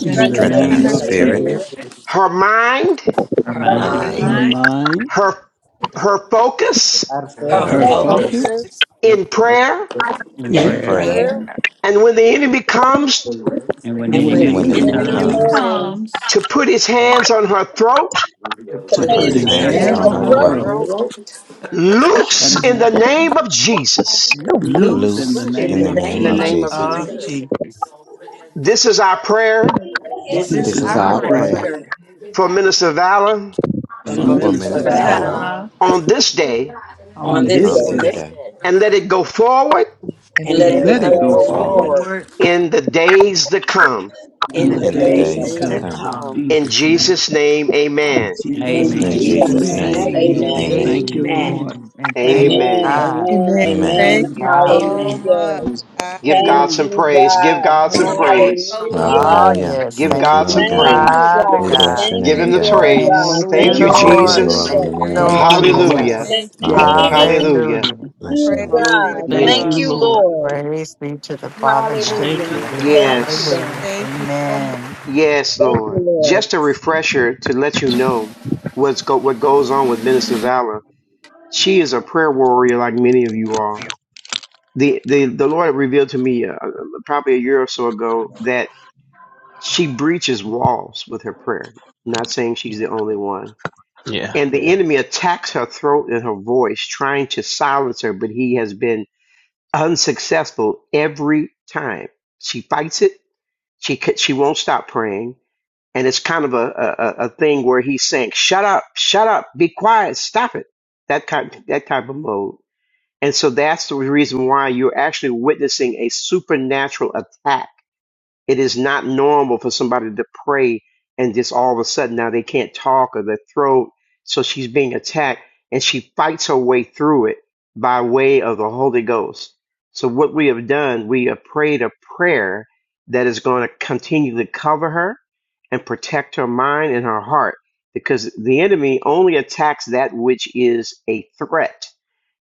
A: strength
F: in the
P: strengthen
L: her
P: her
H: Strengthen
E: Strengthen
H: her
F: name
E: her
S: my
F: of
C: I
P: spirit,
H: spirit,
L: spirit,
F: Jesus.
C: fear
E: spirit,
S: spirit,
N: her mind,
S: our
A: of
L: her
E: her
P: her
H: her
C: among
S: mind,
F: Her
H: mind,
P: name,
L: mind,
E: mind,
F: mind,
N: her her focus
R: our
P: her
S: our
L: her
R: faith
E: her
H: her
C: her
F: her
A: my
C: hope
A: soul
P: focus,
H: focus,
F: focus
L: focus
S: focus
E: focus,
N: in prayer,
S: in
E: and
H: in
F: in
L: in
R: and
S: prayer.
F: prayer.
H: prayer
R: prayer,
L: prayer,
E: her
N: and when the enemy comes
S: And when
F: And
L: and
A: and
S: the
A: in
F: when
L: when
A: the
H: and
F: the
L: the
H: when the
S: enemy
F: enemy
R: the
H: enemy
P: enemy, and
L: enemy
P: any
E: enemy
F: comes
S: comes,
R: healing
H: comes
P: prayer.
L: comes,
R: time,
E: comes
N: to put his hands on her throat,
E: to
P: To
F: to
H: to
S: for
R: things
E: put
L: to
P: put
S: the
H: put
E: his
L: put
F: put
P: his
H: his
F: his
L: his
P: hands
H: hands
E: hands
S: name
P: on
F: hand
E: on
H: on
L: hands
P: her
F: on
H: her
S: song
F: her
L: on
A: my
S: of
P: throat.
L: her
H: throat,
E: the
F: throat,
S: God,
L: throat,
F: shut
N: loose
F: it
N: in the
E: throat,
F: down.
N: name of Jesus.
A: loose
F: Loose
C: and
F: in
H: loose
C: faith
E: loose
F: the
L: loose
E: in
L: in
H: in
F: name
E: the
H: the
L: the
F: of
H: name
L: name
H: of
F: Jesus.
L: of
E: name
H: Jesus.
E: of
L: Jesus.
E: Jesus.
N: This is our prayer
E: This
L: This
F: This
E: is
L: is
H: This
P: Just
F: is
P: a
H: is
E: our
C: in
F: our
L: our
H: our
C: our
E: prayer.
P: prayer.
F: prayer
H: prayer
C: prayer.
L: prayer
N: for Minister Valor
L: for
F: for
E: for
C: for
H: for
P: It's
C: men
P: a
R: you
S: minister,
L: Minister
F: Minister
C: to
H: Minister
E: Mr.
P: minute to
C: valor
F: Valor
H: Valor
L: Valor
P: home
E: Valor
N: on this day,
R: and
E: on
P: on
R: to
F: on
L: on
P: this
C: this
E: this
F: this
H: on
E: day
L: this
P: day.
C: day
R: stay.
H: this
F: day.
L: day,
H: day
N: and let it go forward
A: and
P: and
L: and
C: and
P: let
E: and
F: And
P: it
L: let
C: let
H: and
C: it
L: it
F: let
E: let
C: be
H: let
F: it
E: it
H: it
L: go
F: go
H: go
E: go
P: refer
C: fulfilled
F: forward
H: forward
L: forward
E: forward
N: in the days to come.
E: in
S: and
F: in
P: in
C: in
L: in
F: the
E: the
C: the
L: the
S: Rebecca.
P: the
H: in the
C: days
F: days
P: days
C: to
E: days
F: to
P: to
H: days
L: days
H: to
E: to
L: to
P: come.
F: come.
H: come.
F: In
L: come.
E: come.
N: In
F: Jesus' name.
N: Jesus' name,
F: In
N: amen.
P: In
F: Jesus'
R: In,
E: In
L: In
H: In
S: Amen.
F: name,
R: in
P: Jesus'
C: come.
H: Jesus'
L: Jesus'
R: Jesus'
F: amen.
E: Jesus'
P: name,
R: name,
H: name,
L: name,
E: name,
R: amen.
P: amen.
H: amen.
F: Thank you,
L: amen
F: Lord.
E: amen. And
L: and
E: thank
P: Amen,
N: Amen.
L: amen.
E: God.
P: amen,
A: amen.
H: Amen.
P: amen.
E: Yes,
A: Thank
C: Amen.
A: you
E: God.
A: so
L: Amen.
P: Hallelujah.
A: much.
R: Praise God.
A: I
N: Give
P: Thank
N: God some
P: you,
N: praise. Give
P: God.
N: God some
A: praise
L: Amen.
N: praise.
A: the Lord.
E: Oh,
P: Hallelujah.
H: Hallelujah.
A: Praise
E: yes.
N: Give
H: Thank
E: Thank
H: you,
N: God
A: the
N: some
H: Lord
L: Hallelujah.
C: Amen.
E: you,
A: Lord.
H: God.
P: Thank
N: praise.
P: you,
E: Father
H: We
P: God.
E: God.
L: Yes.
H: bless your
P: Thank
N: Give
H: name,
A: Thank
N: him
P: you,
N: the
A: you.
H: God.
P: Lord
N: praise.
P: God.
E: Thank you,
N: Thank
P: Thank
N: you,
H: We
P: you,
H: give you
L: Yes.
E: Lord.
N: Jesus.
H: glory
E: Thank
P: Jesus.
H: in the
E: you,
H: name
F: Thank
A: Thank,
H: of
F: you,
E: Lord. Thank
F: Lord.
E: you,
H: Jesus.
E: Lord.
N: Hallelujah.
L: Yes.
A: thank you.
L: Yes.
H: Hallelujah.
P: Thank
N: Hallelujah.
E: Hallelujah.
H: Bless your
P: you,
H: name.
A: Praise be to
P: God.
F: Thank
P: Thank
F: you,
A: God.
P: you,
N: Yes.
F: Lord.
P: Lord.
E: Praise be to the Father
N: J-
E: God.
F: Thank
P: Hallelujah.
F: you,
E: Yes.
F: Lord.
A: Thank,
P: Thank you,
N: Yes.
P: God.
E: Hallelujah.
A: thank you so much.
E: Amen.
N: Yes,
P: Thank you,
N: Lord.
P: Lord.
N: Just a refresher to let you know what's go- what goes on with Minister Valor. She is a prayer warrior like many of you are. The the, the Lord revealed to me uh, uh, probably a year or so ago that she breaches walls with her prayer. Not saying she's the only one and the enemy attacks her throat and her voice, trying to silence her, but he has been unsuccessful every time. She fights it. She c- she won't stop praying, and it's kind of a a, a a thing where he's saying, "Shut up, shut up, be quiet, stop it." That kind that type of mode, and so that's the reason why you're actually witnessing a supernatural attack it is not normal for somebody to pray and just all of a sudden now they can't talk or their throat. So she's being attacked and she fights her way through it by way of the Holy Ghost. So what we have done, we have prayed a prayer that is going to continue to cover her and protect her mind and her heart because the enemy only attacks that which is a threat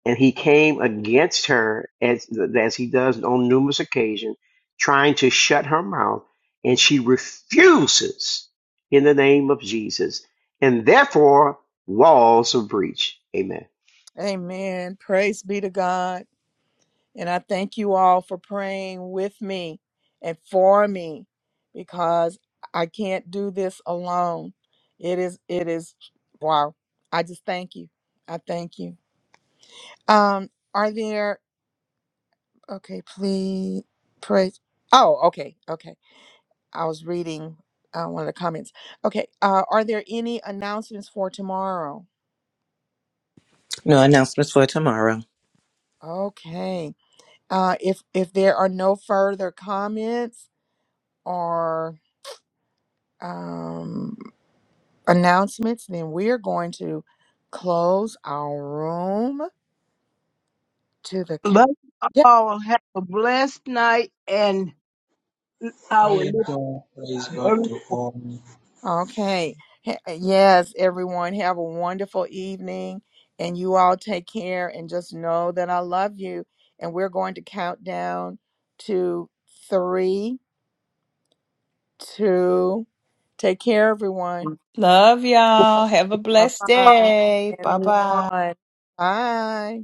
N: and he came against her as as he does on numerous occasions, trying to shut her mouth, and she refuses in the name of Jesus, and therefore walls of breach. Amen.
A: Amen. Praise be to God. And I thank you all for praying with me and for me because I can't do this alone. It is, it is, wow. I just thank you. I thank you. Um, are there, okay, please, praise. Oh, okay, okay. I was reading uh, one of the comments. Okay, uh, are there any announcements for tomorrow?
H: No announcements for tomorrow.
A: Okay, uh, if if there are no further comments or um, announcements, then we're going to close our room to the. ca-
O: Let's
A: Yeah.
O: all have a blessed night and I will
R: Praise God Praise God
O: live.
R: to all.
A: Okay. H- Yes, everyone, have a wonderful evening, and you all take care. And just know that I love you. And we're going to count down to three two. Take care, everyone.
E: Love y'all. Have a
A: Bye
E: blessed
A: bye.
E: day.
A: And
E: Bye bye.
A: one. Bye.